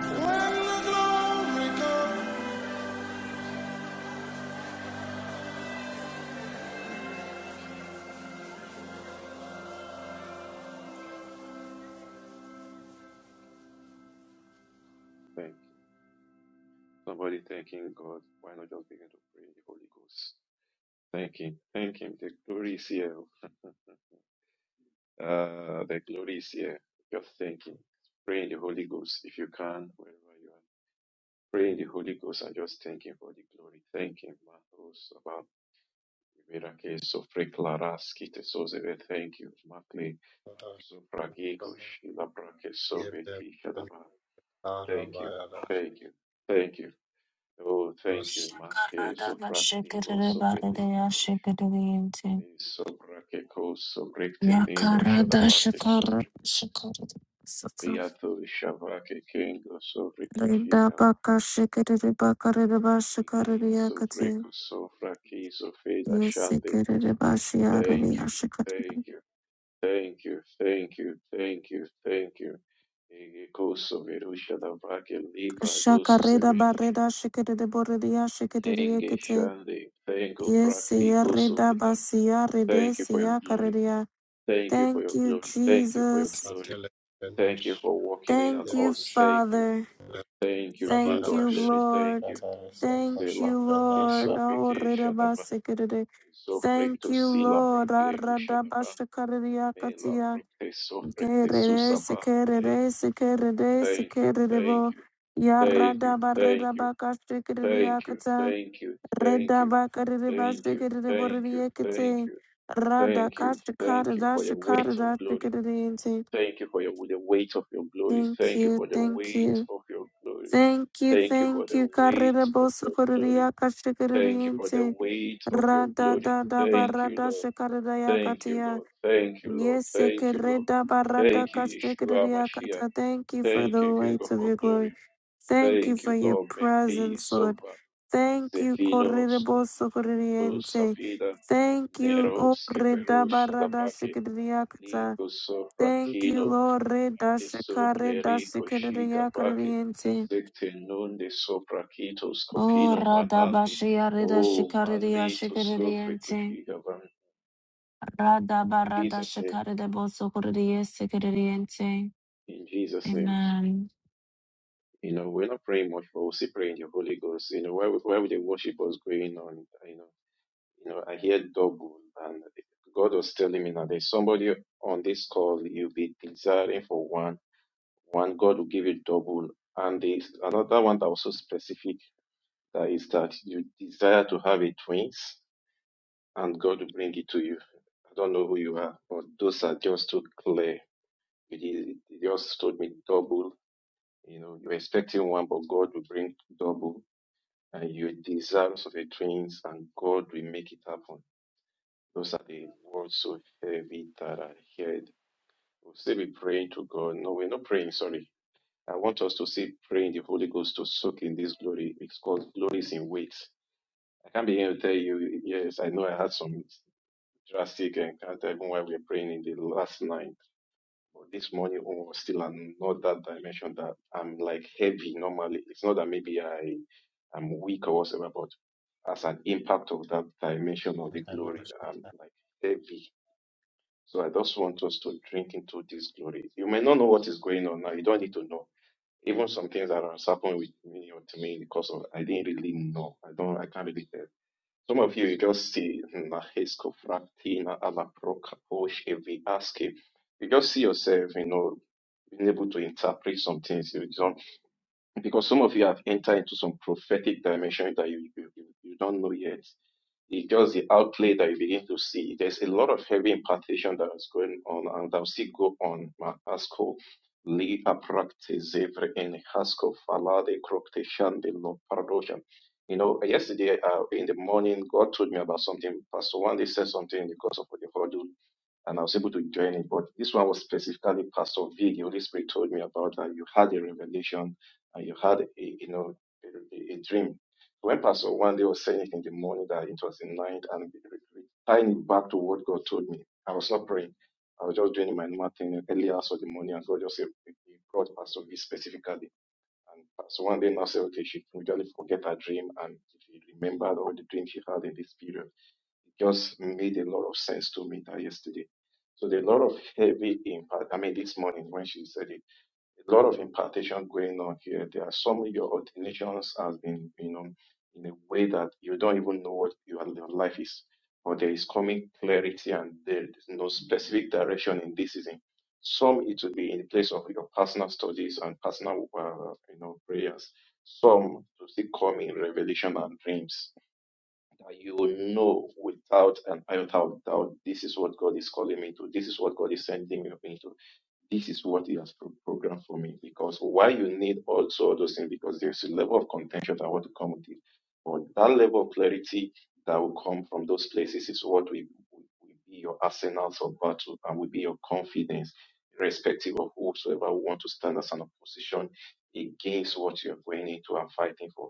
when the glory comes.
So no Thank you. Thank you. Somebody thanking God. Why not just begin to pray in the Holy Ghost? Thank Him. Thank Him. The glory is here. Uh, the glory is here. Just thank Him. Pray in the Holy Ghost if you can, wherever you are. Pray in the Holy Ghost and just thank Him for the glory. Thank Him, Matos, about Mirake, Sofre, Claras, Kite, Thank you, Makle, Zofrageko, Shilabrake, Soveti, Shadaba. Thank you. Thank you. Thank you. Oh, thank you, Make
Shakarada
Zofraktino
shakarada barada
Sofelikadosh.
shakarada yente.
Sobrakeko Sobrektenino
Yakarada
Shadabake
shakarada shakarada. Sakarada
Sofrikiato Shavake Kengo Sofrikishika
baka
Vake
shakere bakarada ba shakarada
Li
yakati.
Sofreko Sofraki Sofeda Shande.
Yasakarada bashiyarada
Thank you,
yashakarada.
thank you, thank you, thank you, thank you, thank you. Ege Koso Verusha Dabake Libra Dosu
Shakarada
Seveda
barada
Shikaba.
shakarada borada yashakarada
Nenge
yakati.
shande. Thank you, practicos of
Yasiyarada
Elam.
basiyarada
Thank you for your glory.
siyakarada.
Thank you for
Thank
your
you,
glory. Thank you for your
Jesus.
glory. Thank you for walking in on
Thank you,
us. Thank you.
Father.
Thank you, King
Thank
of
you,
glory. Thank
Lord.
you.
Yadarasa
Thank
kosha
Sela
you,
proke
penasha
Lord. Oh,
sofike shadaba.
rirabasikerere. Thank
Sofrekto
you,
sila
Lord.
prakleru shadaba. Mela
Aradabashakaririakatia.
prokte sofrekte
Kerere,
susaba. Thank
sekerere,
you.
sekerere,
Thank you. Thank
sekererebo.
you. Thank you. Thank you. Thank you.
Yaradabaritabakashikeririakata.
Thank you. Thank you. Thank you. Thank you. Thank
Redabakariribasikerireboririekete.
you. Thank you. Thank you for your weight of glory.
Radakashikaradashikaradashikeririnti.
Thank you for your, the weight of your glory.
Thank
Thank you
you,
for the
thank
weight
you.
of your glory.
Thank you,
Thank you for
thank
the
you.
weight
Karere
of
boso
your glory.
koreria
Thank you for the
kashikereriente.
weight of your
Rada
glory.
da da
Thank you,
barada
Lord.
shikareria
Thank you,
katia.
Lord. Thank you, Lord.
Yes,
Thank you, Lord.
kereda barada
Thank you, Yeshua
kashikereria
Mashiach.
kata. Thank you for
Thank
the
you, King
weight
of
of
all
your glory.
glory.
Thank you
Thank you,
for your
Lord Mekhi
presence, Lord.
Sova,
Thank you,
Zefino,
korere boso
Skupino, Beko,
koreriente.
Savida,
Thank you,
Nero,
O reda
Skeperu,
barada
Shadabake,
shikereria kata.
Liko, Sofra,
Thank you,
Kino,
Lord. Reda
Adesso,
shikare da
Lerico,
shikereria
Shigabake, Sekte, Nunde, Sopra, Kito,
Oh,
Scopino, Manande,
Radabashia Rida
Oh,
Shikaridia
Mande, to Scopre,
Shikaridiente.
Kushigabam. In
Radabarada
Jesus' name,
Shikarida Bosokuridia Sikaridiente.
in Jesus' name.
Amen.
You know, we're not praying much, but we'll still pray the Holy Ghost. You know, where where the worship was going on, you know, you know, I hear double, and God was telling me now there's somebody on this call. You'll be desiring for one, one God will give you double, and there's another one that was so specific that is that you desire to have a twins, and God will bring it to you. I don't know who you are, but those are just too clear. He he just told me double. You know, you're expecting one, but God will bring double and you desires of your dreams, and God will make it happen. Those are the words so heavy that I heard. We'll still be praying to God. No, we're not praying, sorry. I want us to still pray in the Holy Ghost to soak in this glory because glory is in wait. I can't be here to tell you, yes, I know I had some drastic encounter even while we were praying in the last night. But this morning oh, was still another dimension that I'm like heavy normally. It's not that maybe I am weak or whatever, but. as an impact of that dimension of the glory
penasha
and like heavy. So I just want us to drink into this glory. You may not know what is going on now. You don't need to know. Even some things that has happened with me or to me because of I didn't really know. I don't I can't really tell. Some of you you just see "Na hesko fraktina ala prokaposh evi aske." You just see yourself, you know, being able to interpret some things. You don't because some of you have entered into some prophetic dimension that you, you, you don't know yet. It's just the outlay that you begin to see. There's a lot of heavy impartation that is going on and that will still go on. Ma- Asko li aprakte zevre en hasko falade krokte the lo paradosha. You know, yesterday uh, in the morning, God told me about something. Pastor one day said something because of the huddle and I was able to join it. But this one was specifically Pastor V. The Holy Spirit told me about that. You had a revelation and you had a you know a, a- dream. When Pastor one day was saying it in the morning that it was the night and tying it back to what God told me, I was not praying. I was just doing my normal thing early hours of the morning, and God just said, He he brought Pastor B specifically. And Pastor one day now said, okay, she immediately forget her dream, and she remembered all the dreams she had in this period. It just made a lot of sense to me that yesterday. So there are a lot of heavy impact. I mean, this morning when she said it a lot of impartation going on here. There are some of your ordinations has been, you know, in a way that you don't even know what your, your life is, but there is coming clarity and there is no specific direction in this season. Some it will be in place of your personal studies and personal, uh, you know, prayers. Some will still come in revelation and dreams that you will know without an iota of doubt. This is what God is calling me to. This is what God is sending me into this is what he has pro- programmed for me because why you need also all those things because there's a level of contention that I want to come with it. But that level of clarity that will come from those places is what will, will will be your arsenals of battle and will be your confidence, irrespective of whosoever will want to stand as an opposition against what you're going into and fighting for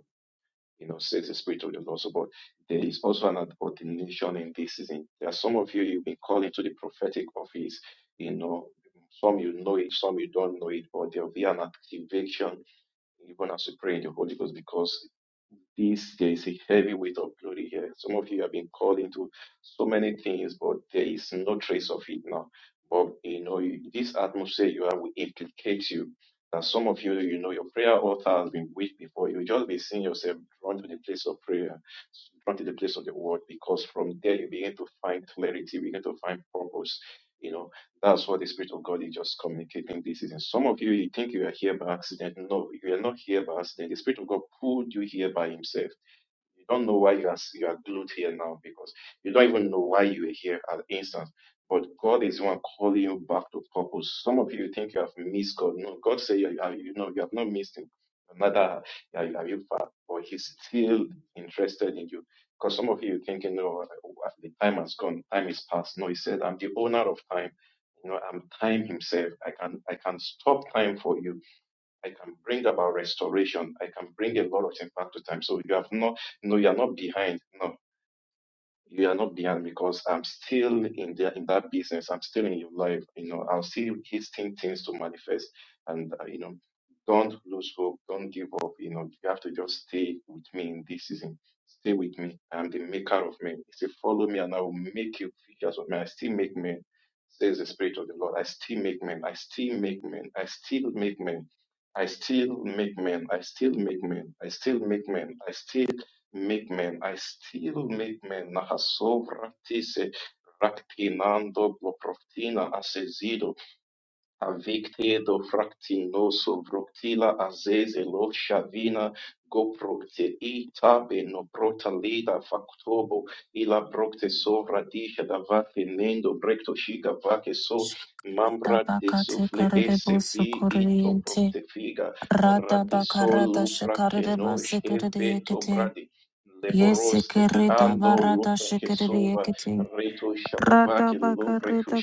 you know, says the Spirit of the Lord. So, but there is also an ordination in this season. There are some of you, you've been called into the prophetic office, you know, some you know it, some you don't know it, but there will be an activation even as you pray in the Holy Ghost because this there is a heavy weight of glory here. Some of you have been called into so many things, but there is no trace of it now. But you know, you- this atmosphere you have will implicate you. That some of you, you know, your prayer altar has been weak before. You'll just be seeing yourself drawn to the place of prayer, drawn to the place of the word, because from there you begin to find clarity, you begin to find purpose. you know. That's what the Spirit of God is just communicating this season. Some of you, you think you are here by accident. No, you are not here by accident. The Spirit of God pulled you here by Himself. You don't know why you are you are glued here now because you don't even know why you are here at the instant. But God is the one calling you back to purpose. Some of you think you have missed God. No, God say you, are- you know you have not missed Him. Neither are you are you far, but He's still interested in you. Because some of you are thinking, no, the time has gone, time is past. No, He said, I'm the owner of time. You know, I'm time Himself. I can I can stop time for you I can bring about restoration. I can bring a lot of things back to time. So you have not, no, you are not behind. No, you are not behind because I'm still in there in that business. I'm still in your life. You know, I'm still hasting things to manifest. And uh, you know, don't lose hope. Don't give up. You know, you have to just stay with me in this season. Stay with me. I'm the maker of men. He said, "Follow me, and I will make you figures of men. I still make men," says the Spirit of the Lord. I still make men. I still make men. I still make men. I still make men. I still make men. I still make men. I still Migmen, I still Migmen, Nahasobra Tise, Raktinando, Bloproftina, asesido, Avicte do fraktinoso broktila azezelo-ŝavina goprocteita benoprotalida factobo ila broktesovradika davake mendo brektoŝiga vake so mambra
Shakaridabakate
desufle
Karide
ese vi into
Bosokuridiente.
broktefiga
Radabakarada
radesolu
Shikarida
prakenoŝ veto
Basikaridiekete.
bradi leporos leboroste
Yesikirida
fiando
Barada
lupra kesova
Shikaridiekete.
reto shadavake lubre
Radabakarida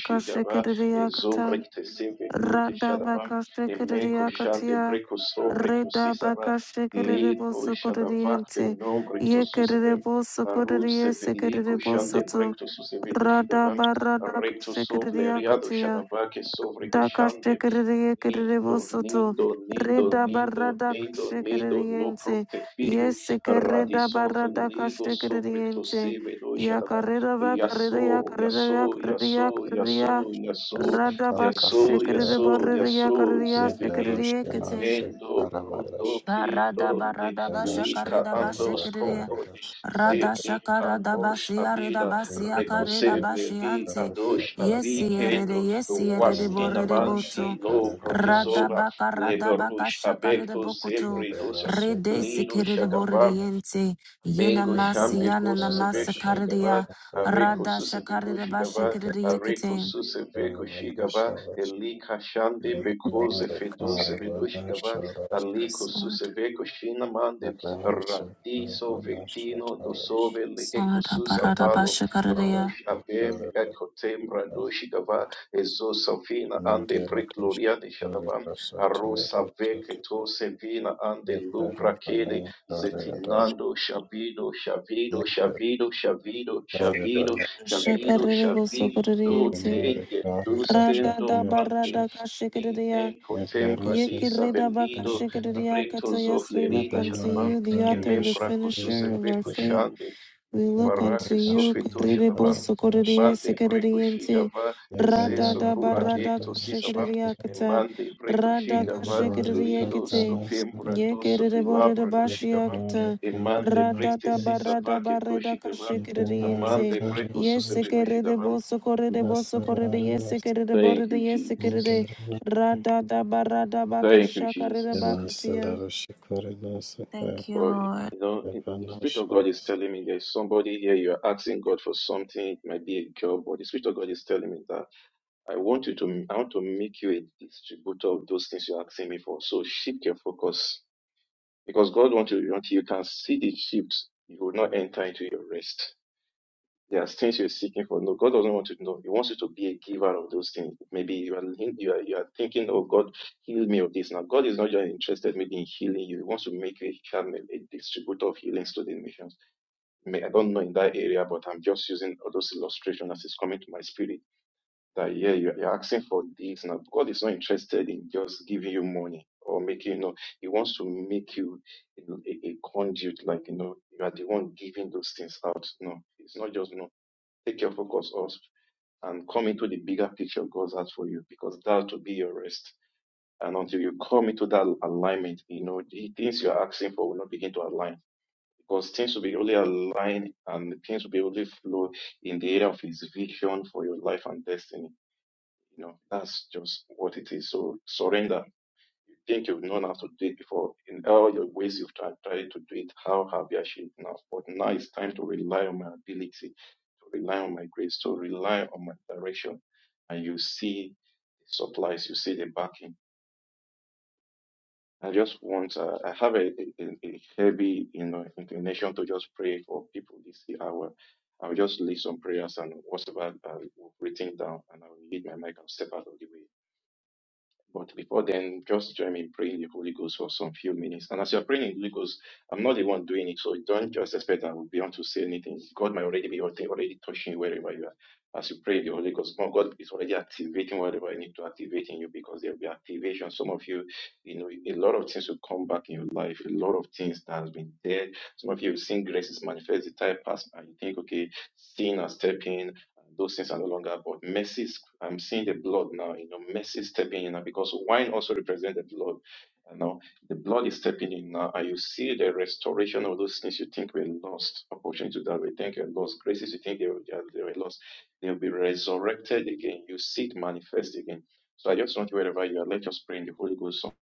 Ezovre
Kashikaridiakata.
te seve duke shadava. Emeko shande
Radabakashikaridiakatia.
breko sovre
Reda
kusisava.
baka shikere
Ledo
boso
shadavakte
kororiente.
nombre
Ye kerere
kususave.
boso
Aru
kororie
seveliko
sekere boso
shande
to.
brekto susevedo
Rada
shidava.
barada
Recto
shikere
sovle riado
akatia.
shadavake sovre ke
Daka
shande.
shikere ye kerere
Nido,
boso to.
nido, nido,
Reda
nido,
barada
nido, nido, no
shikere
procte
Ye
figo,
sekere da
radisof
barada
ligo
shikere
sobre to
yente.
sebe do
Ya
shadava,
kareda ba kareda ya
Yaso,
kareda ya
Yaso,
kareda ya
Yaso,
kareda
Yaso,
ya.
Yaso,
Rada
saka
baka
Yaso,
penasha
shikere
Yaso,
borre ya
Yaso,
kareda ya
yende
Zebim.
roshkena
shikere
se
Mendo prundo
karavarash
Barada
kindo ne
barada basha
penasha
lika
karida basha
andos
kiriya
koprodi
karavarash
rada
se
karada
shakara da
inkanosh
basia rida
abila
basia karida
penasha
rekoseble
bashi
i
ante.
karasa
adosh
yesi
kapana
erede
avikendo
yesi erede
waskina
mendara
borede
dosha
mandi
boto
lo
karavanash
rada
prokesora
baka rada baka
leverush
shakarida
abekto
bokoto
sempre dosa
yevenasha
rede
lino
sikiride
Shagava
borede
karavanash
yente yena
Mengo
yevenasha
masiana
Shambeko
namasa
Susebeko
rasha
karidia
Shigaba, Areko
kapana
rada
Susebeko
shakarida basha
Shigaba,
kiriya
Areko
kete
Susebeko
yevenasha
Shigaba,
rasha
Elika Shande Beko
yevenasha
Zefedu Sebedo
karavanash
Shigaba,
rasha
Aliko
sword
Susebeko Shinamande, Radiso Vectino Dosove Eko
sword barada
Susavalo,
basha karidia
Rush Abem Ekotem Rado Shigaba, Ezo Savina Ande Precloria de Shadaba, Arosa Veketo Sevina Ande Lupra Kede. Zetinando, Shavido, Shavido,
Thank
Shavido, Shavido, Shavido, Shavido,
shakarida boso
Shavido,
kiriya
Tenge, Lusken,
Rada da
Dombrande,
barada
Ni,
kashikiridia.
Nenko, Tembra, Di,
Yekirida
Savelido,
bakashikiridia kata.
Rectos of
Yes, we look
Lerida,
unto
Shatabam,
you, the author and the
Emembra,
finisher of our
Kususeveco,
faith.
Shande,
We look unto
Libarake,
you,
Sofeto, Shatabam,
Kaririboso
you.
Koririe
Mande, Preco,
Sekiriente,
Shigava,
Rada
Ezeso,
Yebenore
da
kare
Barada
Furadecto,
bana
Sisavam, e
Kashikiriakata,
Mande, Preco,
Rada
Yebenore
Lidos
kaprana
Kashikiriakate,
sada.
copembra dosso
Yekiribore
filabra doshitavam,
Yebenore
Bashiakata,
emande
kaprana
Rada
precte
da
sinis.
Barada
sisavake
Barada
koshitavam,
Yebenore
Kashikiriente,
amande
kare
preco
bana
susevedoshitavam.
Yesekiriboso Koriboso
nasarare
Koririe
nas.
Sekiribore
Thank you, Jesus.
Yesekiride,
Nindarana.
Rada da Barada
Thank you,
Bakashakarida
Jesus.
Bakatia.
Yenasalare shikore nasaka.
Thank you,
For
Lord.
you know, the
Yebana
Spirit of God is telling me there's somebody here, you're asking God for something, it might be a job, but the Spirit of God is telling me that I want you to, I want to make you a distributor of those things you're asking me for. So shift your focus Because God wants you until you can see the shift, you will not enter into your rest. There are things you're seeking for. No, God doesn't want you to know. He wants you to be a giver of those things. Maybe you are you are, you are thinking, oh God, heal me of this. Now God is not just interested maybe in healing you. He wants to make a a distributor of healings to the nations. May- I don't know in that area, but I'm just using all those illustrations as it's coming to my spirit that yeah, you- you're asking for this now. God is not interested in just giving you money or making you know. He wants to make you you know, a, a conduit, like you know, you are the one giving those things out. No, it's not just you know. Take your focus off and come into the bigger picture God's out for you, because that will be your rest. And until you come into that alignment, you know, the things you're asking for will not begin to align. Because things will be only aligned and things will be only flow in the area of his vision for your life and destiny you know, that's just what it is. So surrender. You think you've known how to do it before. In all your ways you've tried, tried to do it, how have you achieved now? But now it's time to rely on my ability, to rely on my grace, to rely on my direction. And you see the supplies, you see the backing. I just want, uh, I have a, a, a heavy, you know, inclination to just pray for people this hour. I'll just leave some prayers and whatever I've written down, and I will leave my mic and step out of the way. But before then, just join me in praying the Holy Ghost for some few minutes. And as you're praying in the Holy Ghost, I'm not the one doing it, so don't just expect I will be able to say anything. God might already be already already touching you wherever you are. As you pray in the Holy Ghost, God God is already activating whatever you need to activate in you because there will be activation. Some of you, you know, a lot of things will come back in your life, a lot of things that has been there. Some of you have seen graces manifest the time past, and you think, okay, sin has stepped in and those things are no longer. But mercy, I'm seeing the blood now. You know, mercy stepping in now because wine also represents the blood. And now the blood is stepping in now, and you see the restoration of those things you think were lost, opportunities that we think were lost, graces you think they were, they are- were lost, they will be resurrected again. You see it manifest again. So I just want you wherever you are, let us pray in the Holy Ghost. So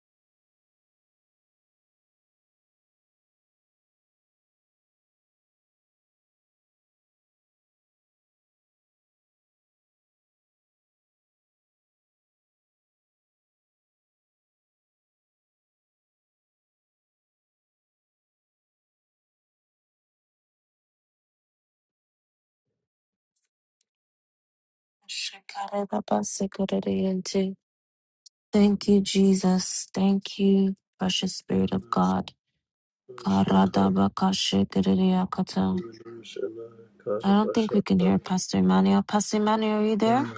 Shakare Baba Thank you, Jesus. Thank you, precious Spirit of God. Karadabakashikiriakata. I don't think we can hear Pastor Emmanuel. Pastor Emmanuel, are you there?
Yeah,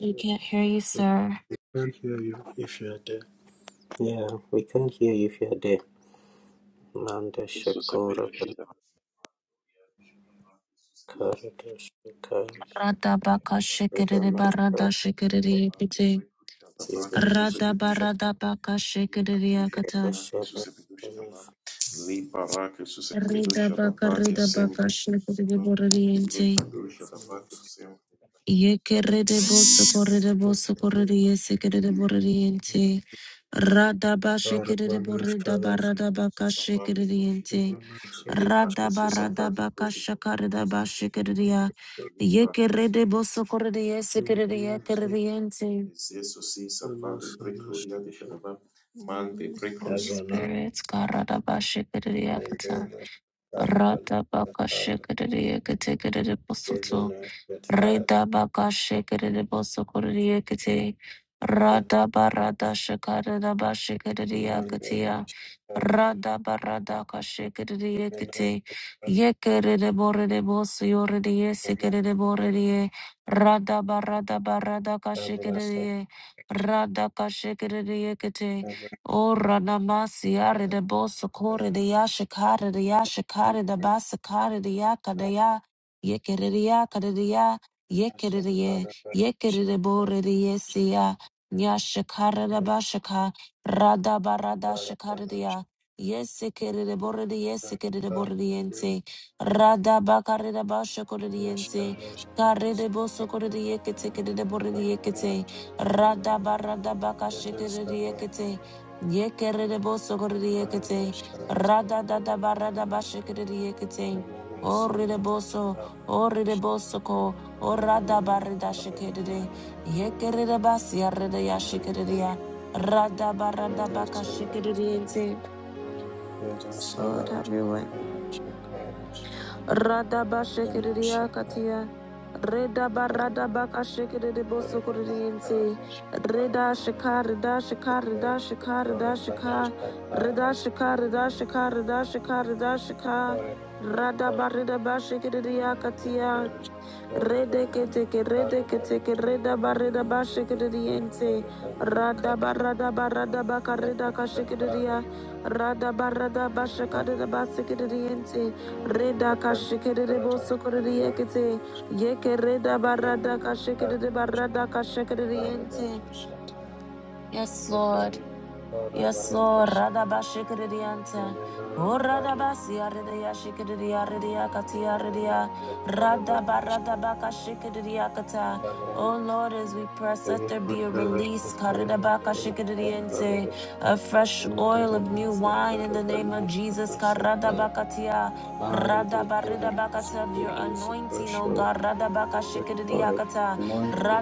We can't hear you,
we
sir.
we can't hear you if you're there. Yeah, we can't hear you if you're there. Nanda
so sorry,
Shakora Karadas Vikas Rama's brother
Radabakashikiribaradashikiriakate.
Evelyn's
Radabaradabakashikiriakata.
Asada Finas Finas
Ridabakaridabakashikiriboririente.
Karadas
Ye kerede boso korede boso korede yese kerede borede yente. rada ba Yekerebo
Shadas Devana
sokorebo sokorere yesekerebo rediente. Radaba shekerebo
Mendemus
redaba
Karadas
radaba kashekerediente. Radaba radaba kashakaredaba shekeredia. Yekerebo sokorere yesekerede yekerediente. Mm, Holy Spirit, Karadabashikiriakata,
Asada
Ratabakashikiriakatikidiposuto,
Evelyn's Shethara
Redabakashikiribosokoriakati,
Mende
Radabaradashikaradabashikiriakatia,
Karadas
Radabaradakashikiriakati, Yekiriboridibosuyoridiye, Sikiriboridiye,
Evelyn's Karadas
Radabaradabaradakashikiriye, Radakashikiriakati, O
Abrasa
Ranamasi Ari de
Thank
Bosokore de Yashikare de Yashikare de Basakare de Yakadaya Yekereya Kadeya Yekereye Yekerebore de Ya Yekere de Ye Yekere de Bore de Yesia Nyashikare de Bashaka Rada Barada Shikare de ya Yesikere de Bore de Yesikere de Bore de Yente Rada Bakare de Bashakore de Yente Kare de Bosokore de Yekete de Bore de Yekete Rada Barada Bakashikere de Yekete Yekerere boso korere yekete. Rada da da barada bashekerere yekete. Orere o orere boso ko, orada barada shekerere. Yekerere basi yarrede ya shekerere ya. Rada barada baka shekerere yente. Lord, have your way. Radaba shikiriya katia. Reda
you.
barada baka shikiride
Yemenore
bosokoririente. Reda shikarida shikarida shikarida shika. Reda shikarida shekar, shikarida shekar, da shekar. Rada barida bashikiriya katia. Rede que te que rede que te que reda ba shikriente. Rada barada barada ba carreda ka shikriya. Rada barada ba shakada ba shikriente. Reda ka shikriye bo sokriye kete. Ye que reda ba barada ka shikiride ba barada ka shikriente. Yes, Lord. Yes, Lord. Radabashikiridianta. O
kari, yemenore
radabasiaridiashikiridiaridiakatiaridia. Radabaradabakashikiridiakata.
kari banisha,
Oh
Tabranas.
Lord, as we press, let
Father,
there be a release
that
karidabakashikiridiente, a fresh oil of new wine in the name of Jesus. karadabakatia.
you release,
Radabaridabakata of your
release
anointing,
fresh
O
oil,
God.
fresh oil,
Radabakashikiridiakata.
anointing,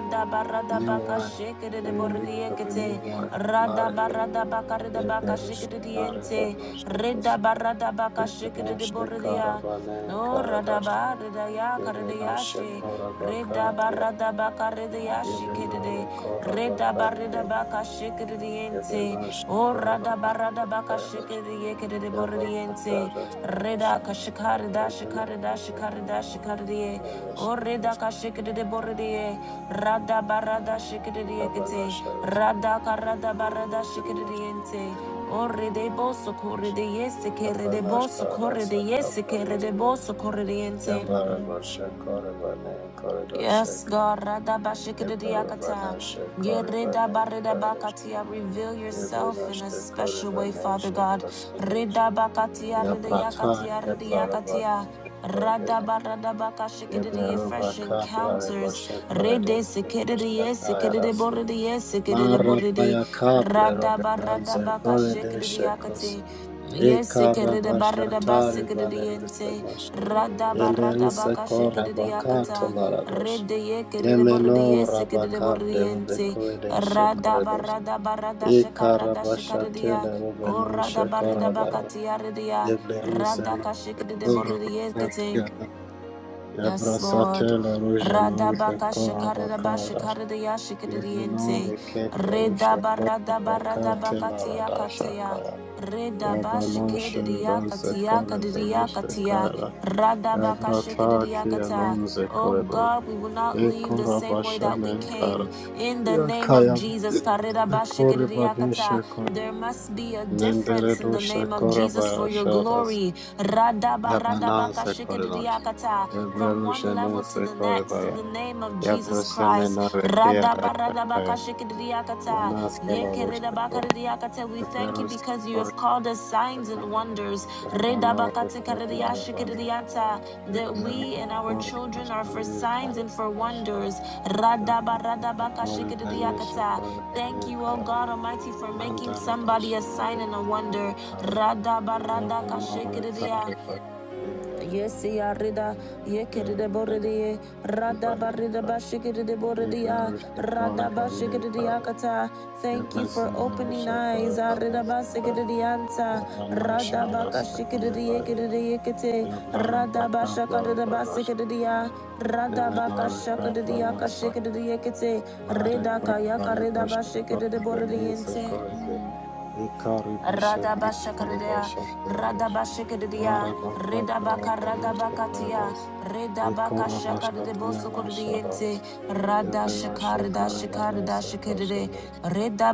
new wine, and release of a new wine.
Rada
Mare,
barada bakarida
there
baka
is
shikiriente.
Karabanosakos,
Rida barada baka shikiridi
Ebenosha
boridia.
Karabanan
No rada
Karadas,
barida ya
Ebenosha
karidiashi. Rida
Korabakatia,
barada bakaridiashi kiridi.
Ebenore
Rida barida
Korabakatia,
baka shikiriente.
Ebenosha
O rada barada baka
Karabanan
shikiridi
Yabana
boridiente.
Sharas
Rida kashikarida
Yanana
shikarida
Sharas
shikarida shikaridi.
Yabana
O rida kashikiridi boridie. Rada barada shikiriekete. Radaka
Sharas
Rada karada barada
Yabana
shikiriente. Ore de boso corre de yes, kere de boso
Sharas
corre de yes, kere
Kapanas
de boso corriente.
Yabana Shakorabane Corridor
Yes,
Shek
God. Radabashikidiyakata.
Yabana Shakorabane Karish
Yeredabaridabakatia. Reveal
Yabana
yourself in a special way,
Shakorabane
Father God.
Shekosanish
Ridabakatia,
Yabrata
ridiyakatia,
Keplarabane
ridiyakatia. Radabaradabakashikididiye.
Yablaruba
Fresh
Kaplare
encounters.
Boshe Corridor
Redesikididiye,
Shekoshatayara
sikidiboridiye, sikidiboridi.
Marabaya kaplero benanze korede shekos.
Radabaradabakashikidiyakati.
Ikarabashatari
Yesikidibaridabasikididiyense.
balerisenosh. Yelerise korabakato
Radabaradabakashikidiyakata.
laradosh.
Rede ye kerede borede
Yemeno
ye sekerede borede
rabakaplero
yense.
bekorede
Rada
shekoredos.
barada barada shakarada shakarede ya.
Ikarabashatele
O
robenon
rada barida
shekorabaya.
bakati ya rede ya. Rada
Yebleruseno
kashikede borede ye kete.
korabakatia.
Yes, Lord.
Yabrasatele rujenon
Radabaka shakaradaba
zekorabakadas.
shakaradaya
Yevinon
shakadadiente.
Rekep
Redaba
Yarushako
radaba
Apakate
radabaka tiyakatea.
Laradashakaya
Redaba
Yavanon Sheridon
shakadadiyakatia
Zekore
kadadiyakatia.
Beneshakaya
Radabaka
Yavrata
shakadadiyakata.
Kianon
Oh
Zekorebo
God, we will not leave the
Ekora
same way that we
Bashanenkara
came. In the name of
Yakaya
Jesus, karedaba
Zekore
shakadadiyakata.
Baneshakor
there must be a
Nendere
difference in the name of
Doshakora
Jesus for your
Bayashadas
glory. Radaba
Yabanan
radabaka
Sekoridosh
shakadadiyakata from one
Yavrushanen
level to the next in
Sekorebaya
the name of Jesus Christ.
Yabrusemeno Rekia Dashakaya
Radabaradabakashikidiyakata,
Yanas Kalaroshakor
yekeredabakaridiyakata. We thank you
Kerberos
because you have
Toris
called us signs and wonders
Kavanagh Flyavanos
Redabakatikaridiyashikidiyata, that
Kerberos
we and our
Toris
children are for
Nationalis
signs and for
Karabarosa
wonders.
Kerberos Tori Benesha
Radabaradabakashikidiyakata.
Tori
Thank you, O
Benenkar
God Almighty, for making
Nandare
somebody
Dosha
a sign and a
Kerbenosha
wonder.
Kara Yavanore
Radabaradakashikidiya.
Karibas Kerberos
Yes, ya rida de
Kerberos
borede
Benori
rada barida
Banenkar
bashikere de borede ya
Kerberos Kore
rada
Banenkar
bashikere
Kerberos
de
Kore Banenkar
yakata. Thank you for
Yavanasha
opening eyes. Arida basikere de yanta rada
Lasa
bakashikere
Kore
de yekere
Bayara
de yekete
Yablaro
rada bashakere de
Bakabla
basikere de ya rada
Yemenore
bakashakere
kapra
de
naso,
yakashikere de yekete
mare
rida kayaka
kopare
rida
boshe
bashikere de
kore
borede
benise
yente.
koide,
Mm.
ikari boshe nikare
Radabashakaradea,
boshe tianosh, yara
Radabashakaradea,
baka plera
Redabaka
benose
Radabakatia,
koides,
Redabaka
ikora boshe tianosh alos,
Shakaradebosokordiente,
yebenoshe
Radashakarada
kore
Shakarada
benise
Shakarade,
koshenes,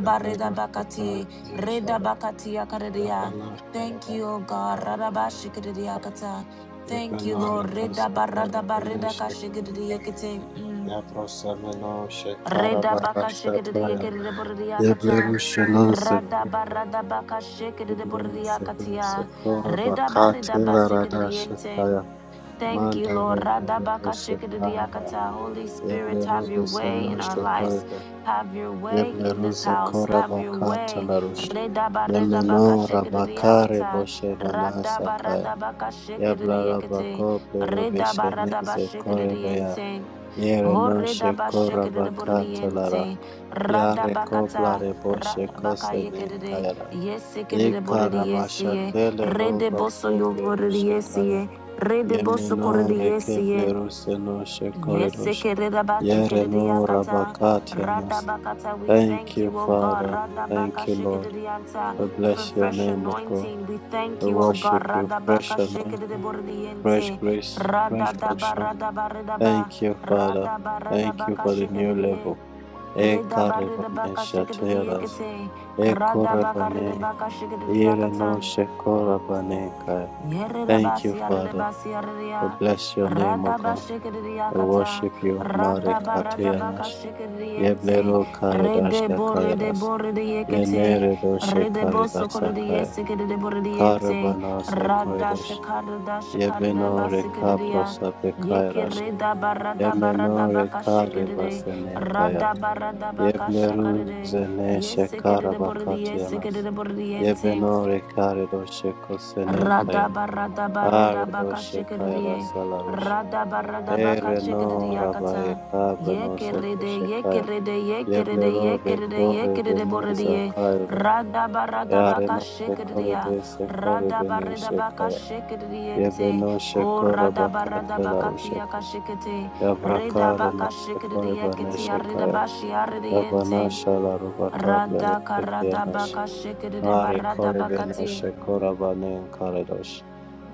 yebenoshe kore benishara,
Redabakatia Karadea.
yebenoshe
Thank you, O God, Radabashakaradea Kata. Thank you, Lord. Redabaradabaredakashikadiekate. Mm.
Yabrosameno Shekarabara Shataya
Redabakashikadiekadeboriakata.
Yeblerushanon Sekoraba
Radabaradabaka
Yeblerushanon
shikidiburiakatia.
Sekoraba Katila Rada
Redabaridabasikidiente.
Shataya
Thank you, Lord.
Mandare Korede
Radabaka
Shekaraba
shikidiakata. Holy Spirit, have
Yeblerude
your way
Seno
in our lives.
Shekorebe
Have your way in this
Yebleruze
house. Have
Koraba
your way.
Katalarus
Redabaridabaka
Yemeno Rabakare
shikidiakata.
Boshe Manasakaya
Radabaradabaka shikidiakate.
Yablarabako Blerube Shenize Korebea
Redabaradabashikidiente.
Yere no Shekoraba Katalara
Horedabashekeredeboriente,
Yarekopla
Radabakata,
reboshe kosenin
Radabakayekerede,
kayara. Ikarabasha
Yesekeredeboridiesiye,
tele roba kople rushekaya.
Redebosoyoboridiesie,
Yemeno rekeple
Redebosokorediesiye.
ruseno shekoridosh.
Yesekereba
Yereno
shikeriakata,
rabakatianas.
radabakata. We
Thank
thank
you,
you, O God,
Father. Thank
radabaka
you, Lord.
shikerianta,
We
for
bless your
fresh
name, O God.
anointing. We thank
We
you, O God,
worship you. Fresh
radabaka
anointing, fresh
shikeriboriente,
grace, fresh
radadaba
unction.
radaba redaba,
Thank you, Father.
radaba
Thank you
redabaka
for the new
shikerie,
level.
redaba redabaka
Ekarebanesha teras.
shikeriekete, radabaka
Ekorabane,
redabaka
Ireno
shikeriakata.
Shekorabaneka. Thank you,
Yerirabasi
Father.
yarirabasi
I
yariria.
bless your name, O
Radaba
God.
shikiriya
I
kata.
worship you, Mare
Radaba radaba ka
Kateanash.
shikiriyente.
Yeblero Karedasha
Redebo
Kayadas.
redebo redeyekete.
Yenere Doshe
Redebo sokoririye
Karedasakaya.
sikiribo rediyente.
Karabanase
Rada
Koredosh.
shakarada shakarada
Yebeno
basikiriya.
Rekaprosape
Yeke
Kayadas.
redaba radaba
Yemeno
radaba ka shikiride.
Rekarebasene Kaya.
Radaba radaba ka shakaride.
Yebleruzene shekara
Yesikiribo
bakatianas.
rediyente.
Yebenore karedo shekosene kaya. Aredo shekaya da
Radabaradabakashikiriye.
salarosh. Ere no rabaye
Radabaradabakashikiriyakata.
kabre no seko
Yekerede,
shekaya.
yekerede, yekerede,
Yeblero
yekerede,
bekore
yekerede
beneza
borediye.
kaya. Yare no sekore
Radabaradabakashikiriya.
de sekore bene shekaya.
Radabaradabakashikiriyente.
Yebeno
O
shekora bakatela roshekos.
radabaradabakatiyakashikite.
Yavrakare no sekore bane
Redabakashikiriyakitiya
shekaya.
redabashiyariyente.
Rabanasha la Rubaka Plerotekianash. Are
Radakaradabakashikiridebaradabakati.
Koribenosh Korabanen Karedosh.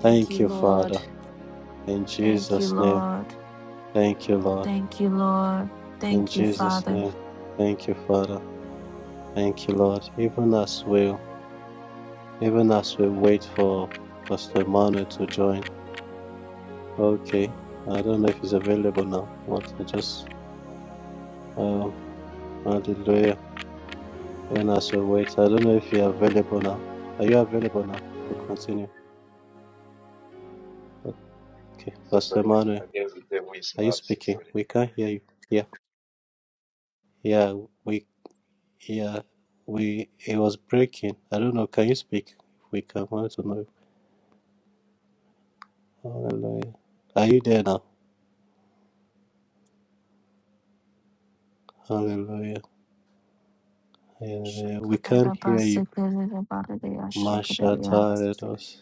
Thank you,
you,
Lord.
Father. In
Thank you,
Jesus' name.
Lord.
Thank you, Lord.
Thank you, Lord.
In
Thank you,
Jesus'
Father.
name. Thank you, Father. Thank you, Lord. Even as we even as we wait for Pastor Emmanuel to join. Okay. I don't know if he's available now. What I just um hallelujah. Even as we wait. I don't know if you're available now. Are you available now to continue? Okay,
so
Pastor
sorry.
Emmanuel,
Against the devil is
are you
mad. So
speaking?
sorry.
We can't hear you. Yeah, yeah, we, yeah, we, it was breaking. I don't know. Can you speak? We can want to know. Hallelujah. Are you there now? Hallelujah. Hallelujah. We can't hear you.
Shakarabasakarabaradaya, shakarabaya.
Mashataredos.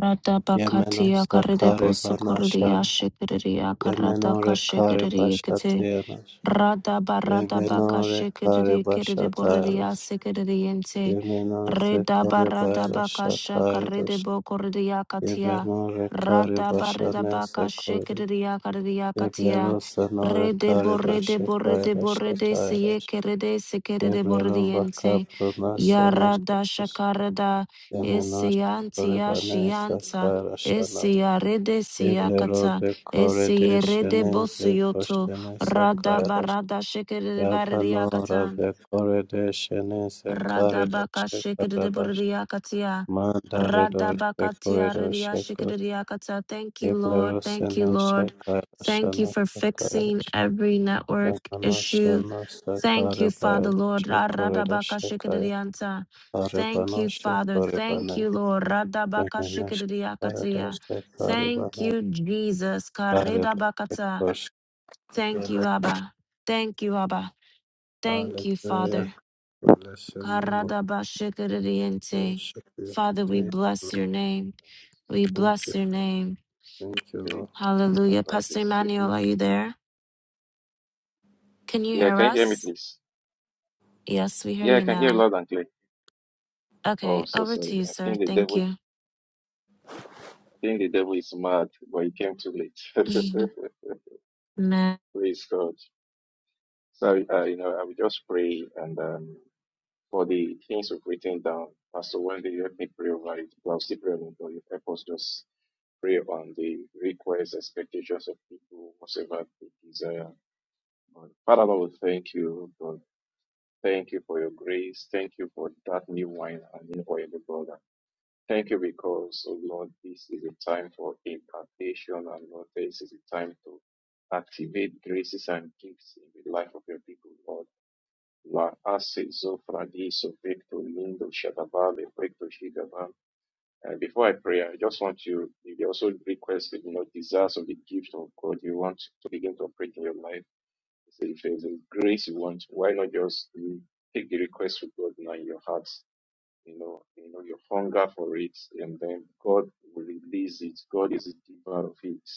Rata
Yemenos
bakatia karede
sakare
boso koredia
banashar.
shekeredia karata
Yemenore kare
kashekeredia kete.
bashateanas.
Rada barada baka
Yemenore kare
shekeredi kerede boredia
bashataros.
sekerediente.
Yemenos
Reda
sekore
barada baka shakarede bokoredia katia.
Yebenore kare
Rada barada
bashane
baka
sekoredosh.
shekeredia karedia
Yeblero
katia.
sanore
Rede
kare
borede
doshe
borede
kaira
borede seye
shatairash.
kerede sekerede
Yeblero vaka
borediente.
prona
Yarada
senoshetos.
shakarada.
Yemenosh
Esiantia
korevane
shianta.
sakaira shanas.
Esia rede
Yeblero
siakata.
vekore
Esia rede
deshene
bosioto.
sekoshene
Rada
sakairash.
barada shekere
Yabanora
bariakata.
vekore deshene sekare
Radabaka
doshe karadash.
shikadiburidiakatia.
Mandare doshe
Radabakatia
kore
ridiashikadidiakatia. Thank you, Lord.
Gabriel
Thank you,
Senesha
Lord. Thank you
Karashana
for
Shakaya
fixing every network issue.
Shana
Thank you,
Sakarabaya
Father, Lord.
Shakoreda
Radabaka
Shakaya
shikadidianta. Thank
Arabana
you, Father. Thank
Shakoribana
you, Lord. Radabaka
Yamana Shakarada
shikadidiakatia. Thank
Shakaribana
you, Jesus.
Karada
Karidabakata.
Shakosh
Thank you, Abba. Thank you, Abba. Thank you,
Hallelujah.
Father.
Bless your name, O Lord.
Karadabashikiriente.
Shakya.
Father, we
Thank you,
bless
Lord.
your name. We
Thank
bless
you.
your name.
Thank you, Lord.
Hallelujah. Pastor Emmanuel, are
Mm.
you there? Can you
Yeah,
hear
can you hear me,
us?
please?
Yes, we hear
Yeah, I
you
can hear
now.
loud and clear. Oh,
Okay,
so
over to
sorry.
you,
I
sir.
think the
Thank
devil,
you.
I think the devil is mad, but he came too late.
Amen.
Praise God. So, uh, you know, I will just pray and um, for the things we've written down. Pastor Wendy, you help me pray over it. But I'll still pray on it, but you help us just pray on the requests, expectations of people, whatever they desire. But Father, Lord, we thank you. God. Thank you for your grace. Thank you for that new wine and new oil, brother. Thank you because, oh Lord, this is a time for impartation and Lord, this is a time to activate graces and gifts in the life of your people, Lord. La ase zofradi sopekto lindo shadaba lepekto shigaba. And before I pray, I just want you, if you also request, you know, desires of the gift of God, you want to begin to operate in your life. So if there's a grace you want, why not just you take the request to God now in your heart? You know, you know your hunger for it, and then God will release it. God is the giver of it.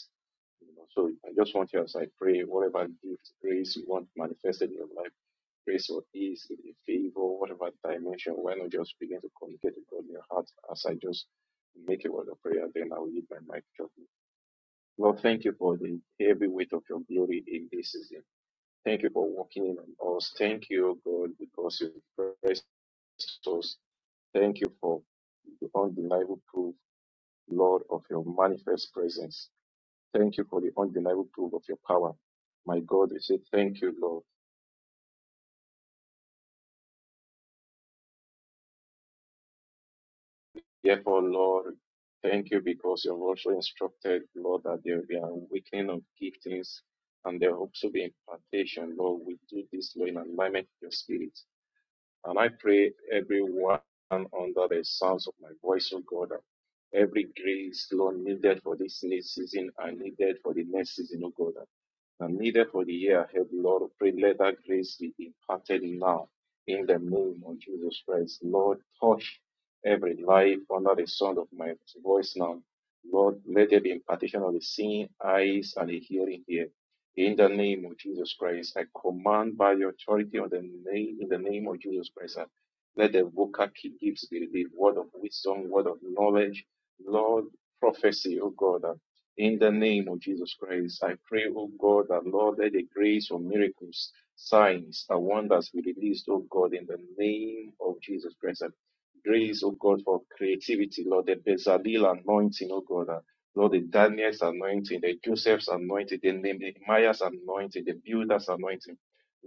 You know, so I just want you as I pray, whatever gift, grace you want manifested in your life, grace or ease, a favor, whatever dimension, why not just begin to communicate to God in your heart as I just make a word of prayer, then I will leave my mic shortly. Lord, thank you for the heavy weight of your glory in this season. Thank you for walking in on us. Thank you, God, because you pressed us. Thank you for the undeniable proof, Lord, of your manifest presence. Thank you for the undeniable proof of your power. My God, we say thank you, Lord. Therefore, Lord, thank you because you have also instructed, Lord, that there will be an awakening of giftings and there will also be impartation, Lord. We do this, Lord, in alignment with your spirit. And I pray everyone under the sounds of my voice, O God, every grace, Lord, needed for this next season and needed for the next season, O God and needed for the year ahead, Lord, we pray let that grace be imparted now in the name of Jesus Christ. Lord, touch every life under the sound of my voice now. Lord, let there be impartation of the seeing eyes and the hearing ear. In the name of Jesus Christ, I command by the authority of the name, in the name of Jesus Christ, and let the vocal gifts be the word of wisdom, word of knowledge, Lord, prophecy, oh God, and in the name of Jesus Christ, I pray, O God, that Lord, let the grace of miracles, signs, and wonders be released, O God, in the name of Jesus Christ. Grace, O God, for creativity, Lord, the Bezalel anointing, O God, and Lord, the Daniel's anointing, the Joseph's anointing, the Nehemiah's anointing, the Builder's anointing.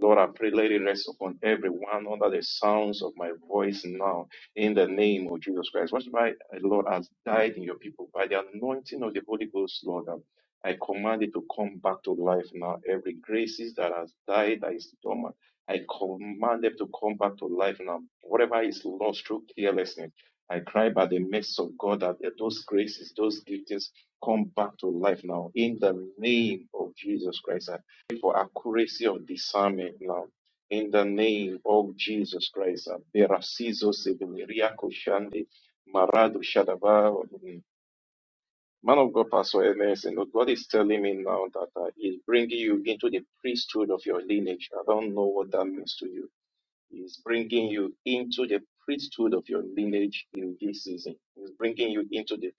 Lord, I pray, let it rest upon everyone under the sounds of my voice now in the name of Jesus Christ. Watch my uh, Lord has died in your people by the anointing of the Holy Ghost, Lord. um, I command it to come back to life now. Every graces that has died, that is dormant, I command them to come back to life now. Whatever is lost through carelessness, I cry by the mercy of God that those graces, those giftings come back to life now. In the name of Jesus Christ, I pray for accuracy of discernment now in the name of Jesus Christ. Berasizo Severiako Shande Marado Shadaba. um, Man of God, Pastor Ernest, and God is telling me now that uh, He's bringing you into the priesthood of your lineage. I don't know what that means to you. He's bringing you into the priesthood of your lineage in this season. He's bringing you into the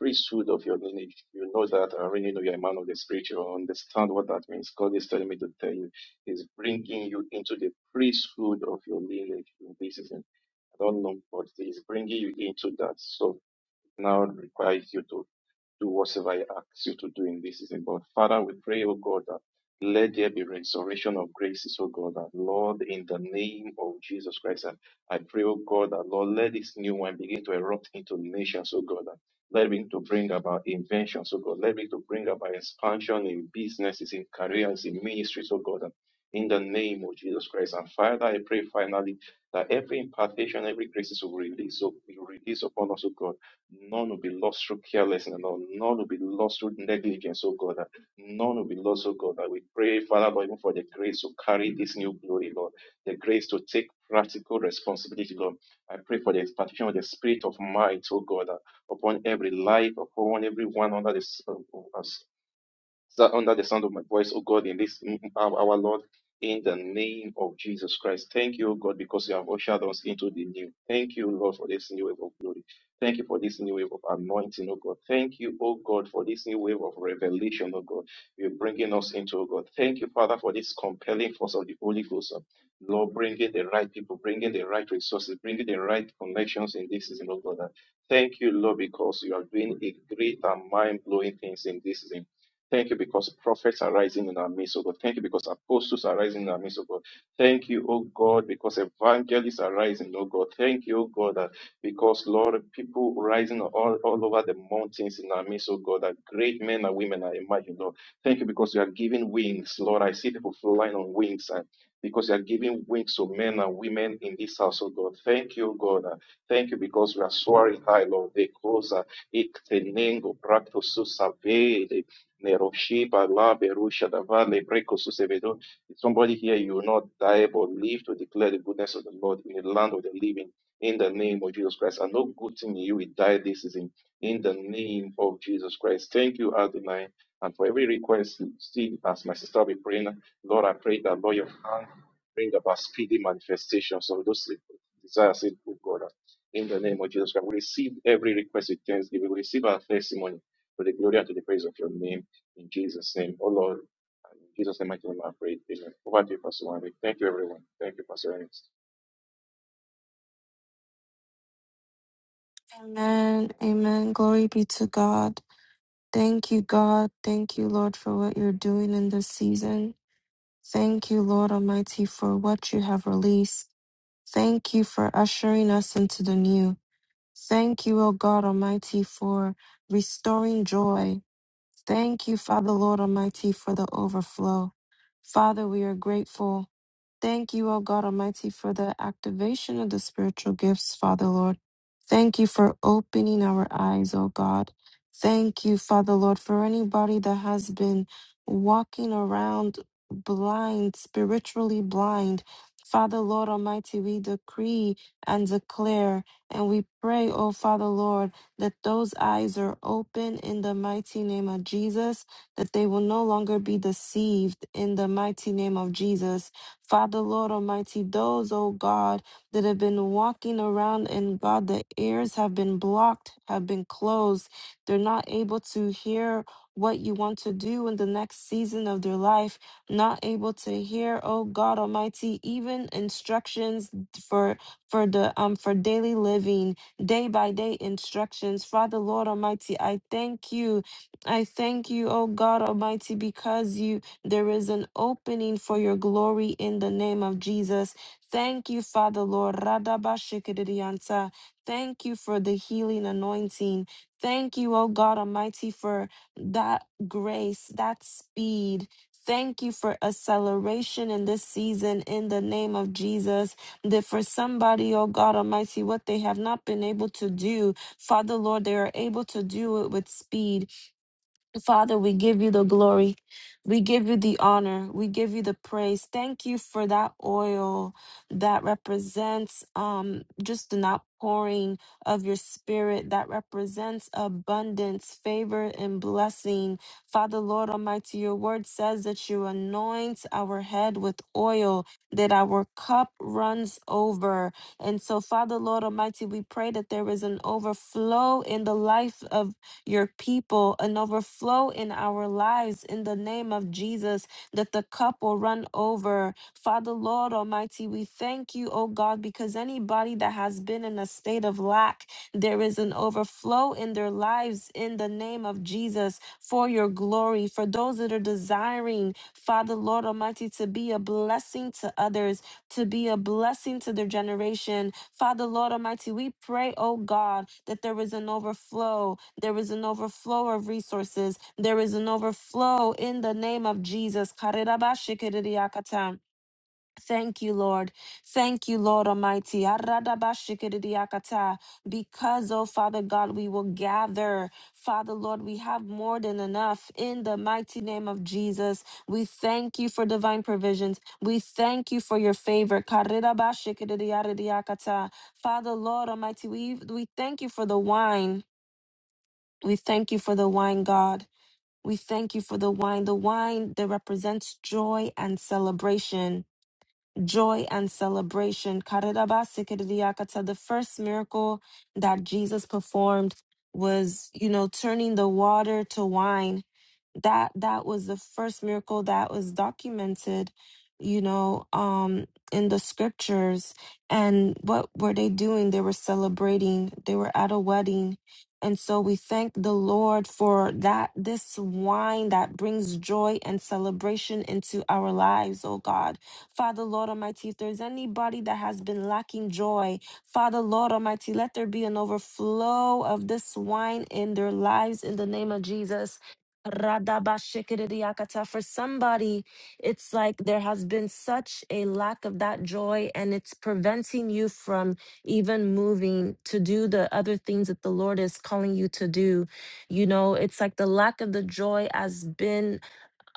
priesthood of your lineage. You know that. I already know you're a man of the spirit. You understand what that means. God is telling me to tell you. He's bringing you into the priesthood of your lineage in this season. I don't know, but he's bringing you into that. So now requires you to do whatsoever He asks you to do in this season. But Father, we pray, oh God, that let there be restoration of graces, oh God, that Lord, in the name of Jesus Christ, and I pray, oh God, that Lord, let this new wine begin to erupt into nations, oh God. that Let it begin to bring about inventions, oh God. Let it begin to bring about expansion in businesses, in careers, in ministries, oh God. and In the name of Jesus Christ. And Father, I pray finally that every impartation, every graces will release, will release upon us, oh God None will be lost through carelessness, Lord. None will be lost through negligence, oh God. None will be lost, oh God. And we pray, Father, Lord, even for the grace to carry this new glory, Lord. The grace to take practical responsibility, Lord. I pray for the expansion of the spirit of might, oh God, upon every life, upon everyone under the that under the sound of my voice, oh God, in this hour, our Lord, in the name of Jesus Christ. Thank you, oh God, because you have ushered us into the new. Thank you, Lord, for this new wave of glory. Thank you for this new wave of anointing, oh God. Thank you, oh God, for this new wave of revelation, oh God. You're bringing us into, oh God. Thank you, Father, for this compelling force of the Holy Ghost. oh. Lord, bringing the right people, bringing the right resources, bringing the right connections in this season, oh God. Thank you, Lord, because you are doing a great and mind blowing things in this season. Thank you because prophets are rising in our midst, oh God. Thank you because apostles are rising in our midst, oh God. Thank you, O God, because evangelists are rising, O God. Thank you, O God, that because, Lord, people rising all, all over the mountains in our midst, oh God, that great men and women are emerging, Lord. Thank you because you are giving wings, Lord. I see people flying on wings and because you are giving wings to men and women in this house, O God. Thank you, O God. Uh, Thank you because we are soaring high, Lord. They close, uh, ik tenengo, practo, so Neroshi, Pagla, Berusha, Davan, Lebreko, Susevedo. If somebody here, you will not die but live to declare the goodness of the Lord in the land of the living, in the name of Jesus Christ. And no good thing in you will die this season, in the name of Jesus Christ. Thank you, Adonai. And for every request, see, as my sister will be praying, Lord, I pray that, Lord, your hand bring about speedy manifestations of those desires, in good God. In the name of Jesus Christ, we receive every request with thanksgiving. We receive our testimony to the glory and to the praise of your name. In Jesus' name, oh Lord, and in Jesus' name, I can pray. Amen. Over to you, Pastor Wendy. Thank you, everyone. Thank you, Pastor Ernest.
Amen. Amen. Glory be to God. Thank you, God. Thank you, Lord, for what you're doing in this season. Thank you, Lord Almighty, for what you have released. Thank you for ushering us into the new. Thank you, O God Almighty, for restoring joy. Thank you, Father, Lord Almighty, for the overflow. Father, we are grateful. Thank you, O God Almighty, for the activation of the spiritual gifts, Father Lord. Thank you for opening our eyes, O God. Thank you, Father Lord, for anybody that has been walking around blind, spiritually blind. Father Lord Almighty, we decree and declare and we pray, O Father Lord, that those eyes are open in the mighty name of Jesus, that they will no longer be deceived in the mighty name of Jesus Father, Lord Almighty, those, oh God, that have been walking around and God, the ears have been blocked, have been closed. They're not able to hear what you want to do in the next season of their life, not able to hear, oh God Almighty, even instructions for for the um for daily living, day by day instructions. Father Lord Almighty, I thank you. I thank you, oh God Almighty, because you there is an opening for your glory in the name of Jesus. Thank you, Father Lord. Radabashikidiyanta. Thank you for the healing anointing. Thank you, oh God Almighty, for that grace, that speed. Thank you for acceleration in this season in the name of Jesus. That for somebody, oh God Almighty, what they have not been able to do, Father Lord, they are able to do it with speed. Father, we give you the glory. We give you the honor. We give you the praise. Thank you for that oil that represents um, just an outpouring of your spirit that represents abundance, favor, and blessing. Father, Lord Almighty, your word says that you anoint our head with oil, that our cup runs over. And so, Father, Lord Almighty, we pray that there is an overflow in the life of your people and overflow in our lives in the name of Jesus that the cup will run over. Father, Lord Almighty, we thank you, oh God, because anybody that has been in a state of lack, there is an overflow in their lives in the name of Jesus for your glory. For those that are desiring, Father, Lord Almighty, to be a blessing to others, to be a blessing to their generation. Father, Lord Almighty, we pray, oh God, that there is an overflow. There is an overflow of resources. There is an overflow in the name of Jesus. Thank you, Lord. Thank you, Lord Almighty. Aradabashikidiakata. Because, oh Father God, we will gather. Father, Lord, we have more than enough in the mighty name of Jesus. We thank you for divine provisions. We thank you for your favor. Karirabashikidiaridiakata. Father, Lord Almighty, we, we thank you for the wine. We thank you for the wine, God. We thank you for the wine, the wine that represents joy and celebration joy and celebration. Karadabasikiridiakata, The first miracle that Jesus performed was, you know, turning the water to wine. That that was the first miracle that was documented, you know, um, in the scriptures. And what were they doing? They were celebrating. They were at a wedding. And so we thank the Lord for that, this wine that brings joy and celebration into our lives, oh God. Father, Lord Almighty, if there's anybody that has been lacking joy, Father, Lord Almighty, let there be an overflow of this wine in their lives in the name of Jesus. Radabashikiriakata. For somebody, it's like there has been such a lack of that joy, and it's preventing you from even moving to do the other things that the Lord is calling you to do. You know, it's like the lack of the joy has been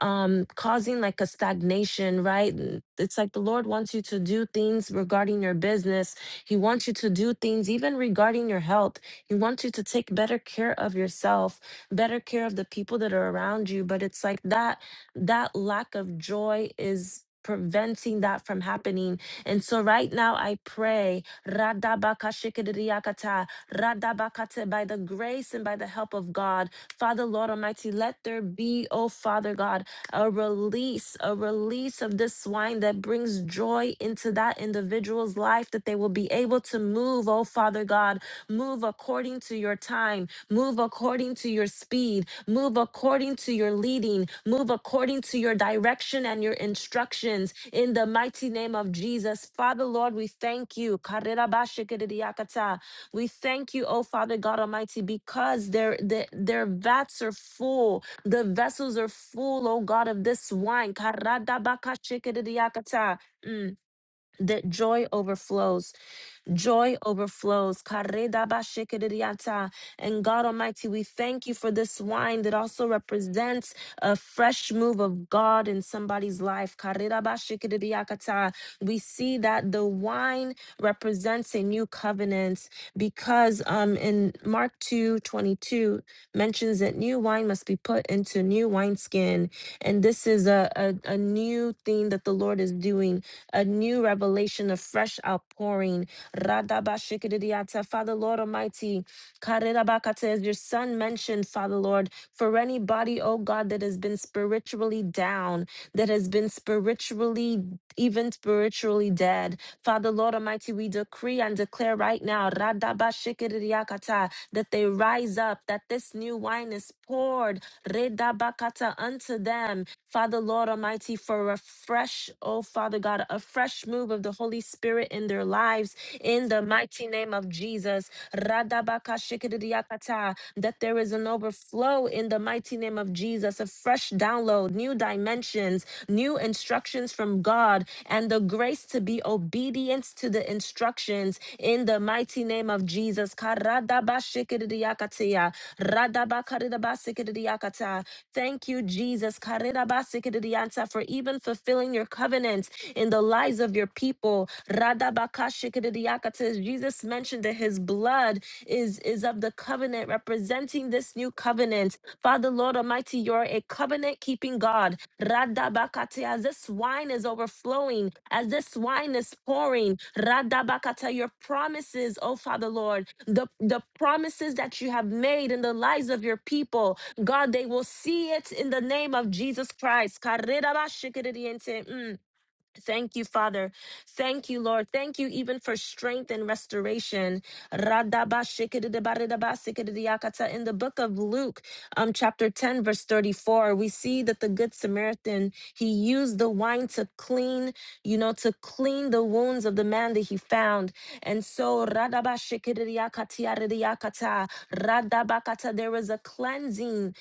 um causing like a stagnation right N- it's like the lord wants you to do things regarding your business he wants you to do things even regarding your health he wants you to take better care of yourself better care of the people that are around you but it's like that that lack of joy is preventing that from happening and so right now i pray radabakashikiriakata, radabakate, by the grace and by the help of god father lord almighty let there be oh father god a release, a release of this wine that brings joy into that individual's life, that they will be able to move, oh Father God, move according to your time, move according to your speed, move according to your leading, move according to your direction and your instructions in the mighty name of Jesus. Father, Lord, we thank you. Karirabashikiridiakata. We thank you, oh Father God Almighty, because their, their, their vats are full the vessels are full, oh God, of this wine. Karadabakashikidiyakata. Mm, that joy overflows. Joy overflows. Karedabashikiridiata. And God Almighty, we thank you for this wine that also represents a fresh move of God in somebody's life. Karedabashikiridiakata. We see that the wine represents a new covenant because um, in Mark two twenty two mentions that new wine must be put into new wineskin. And this is a, a, a new thing that the Lord is doing, a new revelation, a fresh outpouring. Radabashikiridiata. Father, Lord Almighty, Karirabakata, as your son mentioned, Father, Lord, for anybody, oh God, that has been spiritually down, that has been spiritually, even spiritually dead. Father, Lord Almighty, we decree and declare right now, Radabashikiridiakata, that they rise up, that this new wine is poured, Redabakata, unto them. Father, Lord Almighty, for a fresh, oh Father God, a fresh move of the Holy Spirit in their lives in the mighty name of Jesus. Radabakashikiriakata, That there is an overflow in the mighty name of Jesus, a fresh download, new dimensions, new instructions from God, and the grace to be obedient to the instructions in the mighty name of Jesus. Karadabashikiriakatiya, radabakaridabasikiriakata. Thank you, Jesus, Karirabasikiridianta, for even fulfilling your covenant in the lives of your people. Radabakashikiridiakata. Jesus mentioned that his blood is, is of the covenant, representing this new covenant. Father, Lord Almighty, you're a covenant keeping God. Radabakate, as this wine is overflowing, as this wine is pouring, Radabakata, your promises, oh Father, Lord, the, the promises that you have made in the lives of your people, God, they will see it in the name of Jesus Christ. Karirabashikiridiente. Mm. Thank you, Father. Thank you, Lord. Thank you even for strength and restoration. Radabashikidibaridabasikidiyakata. In the book of Luke, um, chapter 10, verse 34, we see that the Good Samaritan, he used the wine to clean, you know, to clean the wounds of the man that he found. And so, radabashikidiyakatiyadiyakata, radabakata, there was a cleansing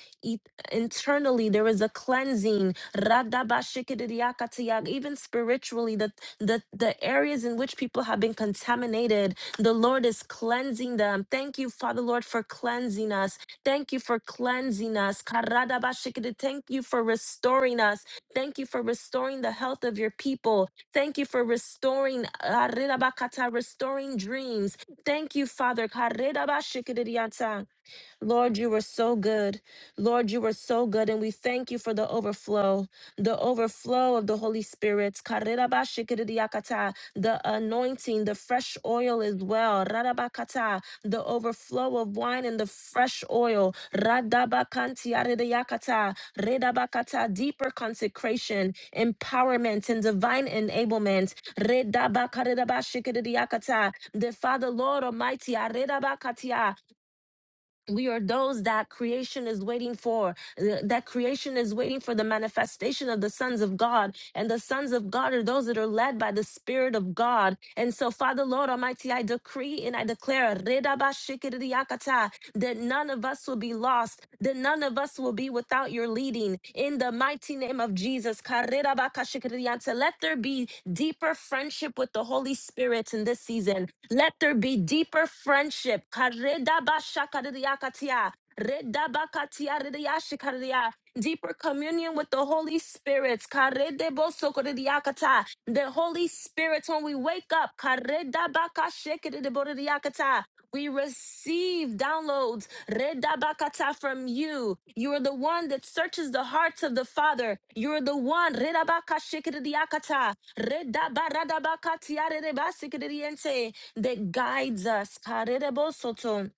internally there is a cleansing Radabashikidiyakatiyak. even spiritually the, the the areas in which people have been contaminated the lord is cleansing them thank you father lord for cleansing us thank you for cleansing us Karadabashikidi. thank you for restoring us thank you for restoring the health of your people thank you for restoring Arirabakata, restoring dreams thank you father Karidabashikidiyata. Lord, you were so good. Lord, you were so good. And we thank you for the overflow, the overflow of the Holy Spirit. Karerabashikiriakata, The anointing, the fresh oil as well. Rarabakata, The overflow of wine and the fresh oil. Radabakantiarediakata, Redabakata, Deeper consecration, empowerment, and divine enablement. Redabakaredabashikiriakata, The Father, Lord Almighty, we are those that creation is waiting for th- that creation is waiting for the manifestation of the sons of god and the sons of god are those that are led by the spirit of god and so father lord almighty i decree and i declare "Redabashikiriakata," that none of us will be lost that none of us will be without your leading in the mighty name of jesus "Karirabakashikirianta." let there be deeper friendship with the holy spirit in this season let there be deeper friendship. Karedabashakadiyakatia, redabakatiaridiyashikadiya. Deeper communion with the Holy Spirit. Karedebosokodiyakata. The Holy Spirit, when we wake up, karedabakashikadidibodiyakata, we receive downloads redabakata, from you. You are the one that searches the hearts of the Father. You are the one redabakashikadiyakata, redabaradabakatiaridibasikodiyente that guides us. Karerebosoto.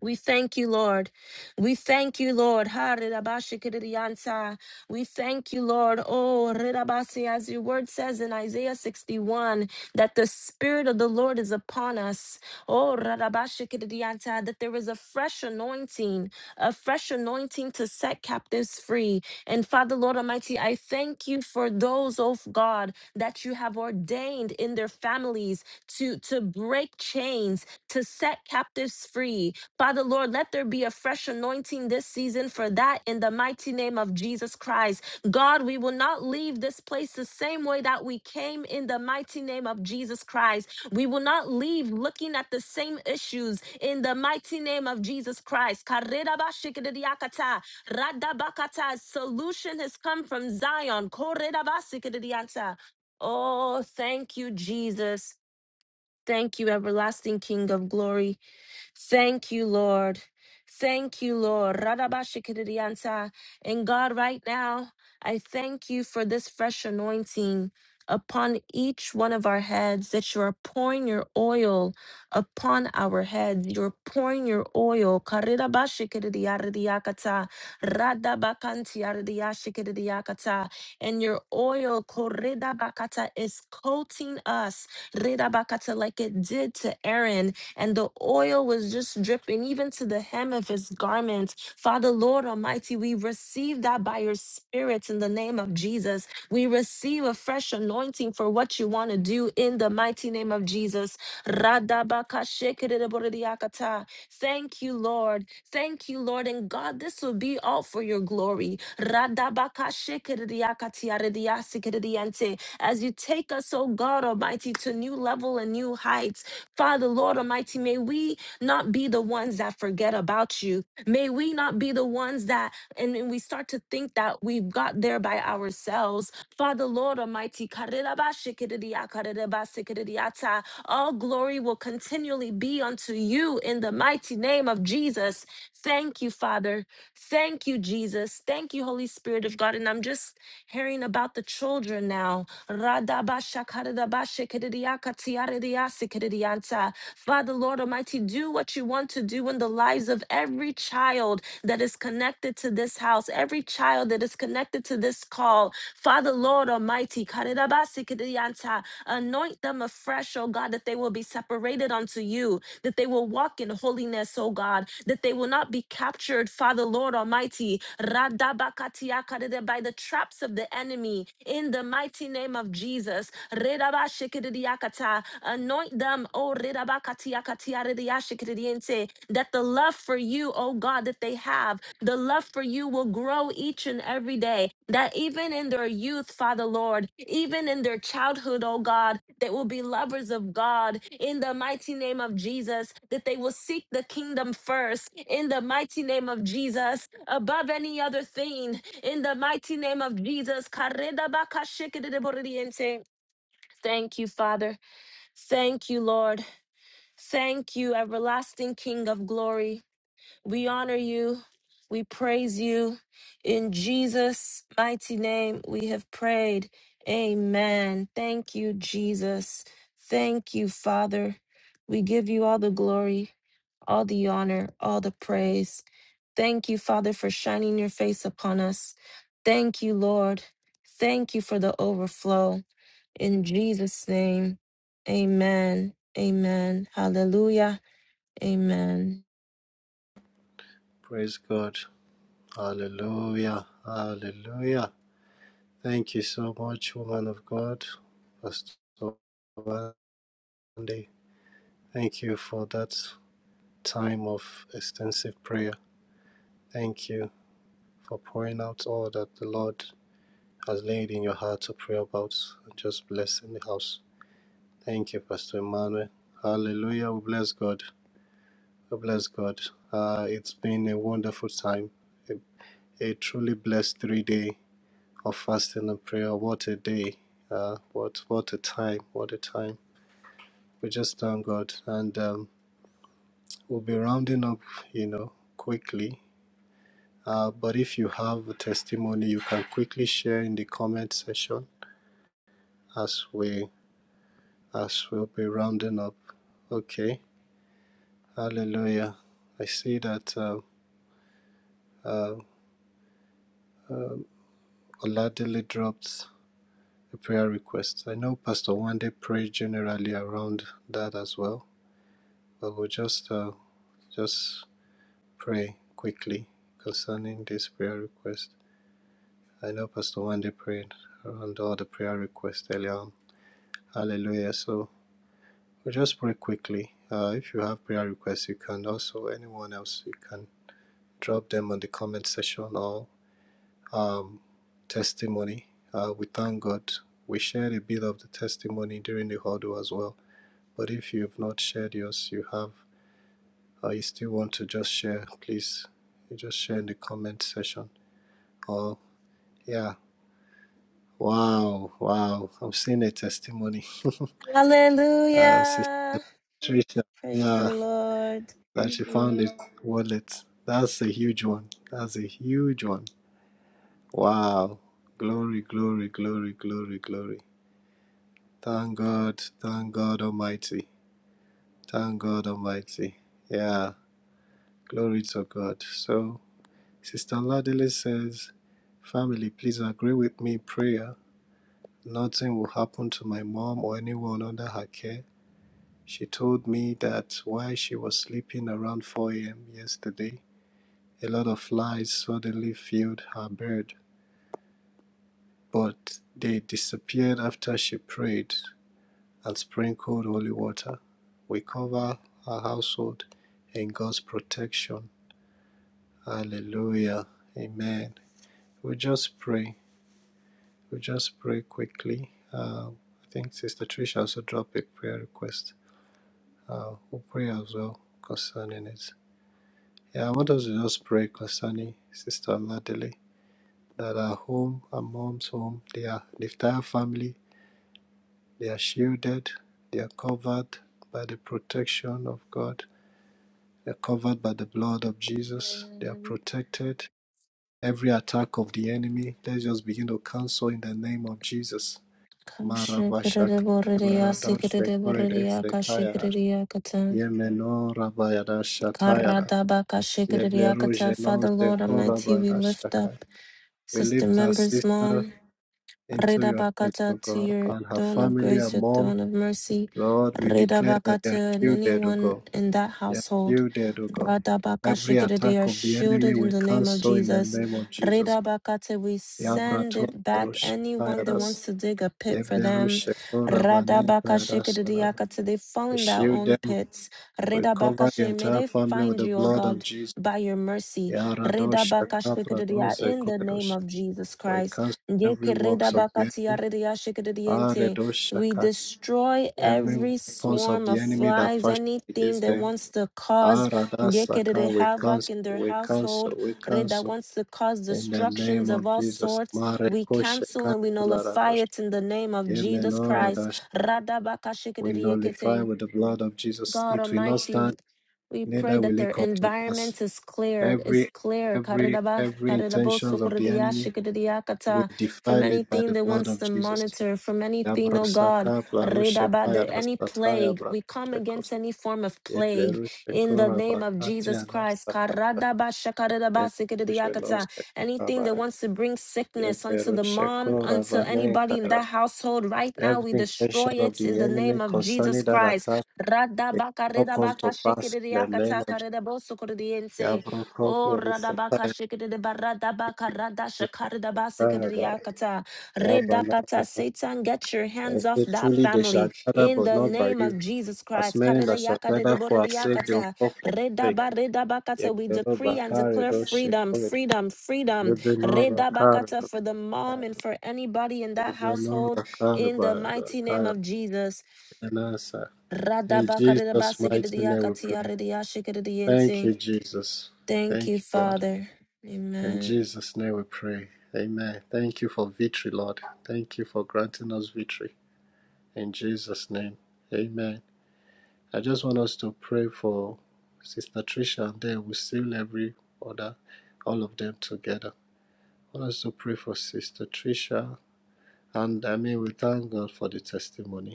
We thank you, Lord. We thank you, Lord. Ha, rirabashikiririanta. We thank you, Lord. Oh, rirabasi, as your word says in Isaiah 61, that the Spirit of the Lord is upon us. Oh, rirabashikiririanta, that there is a fresh anointing, a fresh anointing to set captives free. And Father, Lord Almighty, I thank you for those, oh God, that you have ordained in their families to, to break chains, to set captives free Father Lord, let there be a fresh anointing this season for that in the mighty name of Jesus Christ. God, we will not leave this place the same way that we came in the mighty name of Jesus Christ. We will not leave looking at the same issues in the mighty name of Jesus Christ. Karirabashikiriakata, radabakata. Solution has come from Zion. Korirabasikirianta. Oh, thank you, Jesus. Thank you, everlasting King of glory. Thank you, Lord. Thank you, Lord. Radabashikiridianta. And God, right now, I thank you for this fresh anointing upon each one of our heads that you are pouring your oil upon our heads. You're pouring your oil. Karirabashikiridiaridiakata. Radabakantiaridiashikiridiakata. And your oil koridabakata, is coating us redabakata, like it did to Aaron and the oil was just dripping even to the hem of his garment. Father, Lord Almighty, we receive that by your Spirit in the name of Jesus. We receive a fresh anointing for what you want to do in the mighty name of Jesus. Radabakashekereborodiyakata. Thank you, Lord. Thank you, Lord. And God, this will be all for your glory. Radabakashekereyakatiyarediyasikereyante. As you take us, oh God Almighty, to new level and new heights. Father, Lord Almighty, may we not be the ones that forget about you. May we not be the ones that, and and we start to think that we got there by ourselves. Father, Lord Almighty, karirabashikiridia, karirabasikiririyata. all glory will continually be unto you in the mighty name of Jesus. Thank you, Father. Thank you, Jesus. Thank you, Holy Spirit of God. And I'm just hearing about the children now Father, Lord Almighty, do what you want to do in the lives of every child that is connected to this house, every child that is connected to this call. Father, Lord Almighty, anoint them afresh, oh God, that they will be separated unto you that they will walk in holiness, oh God, that they will not be captured, Father Lord Almighty, radabakatiakarede, by the traps of the enemy in the mighty name of Jesus. Redabashikidiakata, Anoint them, oh redabakatiakatiarediashikiridiente, that the love for you, oh God, that they have the love for you will grow each and every day. That even in their youth, Father Lord, even in their childhood, oh God, they will be lovers of God in the mighty name of Jesus, that they will seek the kingdom first in the mighty name of Jesus, above any other thing, in the mighty name of Jesus. Thank you, Father. Thank you, Lord. Thank you, everlasting King of glory. We honor you. We praise you. In Jesus' mighty name, we have prayed. Amen. Thank you, Jesus. Thank you, Father. We give you all the glory, all the honor, all the praise. Thank you, Father, for shining your face upon us. Thank you, Lord. Thank you for the overflow. In Jesus' name, amen. Amen. Hallelujah. Amen.
Praise God. Hallelujah. Hallelujah. Thank you so much, woman of God, Pastor Wendy. Thank you for that time of extensive prayer. Thank you for pouring out all that the Lord has laid in your heart to pray about and just blessing the house. Thank you, Pastor Emmanuel. Hallelujah. We bless God. We bless God. Uh, it's been a wonderful time, a, a truly blessed three day of fasting and prayer. What a day. Uh, what what a time. What a time we just thank God. And um, we'll be rounding up, you know, quickly. Uh, but if you have a testimony, you can quickly share in the comment section as we as we'll be rounding up. Okay, Hallelujah. I see that uh, uh, uh, Oladele dropped a prayer request. I know Pastor Wande prayed generally around that as well, but we'll just uh, just pray quickly concerning this prayer request. I know Pastor Wendy prayed around all the prayer requests earlier on. Hallelujah. So we'll just pray quickly. Uh, if you have prayer requests, you can also, anyone else, you can drop them on the comment section or um, testimony. Uh, we thank God. We shared a bit of the testimony during the huddle as well. But if you've not shared yours, you have, or you still want to just share, please, you just share in the comment section. Or, yeah, wow, wow, I'm seeing a testimony. uh, Sister
Hallelujah.
Trisha.
Praise the
Yeah,
Lord.
that she found it wallet. That's a huge one. That's a huge one. Wow. Glory, glory, glory, glory, glory. Thank God. Thank God Almighty. Thank God Almighty. Yeah. Glory to God. So, Sister Ladele says, Family, please agree with me in prayer. Nothing will happen to my mom or anyone under her care. She told me that while she was sleeping around 4 a.m. yesterday, A lot of flies suddenly filled her bed, but they disappeared after she prayed and sprinkled holy water. We cover our household in God's protection. Hallelujah. Amen. We just pray. We just pray quickly. Uh, I think Sister Trisha also dropped a prayer request. Uh, we'll pray as well concerning it. Yeah, I want us to just pray concerning Sister Ladele. that are home and mom's home. They are the entire family. They are shielded. They are covered by the protection of God. They are covered by the blood of Jesus. They are
Amen.
protected. Every attack of the enemy, let's just begin to cancel in the name of Jesus.
Kashikiriya,
Marabashak.
boririya, sikiriya,
Baradoshekurede
boririya,
sekayara.
kashikiriya, kata.
Yemeno rabayada shatayara.
Karadaba, kashikiriya, kata.
Yebleruje no
Father, Lord Almighty, we
zekorabada
lift up
shakai. We
Sister
lift our
Member's
sister
mom.
into
Reda
your hands,
Bakata
O
to
God,
your
and her
throne of
family and
grace, your
mom.
throne of mercy.
Lord, we
Reda
declare that they are
Bakata and
shielded, O
anyone
God.
in that
They are
household.
shielded, O God.
Rada
Every
Bakashikita, they
attack
are
of the enemy
shielded in
we
the name of
cancel in the
Jesus.
name of Jesus
Reda
Christ.
Bakata, we send
Yabrato
it back.
Arusha
Anyone that
Kayadas.
wants to dig a pit for them.
Yeberusha
Rada
Koravane
So,
Kayadas.
Bakashikita,
so.
diakata, they fall
We
in their
shield
own
them.
pits.
We
Reda
cover the
Bakashe, may
entire
they
family with
find
the
you, O
blood of
God,
Jesus.
by your mercy. Reda
Yaradosha Kapra
Bakashikita, in the name
Koradosh.
of Jesus
We
Christ.
cancel every works of the enemy.
Yekeredabakatiarediashikediente. We
Aredosh
destroy
Every
every
weapons of
swarm
the
of
enemy that
flies,
fashion
anything
against
that
them.
wants to cause yekerede
Aradasaka, we cancel,
havoc in their
we cancel,
household,
we
re- that
cancel.
wants to cause
In the
destructions
name of
of all
Jesus.
sorts. We
Marekoshe
cancel and we nullify
kantelaradosh.
it in the name of Jesus Christ.
Yemenoradash. We nullify
Radabakashikediekete.
with the blood of Jesus.
God
It will not
Almighty,
stand,
we pray
neither
that
will it
their
come to pass.
environment is cleared, is
Every
clear,
every
karidaba-
every intentions
karidabosu,
of the enemy,
kuridiyashi,
we
kiridiakata, from
defile it by
anything
the
that
blood
wants
of
to
Jesus.
monitor, from anything, oh God,
Yabrosaka
ridaba,
plarushekaya
the- any
rasataya
plague. We come
bratoshekos.
against any form of plague
Yeberushe
in the name of Jesus
korabakatiana
Christ.
sakaya
karadabasha, karidabasi, kiridiakata.
rusheloske
Anything that
korabak.
wants to bring sickness unto the
Yeberushe
mom, unto anybody in that
korabanenkaras.
household, right now
Every
we
intention
destroy
of
it in
the
the name
enemy
of Jesus
concerning that
Christ.
attack it
Radabaka
will not come
redabaka
to pass in the
shikiriaka
name of
takarida bosukudiente. Oh radabaka
Yabrokoperisekayabai.
shikirida baradabaka radashakarida basikiriakata.
And
Redakata Satan, get your hands off
say
that
truly they shall
family
gather
in
but
the
not by
name
you.
of Jesus
As
Christ.
many that shall gather for our sake they will
Karidayakadidiboridiakata.
fall for our sake.
Redabaridabakata. We decree and declare
Yeberobakaridoshe
freedom,
korid.
freedom, freedom. Redabakata for
Yebenorakaridoshe.
the mom and for anybody in
In
that household in the mighty name of Jesus.
Jesus' mighty name we pray. Thank
Radabakaridabasikididiakatiaridiashikididiyente.
you, Jesus.
Thank
Thank
you,
you, Lord.
Father.
In
Amen.
Jesus' name we pray. Amen. Thank you for victory, Lord. Thank you for granting us victory. In Jesus' name. Amen. I just want us to pray for Sister Tricia and then we seal every other, all of them together. I want us to pray for Sister Tricia. And I mean, we thank God for the testimony.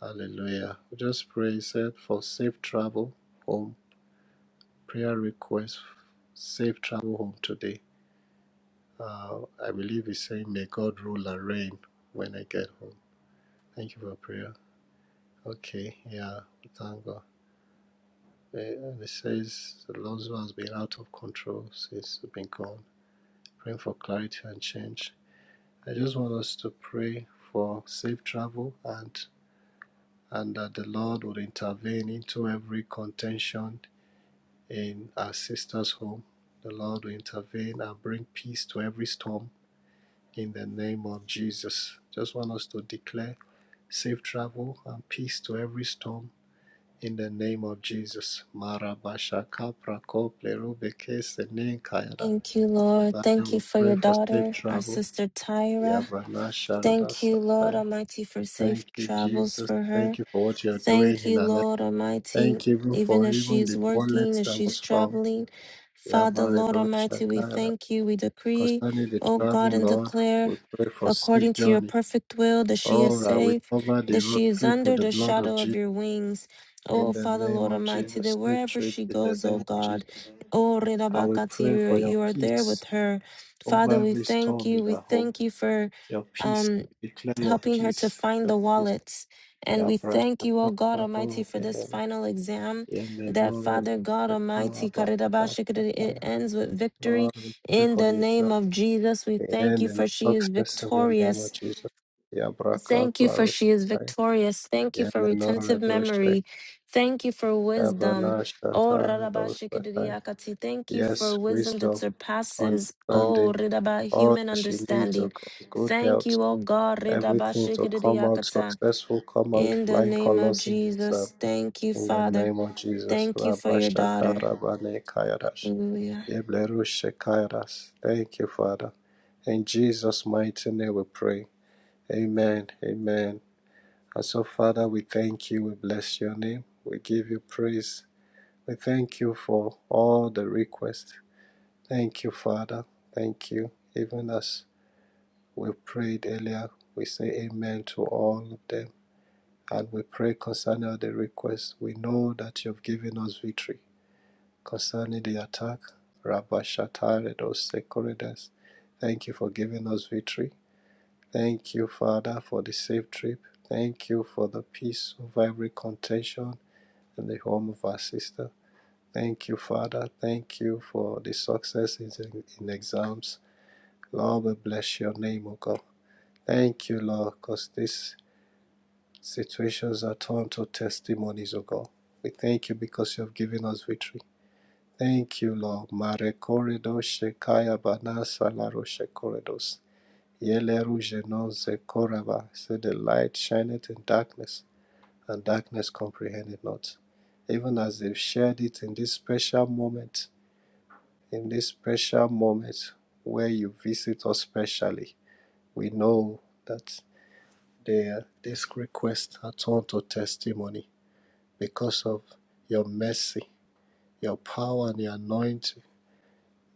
Hallelujah. We just pray, said, for safe travel home. Prayer request, safe travel home today. Uh, I believe he's saying, may God rule and reign when I get home. Thank you for prayer. Okay, yeah, thank God. Uh, And it says, the Lord has been out of control since we've been gone. Praying for clarity and change. I just want us to pray for safe travel and and that the Lord would intervene into every contention in our sister's home. The Lord will intervene and bring peace to every storm in the name of Jesus. Just want us to declare safe travel and peace to every storm in the name of Jesus. Marabashaka prakople rubeke senin kayada.
Thank you, Lord.
Father,
Thank you
we
for
pray
your
for safe
daughter, our
travel.
sister Tyra.
Yabana sharada
Thank you, Lord
sakaya.
Almighty, for safe
Thank you,
travels
Jesus.
for
Thank
her.
you for what you're doing
Thank
in
you,
our life.
Lord Almighty,
Thank you even
even
for
as
even
she's
the
working,
wallet
as
that
she's
was found.
traveling. Father, Lord
Yabaredo
Almighty, we
shakara
thank you. We decree,
Concerning the
oh
travel,
God, and
Lord,
declare
we pray for safe
according to your
journey.
perfect will that she is
All right, we
safe,
cover the
that
road
she is
trip with
under
the
the
blood of
shadow of
Jesus.
your wings.
In
Oh,
the
Father,
name
Lord
of
Almighty,
Jesus,
that
safe
wherever
trip
she
in the
goes,
name
oh
of
God,
Jesus.
oh,
I will
Rirabakati,
pray
you
for your
you are there
peace
with her.
over
Father, we
every
thank
storm
you.
in
We
our home.
thank you for.
Your peace,
Um,
we declare your
helping her to
peace.
find
Your
the
peace.
wallets. And
Your
we
brass,
thank you, O God Almighty,
Lord,
for
we
this final exam that Father God Almighty, karirabashikiri, it ends with victory
pray
in
for
the
the
name of Jesus. We
the
thank
end
you
and
for she is
success in the name
victorious
of Jesus. Yabraka
Thank you for she is
Plarushai,
victorious. Thank you for
Yemenor
retentive
Doshek,
memory. Thank you for wisdom.
Yabana
Oh,
Shatar Dosakai.
Rarabashikidiyakati. Thank you for
Yes,
wisdom that
wisdom,
surpasses, oh,
understanding,
Ridaba,
all
human
that you need to
understanding.
go, good
Thank
health,
you, oh God.
everything to come out
Ridabashikidiyakata.
successful, come out with
In the
flying
name of
colors in the exam.
Jesus, thank you,
In the
Father.
name of Jesus,
Thank you for your
Rabashaka
daughter.
Rabane Kayadash,
Hallelujah.
Yeblerushe Kayadas. Thank you, Father. In Jesus' mighty name we pray. Amen. Amen. And so, Father, we thank you. We bless your name. We give you praise. We thank you for all the requests. Thank you, Father. Thank you. Even as we prayed earlier, we say amen to all of them. And we pray concerning all the requests. We know that you have given us victory concerning the attack. Rabba Shatare, those sacredness. Thank you for giving us victory. Thank you, Father, for the safe trip. Thank you for the peace of every contention in the home of our sister. Thank you, Father. Thank you for the successes in, in exams. Lord, we bless your name, O God. Thank you, Lord, because these situations are turned to testimonies, O God. We thank you because you have given us victory. Thank you, Lord. Marekorido Shekaya Banasa Laro Shekoridos. Yele rujenon se koraba, said the light shineth in darkness, and darkness comprehended not. Even as they've shared it in this special moment, in this special moment where you visit us specially, we know that their this request are turned to testimony because of your mercy, your power and your anointing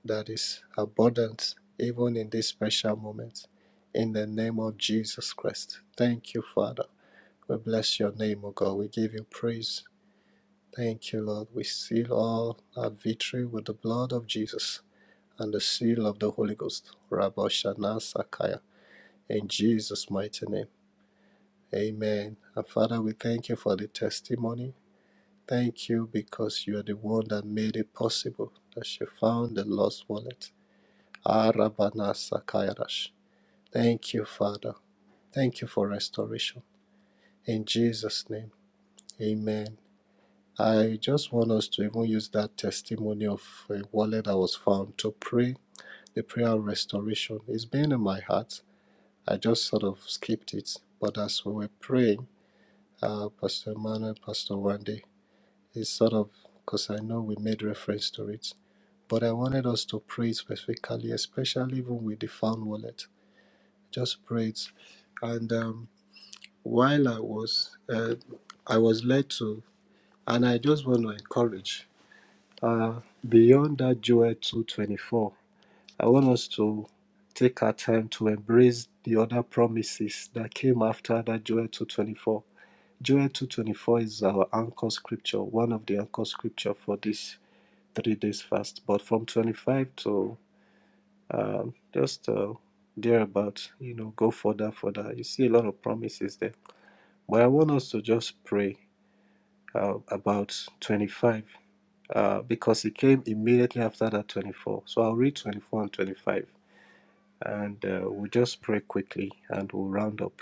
that is abundant even in this special moment. In the name of Jesus Christ. Thank you, Father. We bless your name, O God. We give you praise. Thank you, Lord. We seal all our victory with the blood of Jesus and the seal of the Holy Ghost. Rabbi Shana Sakaya. In Jesus' mighty name. Amen. And Father, we thank you for the testimony. Thank you because you are the one that made it possible that she found the lost wallet. Arabana Sakayarash. Thank you, Father. Thank you for restoration. In Jesus' name, amen. I just want us to even use that testimony of a wallet that was found to pray the prayer of restoration. It's been in my heart. I just sort of skipped it. But as we were praying, uh, Pastor Emmanuel, Pastor Wande, it's sort of because I know we made reference to it. But I wanted us to pray specifically, especially even with the found wallet just prayed and um, while i was uh, i was led to and i just want to encourage uh, beyond that joel 224 i want us to take our time to embrace the other promises that came after that joel 224 joel 224 is our anchor scripture one of the anchor scripture for this three days fast but from 25 to um, just uh, thereabout you know go further further you see a lot of promises there But I want us to just pray uh, about 25 uh, because it came immediately after that 24. So I'll read 24 and 25 and uh, we'll just pray quickly and we'll round up.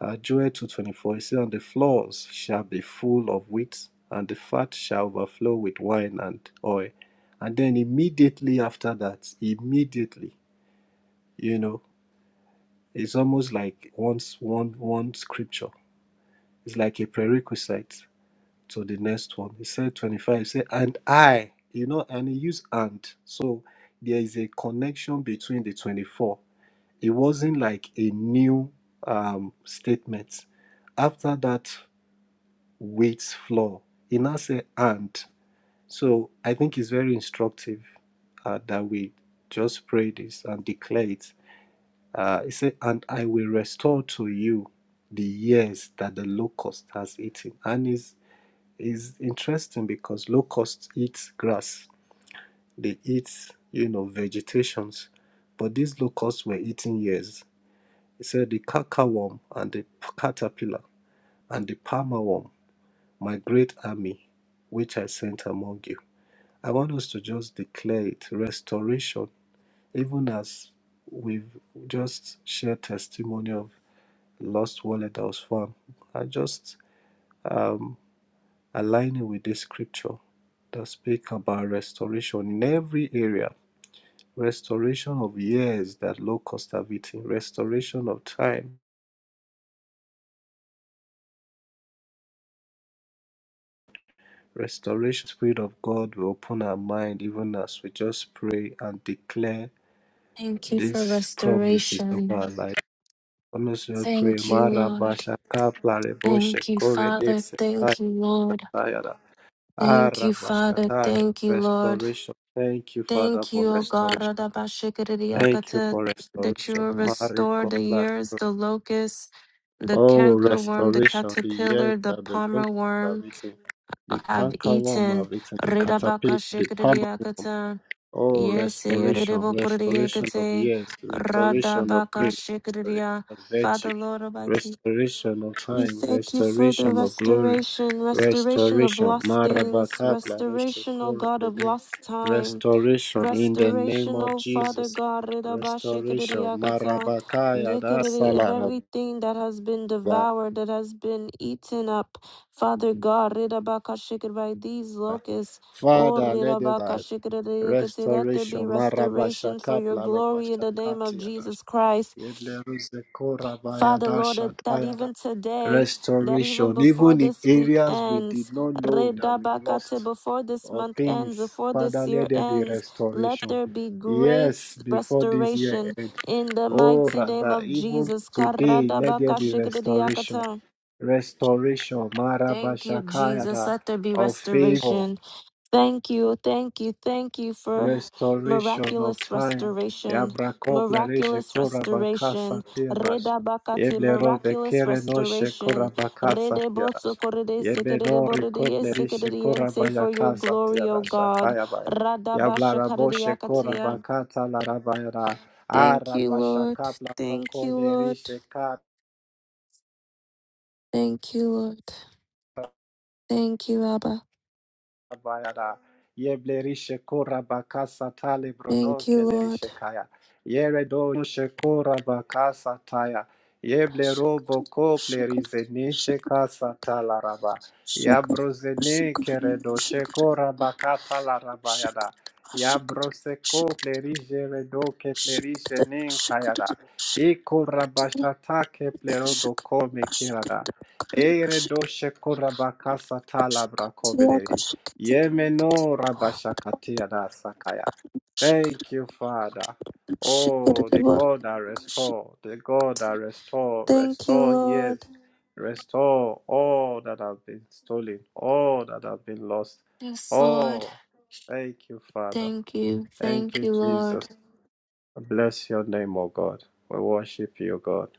Uh, Joel 2.24, it says, And the floors shall be full of wheat and the fat shall overflow with wine and oil. And then immediately after that, immediately, you know, it's almost like once one, one scripture. It's like a prerequisite to the next one. He said 25, he said, and I, you know, and he used and. So there is a connection between the 24. It wasn't like a new um, statement. After that weights floor, he now said and. So I think it's very instructive uh, that we just pray this and declare it. Uh, he said, and I will restore to you the years that the locust has eaten. And is is interesting because locusts eat grass, they eat, you know, vegetations, but these locusts were eating ears. He said the cacaworm and the caterpillar and the palmer worm, my great army, which I sent among you. I want us to just declare it restoration, even as we've just shared testimony of lost wallet house farm. I just um, aligning with this scripture that speak about restoration in every area restoration of years that locusts have eaten, restoration of time, restoration. Spirit of God will open our mind even as we just pray and declare
Thank you for
these promises of
restoration.
our life. Honestly, I pray.
Thank you, Lord.
Marabashaka plareboshe
Thank you,
kore
Father.
dese
Thank you, Lord.
tayara.
Thank you, Father.
Arabashatale.
Thank you, Lord.
Restoration. Thank you, Father,
Thank
for
you, O God,
restoration. Thank you
Radabashikiriakata,
for
that you
restoration.
will restore
Mariko
the years,
Lariko.
the locust, the
Oh,
canker worm, the
restoration. The years
caterpillar, the
that the
palmer
locusts have
worm
eaten, the
have
canker worm
eaten.
have eaten, the caterpillar, the palmer worm.
Radabakashikiriakata.
Oh,
Yes,
restoration, restoration of
Yeridibokuriakate,
years, restoration of grace, restoration
Radabakashikiriya.
of virtue,
Father, Lord Almighty.
restoration of
We
time,
thank you for the
restoration of glory,
restoration, restoration of
restoration.
lost things,
Marabakapla
restoration, O
roshekore
God, of
benin.
lost time,
Restoration in the name
restoration,
of
O Father
Jesus.
God,
Restoration.
Ridabashikiriakata,
Marabakaya
Yekiriri, of
dasalaraba.
everything that has been devoured, that has been eaten up, Father God, Ridabakashikir, by these locusts. O
Father, let the life.
Ridabakashikiriakata, Let there
Restoration.
be restoration for your
Marabashakapla
glory in the name of
robashakatia.
Jesus Christ. Father, Lord, uh, that even today, that even
Restoration,
before
even in
this week
areas we
ends,
did not know that we've
Redabakate,
lost
before this
or
month ends,
things,
before
Father,
this
let
year
there be
ends, let
restoration.
there be great
Yes,
s-
before this year
restoration
end.
in the
Oh,
mighty name
rather,
of
even
Jesus.
today, let there be restoration.
Karadabakashikiriakata.
Restoration,
Thank you, Jesus.
Marabashakayada,
Let there be
of favor,
restoration. Thank you, thank you, thank you for
restoration of
miraculous
time.
restoration,
Yabrakobla reje
miraculous
korabakasa
restoration,
tianash.
Reda Bakati,
Yeblero de
miraculous
kere noshe
restoration,
korabakasa
Rede
tianash.
Botsokorede Sekerede
Yebenori
Borede
koble rishe
Sekerediente for your
korabayakasa
glory, O
tianash.
God,
Akayabaya.
Radabasha,
Yablaraboshe
Radabashakarediakatia.
korabakata larabayana.
Thank you, Lord.
Arabashakabla
Thank you,
rokole
Lord.
rishe ka
Thank you, Lord. Thank you, Abba.
Bayada. Yeblerishe kora bakasa tale brono
Thank you, Lord.
kelerishe kaya. Yeredo shekora bakasa taya. Yeble robo kople rizenishe kasa talaraba.
Shakara,
Yabrozene
shakara,
keredo
shakara,
shekora bakata laraba
shakara,
yada.
shakara,
Yabrose
shakara,
kople rije redo keple rije
shakara, shakara,
nin kayada.
shakara,
Ikora
shakara,
bashata keple robo kome kirada.
shakara,
Ere
shakara,
doshe kora bakasa
shakara,
talabra
tiya
kobeleri.
ka
Yemeno
shakara,
rabashakatia da sakaya.
shakara,
Thank you, Father. Oh,
shakara,
the
var
God that
ka
restore, the God that
shakara.
restore,
Thank you,
restore, yes,
Lord.
restore all that have been stolen, all that have been lost.
Yes, Lord.
Oh, thank you, Father.
Thank you.
Thank
Thank
you,
you, Lord.
Jesus. Bless your name, O God. We worship you, God.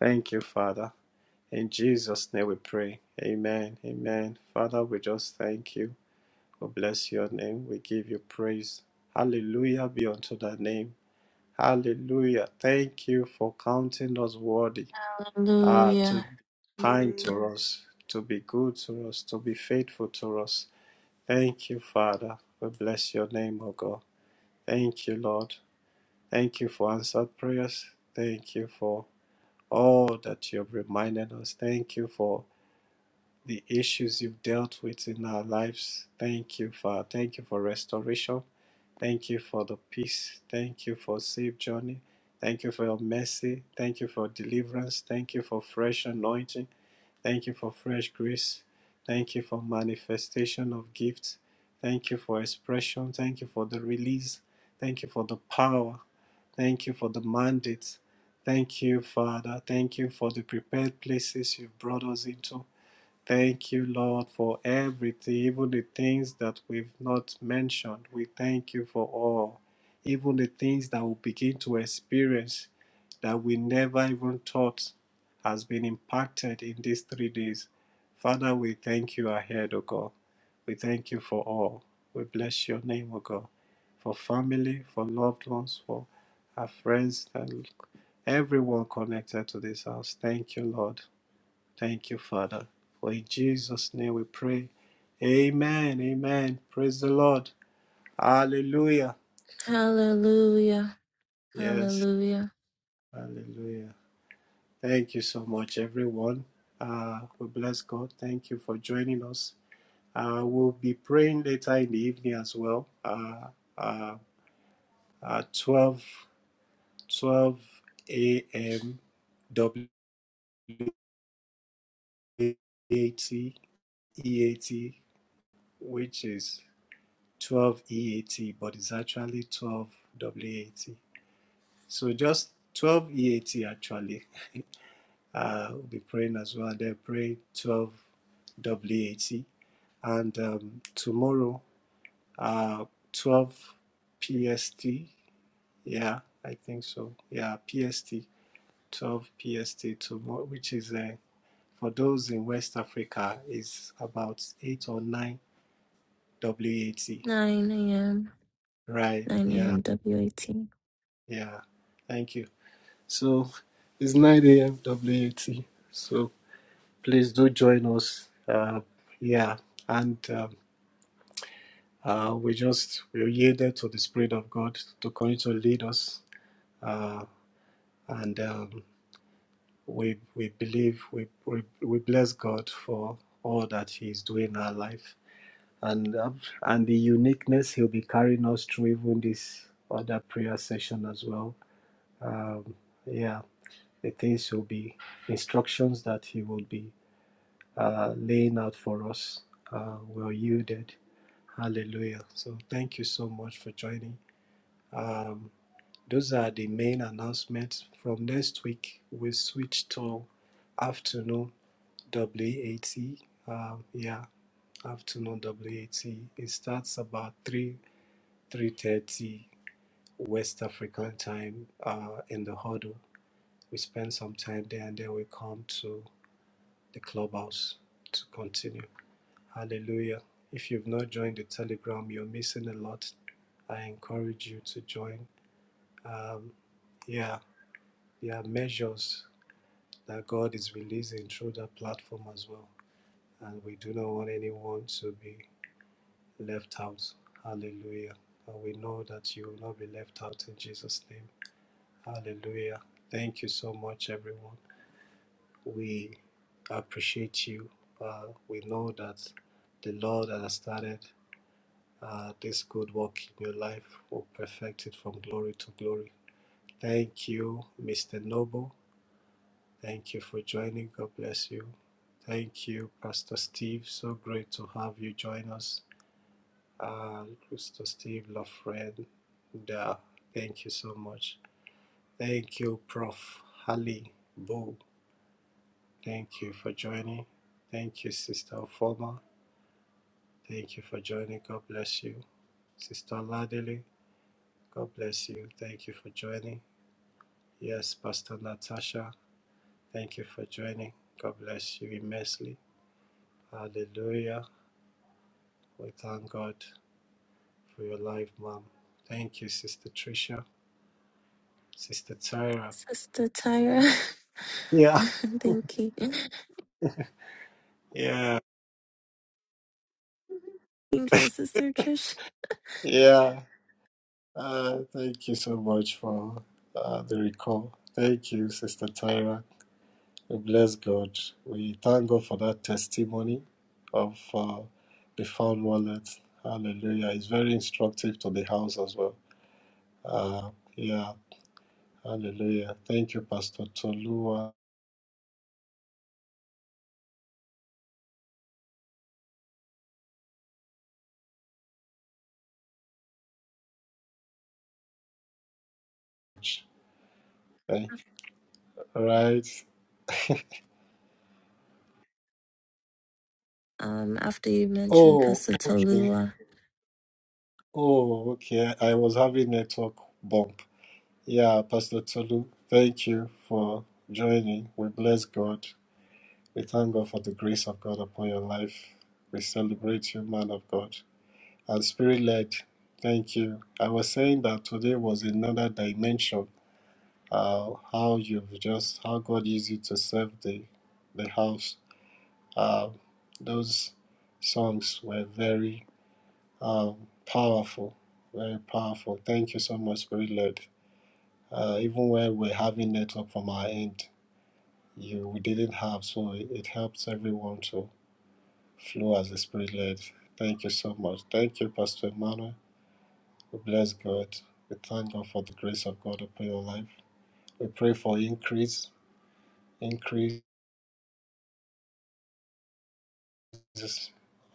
Thank you, Father. In Jesus' name we pray. Amen. Amen. Father, we just thank you. We bless your name. We give you praise. Hallelujah be unto thy name. Hallelujah. Thank you for counting us worthy. Ah, to
Hallelujah.
be kind to us, to be good to us, to be faithful to us. Thank you, Father. We bless your name, O God. Thank you, Lord. Thank you for answered prayers. Thank you for all that you have reminded us. Thank you for the issues you've dealt with in our lives. Thank you, Father. Thank you for restoration. Thank you for the peace. Thank you for safe journey. Thank you for your mercy. Thank you for deliverance. Thank you for fresh anointing. Thank you for fresh grace. Thank you for manifestation of gifts. Thank you for expression. Thank you for the release. Thank you for the power. Thank you for the mandates. Thank you, Father. Thank you for the prepared places you've brought us into. Thank you, Lord, for everything, even the things that we've not mentioned. We thank you for all, even the things that we begin to experience that we never even thought has been impacted in these three days. Father, we thank you ahead, O God. We thank you for all. We bless your name, O God, for family, for loved ones, for our friends, and everyone connected to this house. Thank you, Lord. Thank you, Father. For in Jesus' name we pray. Amen. Amen. Praise the Lord. Hallelujah.
Hallelujah.
Yes.
Hallelujah.
Hallelujah. Thank you so much, everyone. Uh, we bless God. Thank you for joining us. Uh, we'll be praying later in the evening as well. Uh, uh, uh, 12, a.m. W A T E A T, which is 12 EAT, but it's actually 12 WAT. So just 12 EAT actually. Uh, we'll be praying as well. Then pray 12 WAT. And um, tomorrow, uh, 12 PST. Yeah, I think so. Yeah, PST, 12 PST tomorrow, which is uh, for those in West Africa, is about 8 or 9 WAT.
9 a.m.
Right.
9
Yeah.
a.m. W.A.T.
Yeah. Thank you. So it's 9 a.m. WAT. So please do join us. Uh, yeah, and um, uh, we just we yielded to the Spirit of God to continue to lead us. Uh, and um, we we believe we, we we bless God for all that He is doing in our life and um, and the uniqueness He'll be carrying us through even this other prayer session as well. Um, yeah, the things will be instructions that He will be uh, laying out for us. Uh, we're yielded. Hallelujah. So thank you so much for joining. Um, those are the main announcements. From next week, we switch to afternoon WAT. Um, yeah, afternoon WAT. It starts about 3 3:30 West African time uh, in the huddle. We spend some time there and then we come to the clubhouse to continue. Hallelujah. If you've not joined the Telegram, you're missing a lot. I encourage you to join. Um, yeah, there are measures that God is releasing through that platform as well. And we do not want anyone to be left out. Hallelujah. And we know that you will not be left out in Jesus' name. Hallelujah. Thank you so much, everyone. We appreciate you. Uh, we know that the Lord that has started Uh, this good work in your life will perfect it from glory to glory. Thank you, Mr. Noble. Thank you for joining. God bless you. Thank you, Pastor Steve. So great to have you join us. Uh, Pastor Steve, love friend. Da. Thank you so much. Thank you, Prof. Hali Bo. Thank you for joining. Thank you, Sister Ofoma. Thank you for joining. God bless you. Sister Ladele, God bless you. Thank you for joining. Yes, Pastor Natasha, thank you for joining. God bless you immensely. Hallelujah. We thank God for your life, Mom. Thank you, Sister Tricia, Sister Tyra.
Sister Tyra.
Yeah.
Thank you.
Yeah.
Thank for Sister Trish.
Yeah. Uh, thank you so much for uh, the recall. Thank you, Sister Tyra. We bless God. We thank God for that testimony of uh, the found wallet. Hallelujah. It's very instructive to the house as well. Uh, yeah. Hallelujah. Thank you, Pastor Tolua. Thank- Right.
Um, after you mentioned
Oh,
Pastor
okay.
Tolua.
Oh, okay. I was having network bump. Yeah, Pastor Tolu, thank you for joining. We bless God. We thank God for the grace of God upon your life. We celebrate you, man of God. And spirit led, thank you. I was saying that today was another dimension. Uh, how you've just how God used you to serve the the house Uh, those songs were very um, powerful, very powerful. Thank you so much, Spirit Lord. Uh, even when we're having network from our end, you we didn't have, so it, it helps everyone to flow as the Spirit led. Thank you so much. Thank you, Pastor Emmanuel. We bless God. We thank God for the grace of God upon your life. We pray for increase, increases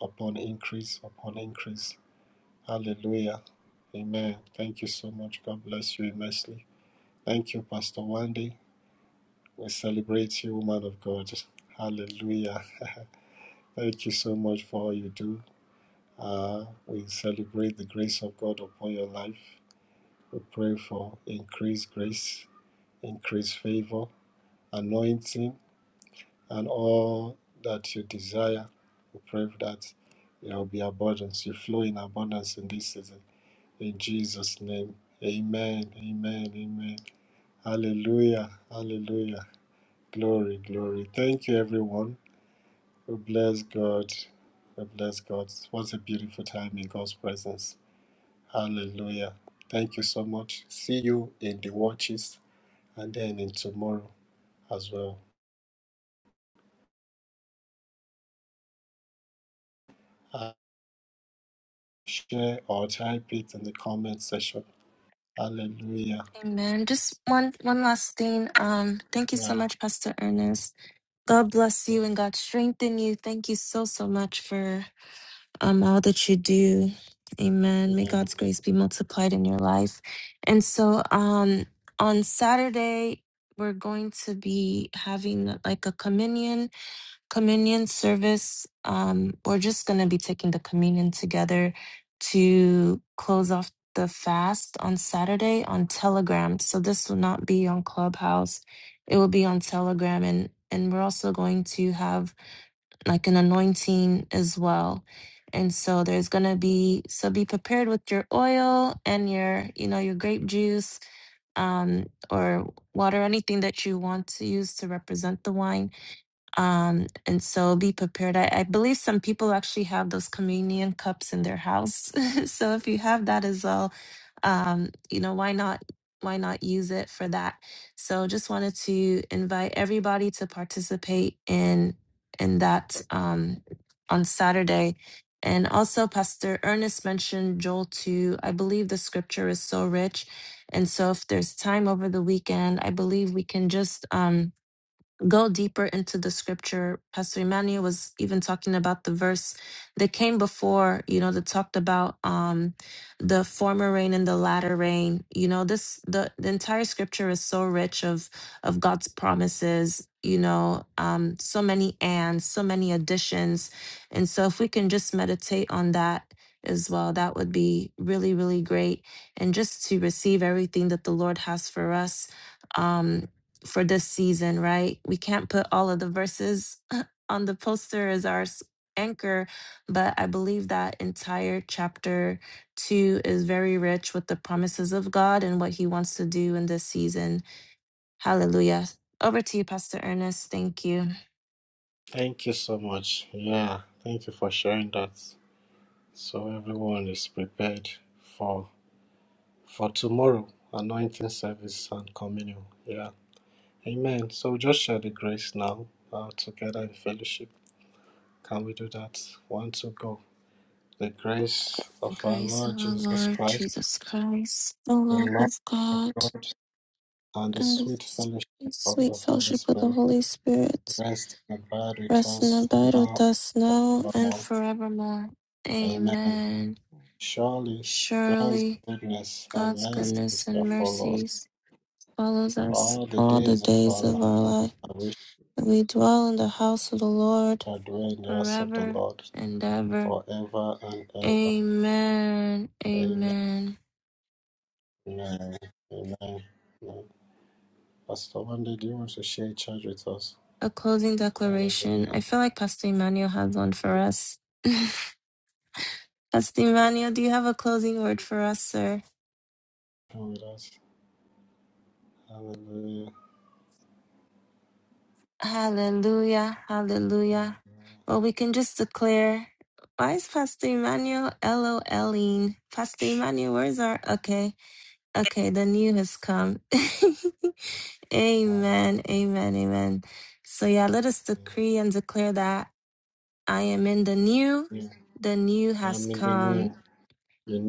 upon increase upon increase. Hallelujah. Amen. Thank you so much. God bless you immensely. Thank you, Pastor Wendy. We celebrate you, woman of God. Hallelujah. Thank you so much for all you do. Uh, we celebrate the grace of God upon your life. We pray for increased grace, increased favor, anointing, and all that you desire. We pray that there will be abundance. You flow in abundance in this season. In Jesus' name, amen, amen, amen. Hallelujah. Hallelujah. Glory, glory. Thank you, everyone. We bless God. We bless God. What a beautiful time in God's presence. Hallelujah. Thank you so much. See you in the watches and then in tomorrow as well. Uh, Share or type it in the comment section. Hallelujah.
Amen. Just one one last thing. Um, thank you
Yeah.
so much, Pastor Ernest. God bless you and God strengthen you. Thank you so so much for um all that you do. Amen. May
Amen.
God's grace be multiplied in your life. And so um on Saturday we're going to be having like a communion communion service. Um, we're just going to be taking the communion together to close off the fast on Saturday on Telegram. So this will not be on Clubhouse. It will be on Telegram and and we're also going to have like an anointing as well. And so there's going to be so be prepared with your oil and your you know your grape juice um or water anything that you want to use to represent the wine um, and so be prepared. I, I believe some people actually have those communion cups in their house. so if you have that as well, um, you know, why not why not use it for that? So just wanted to invite everybody to participate in in that um on Saturday. And also Pastor Ernest mentioned Joel 2. I believe the scripture is so rich. And so if there's time over the weekend, I believe we can just um go deeper into the scripture. Pastor Emmanuel was even talking about the verse that came before, you know, that talked about um the former rain and the latter rain. You know, this the, the entire scripture is so rich of of God's promises, you know, um, so many ands, so many additions. And so if we can just meditate on that as well, that would be really, really great. And just to receive everything that the Lord has for us. Um, for this season, right? We can't put all of the verses on the poster as our s- anchor, but I believe that entire chapter two is very rich with the promises of God and what He wants to do in this season. Hallelujah. Over to you, Pastor Ernest. Thank you.
Thank you so much. Yeah. Thank you for sharing that. So everyone is prepared for for tomorrow, anointing service and communion. Yeah. Amen. So we just share the grace now uh, together in fellowship. Can we do that? One, two, go. The grace
The
of our
grace of
Lord
our
Jesus
Lord
Christ,
Jesus Christ, the
the
love of
love of
God,
God, and the
and the
sweet fellowship of
sweet
the Holy
fellowship of the
Spirit
Holy Spirit
rest and abide with
Rest in
us
abide with
now
us now
and
and
forevermore.
forevermore.
Amen.
Amen.
Surely God's
Surely
goodness and
God's
mercy
goodness
shall
and
follow us
mercies follows us
all the
all the
days of
days
our
of
life
our life.
and we
We dwell in the house of the Lord
shall dwell in the house of the
forever
Lord
and ever.
forever and ever.
Amen.
Amen.
Amen.
Amen. Amen. Amen. Pastor Wendy, do you want to share church with us?
A closing declaration.
Hallelujah.
I feel like Pastor Emmanuel has one for us. Pastor Emmanuel, do you have a closing word for us, sir?
Come with us. Hallelujah.
Hallelujah. Hallelujah. Well, we can just declare. Why is Pastor Emmanuel LOLing? Pastor Emmanuel, where's our. Okay. Okay. The new has come. amen.
Hallelujah.
Amen. Amen. So, yeah, let us decree and declare that I am in the new. The new has
I'm in the
come.
new. You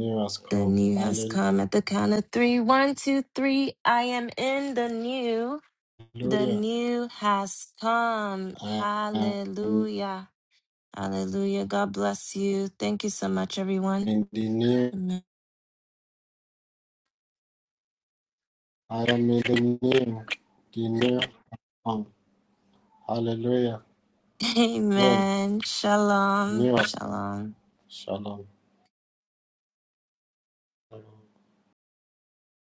The
come.
new has come at the count of three. One, two, three. I am in the new. The
Hallelujah.
new has come.
I am
Hallelujah. Hallelujah. God bless you. Thank you so much, everyone.
in the new.
Amen.
I am in the new. The new. Come. Hallelujah. Glory.
Amen. Shalom.
New us.
Shalom.
Shalom. Shalom.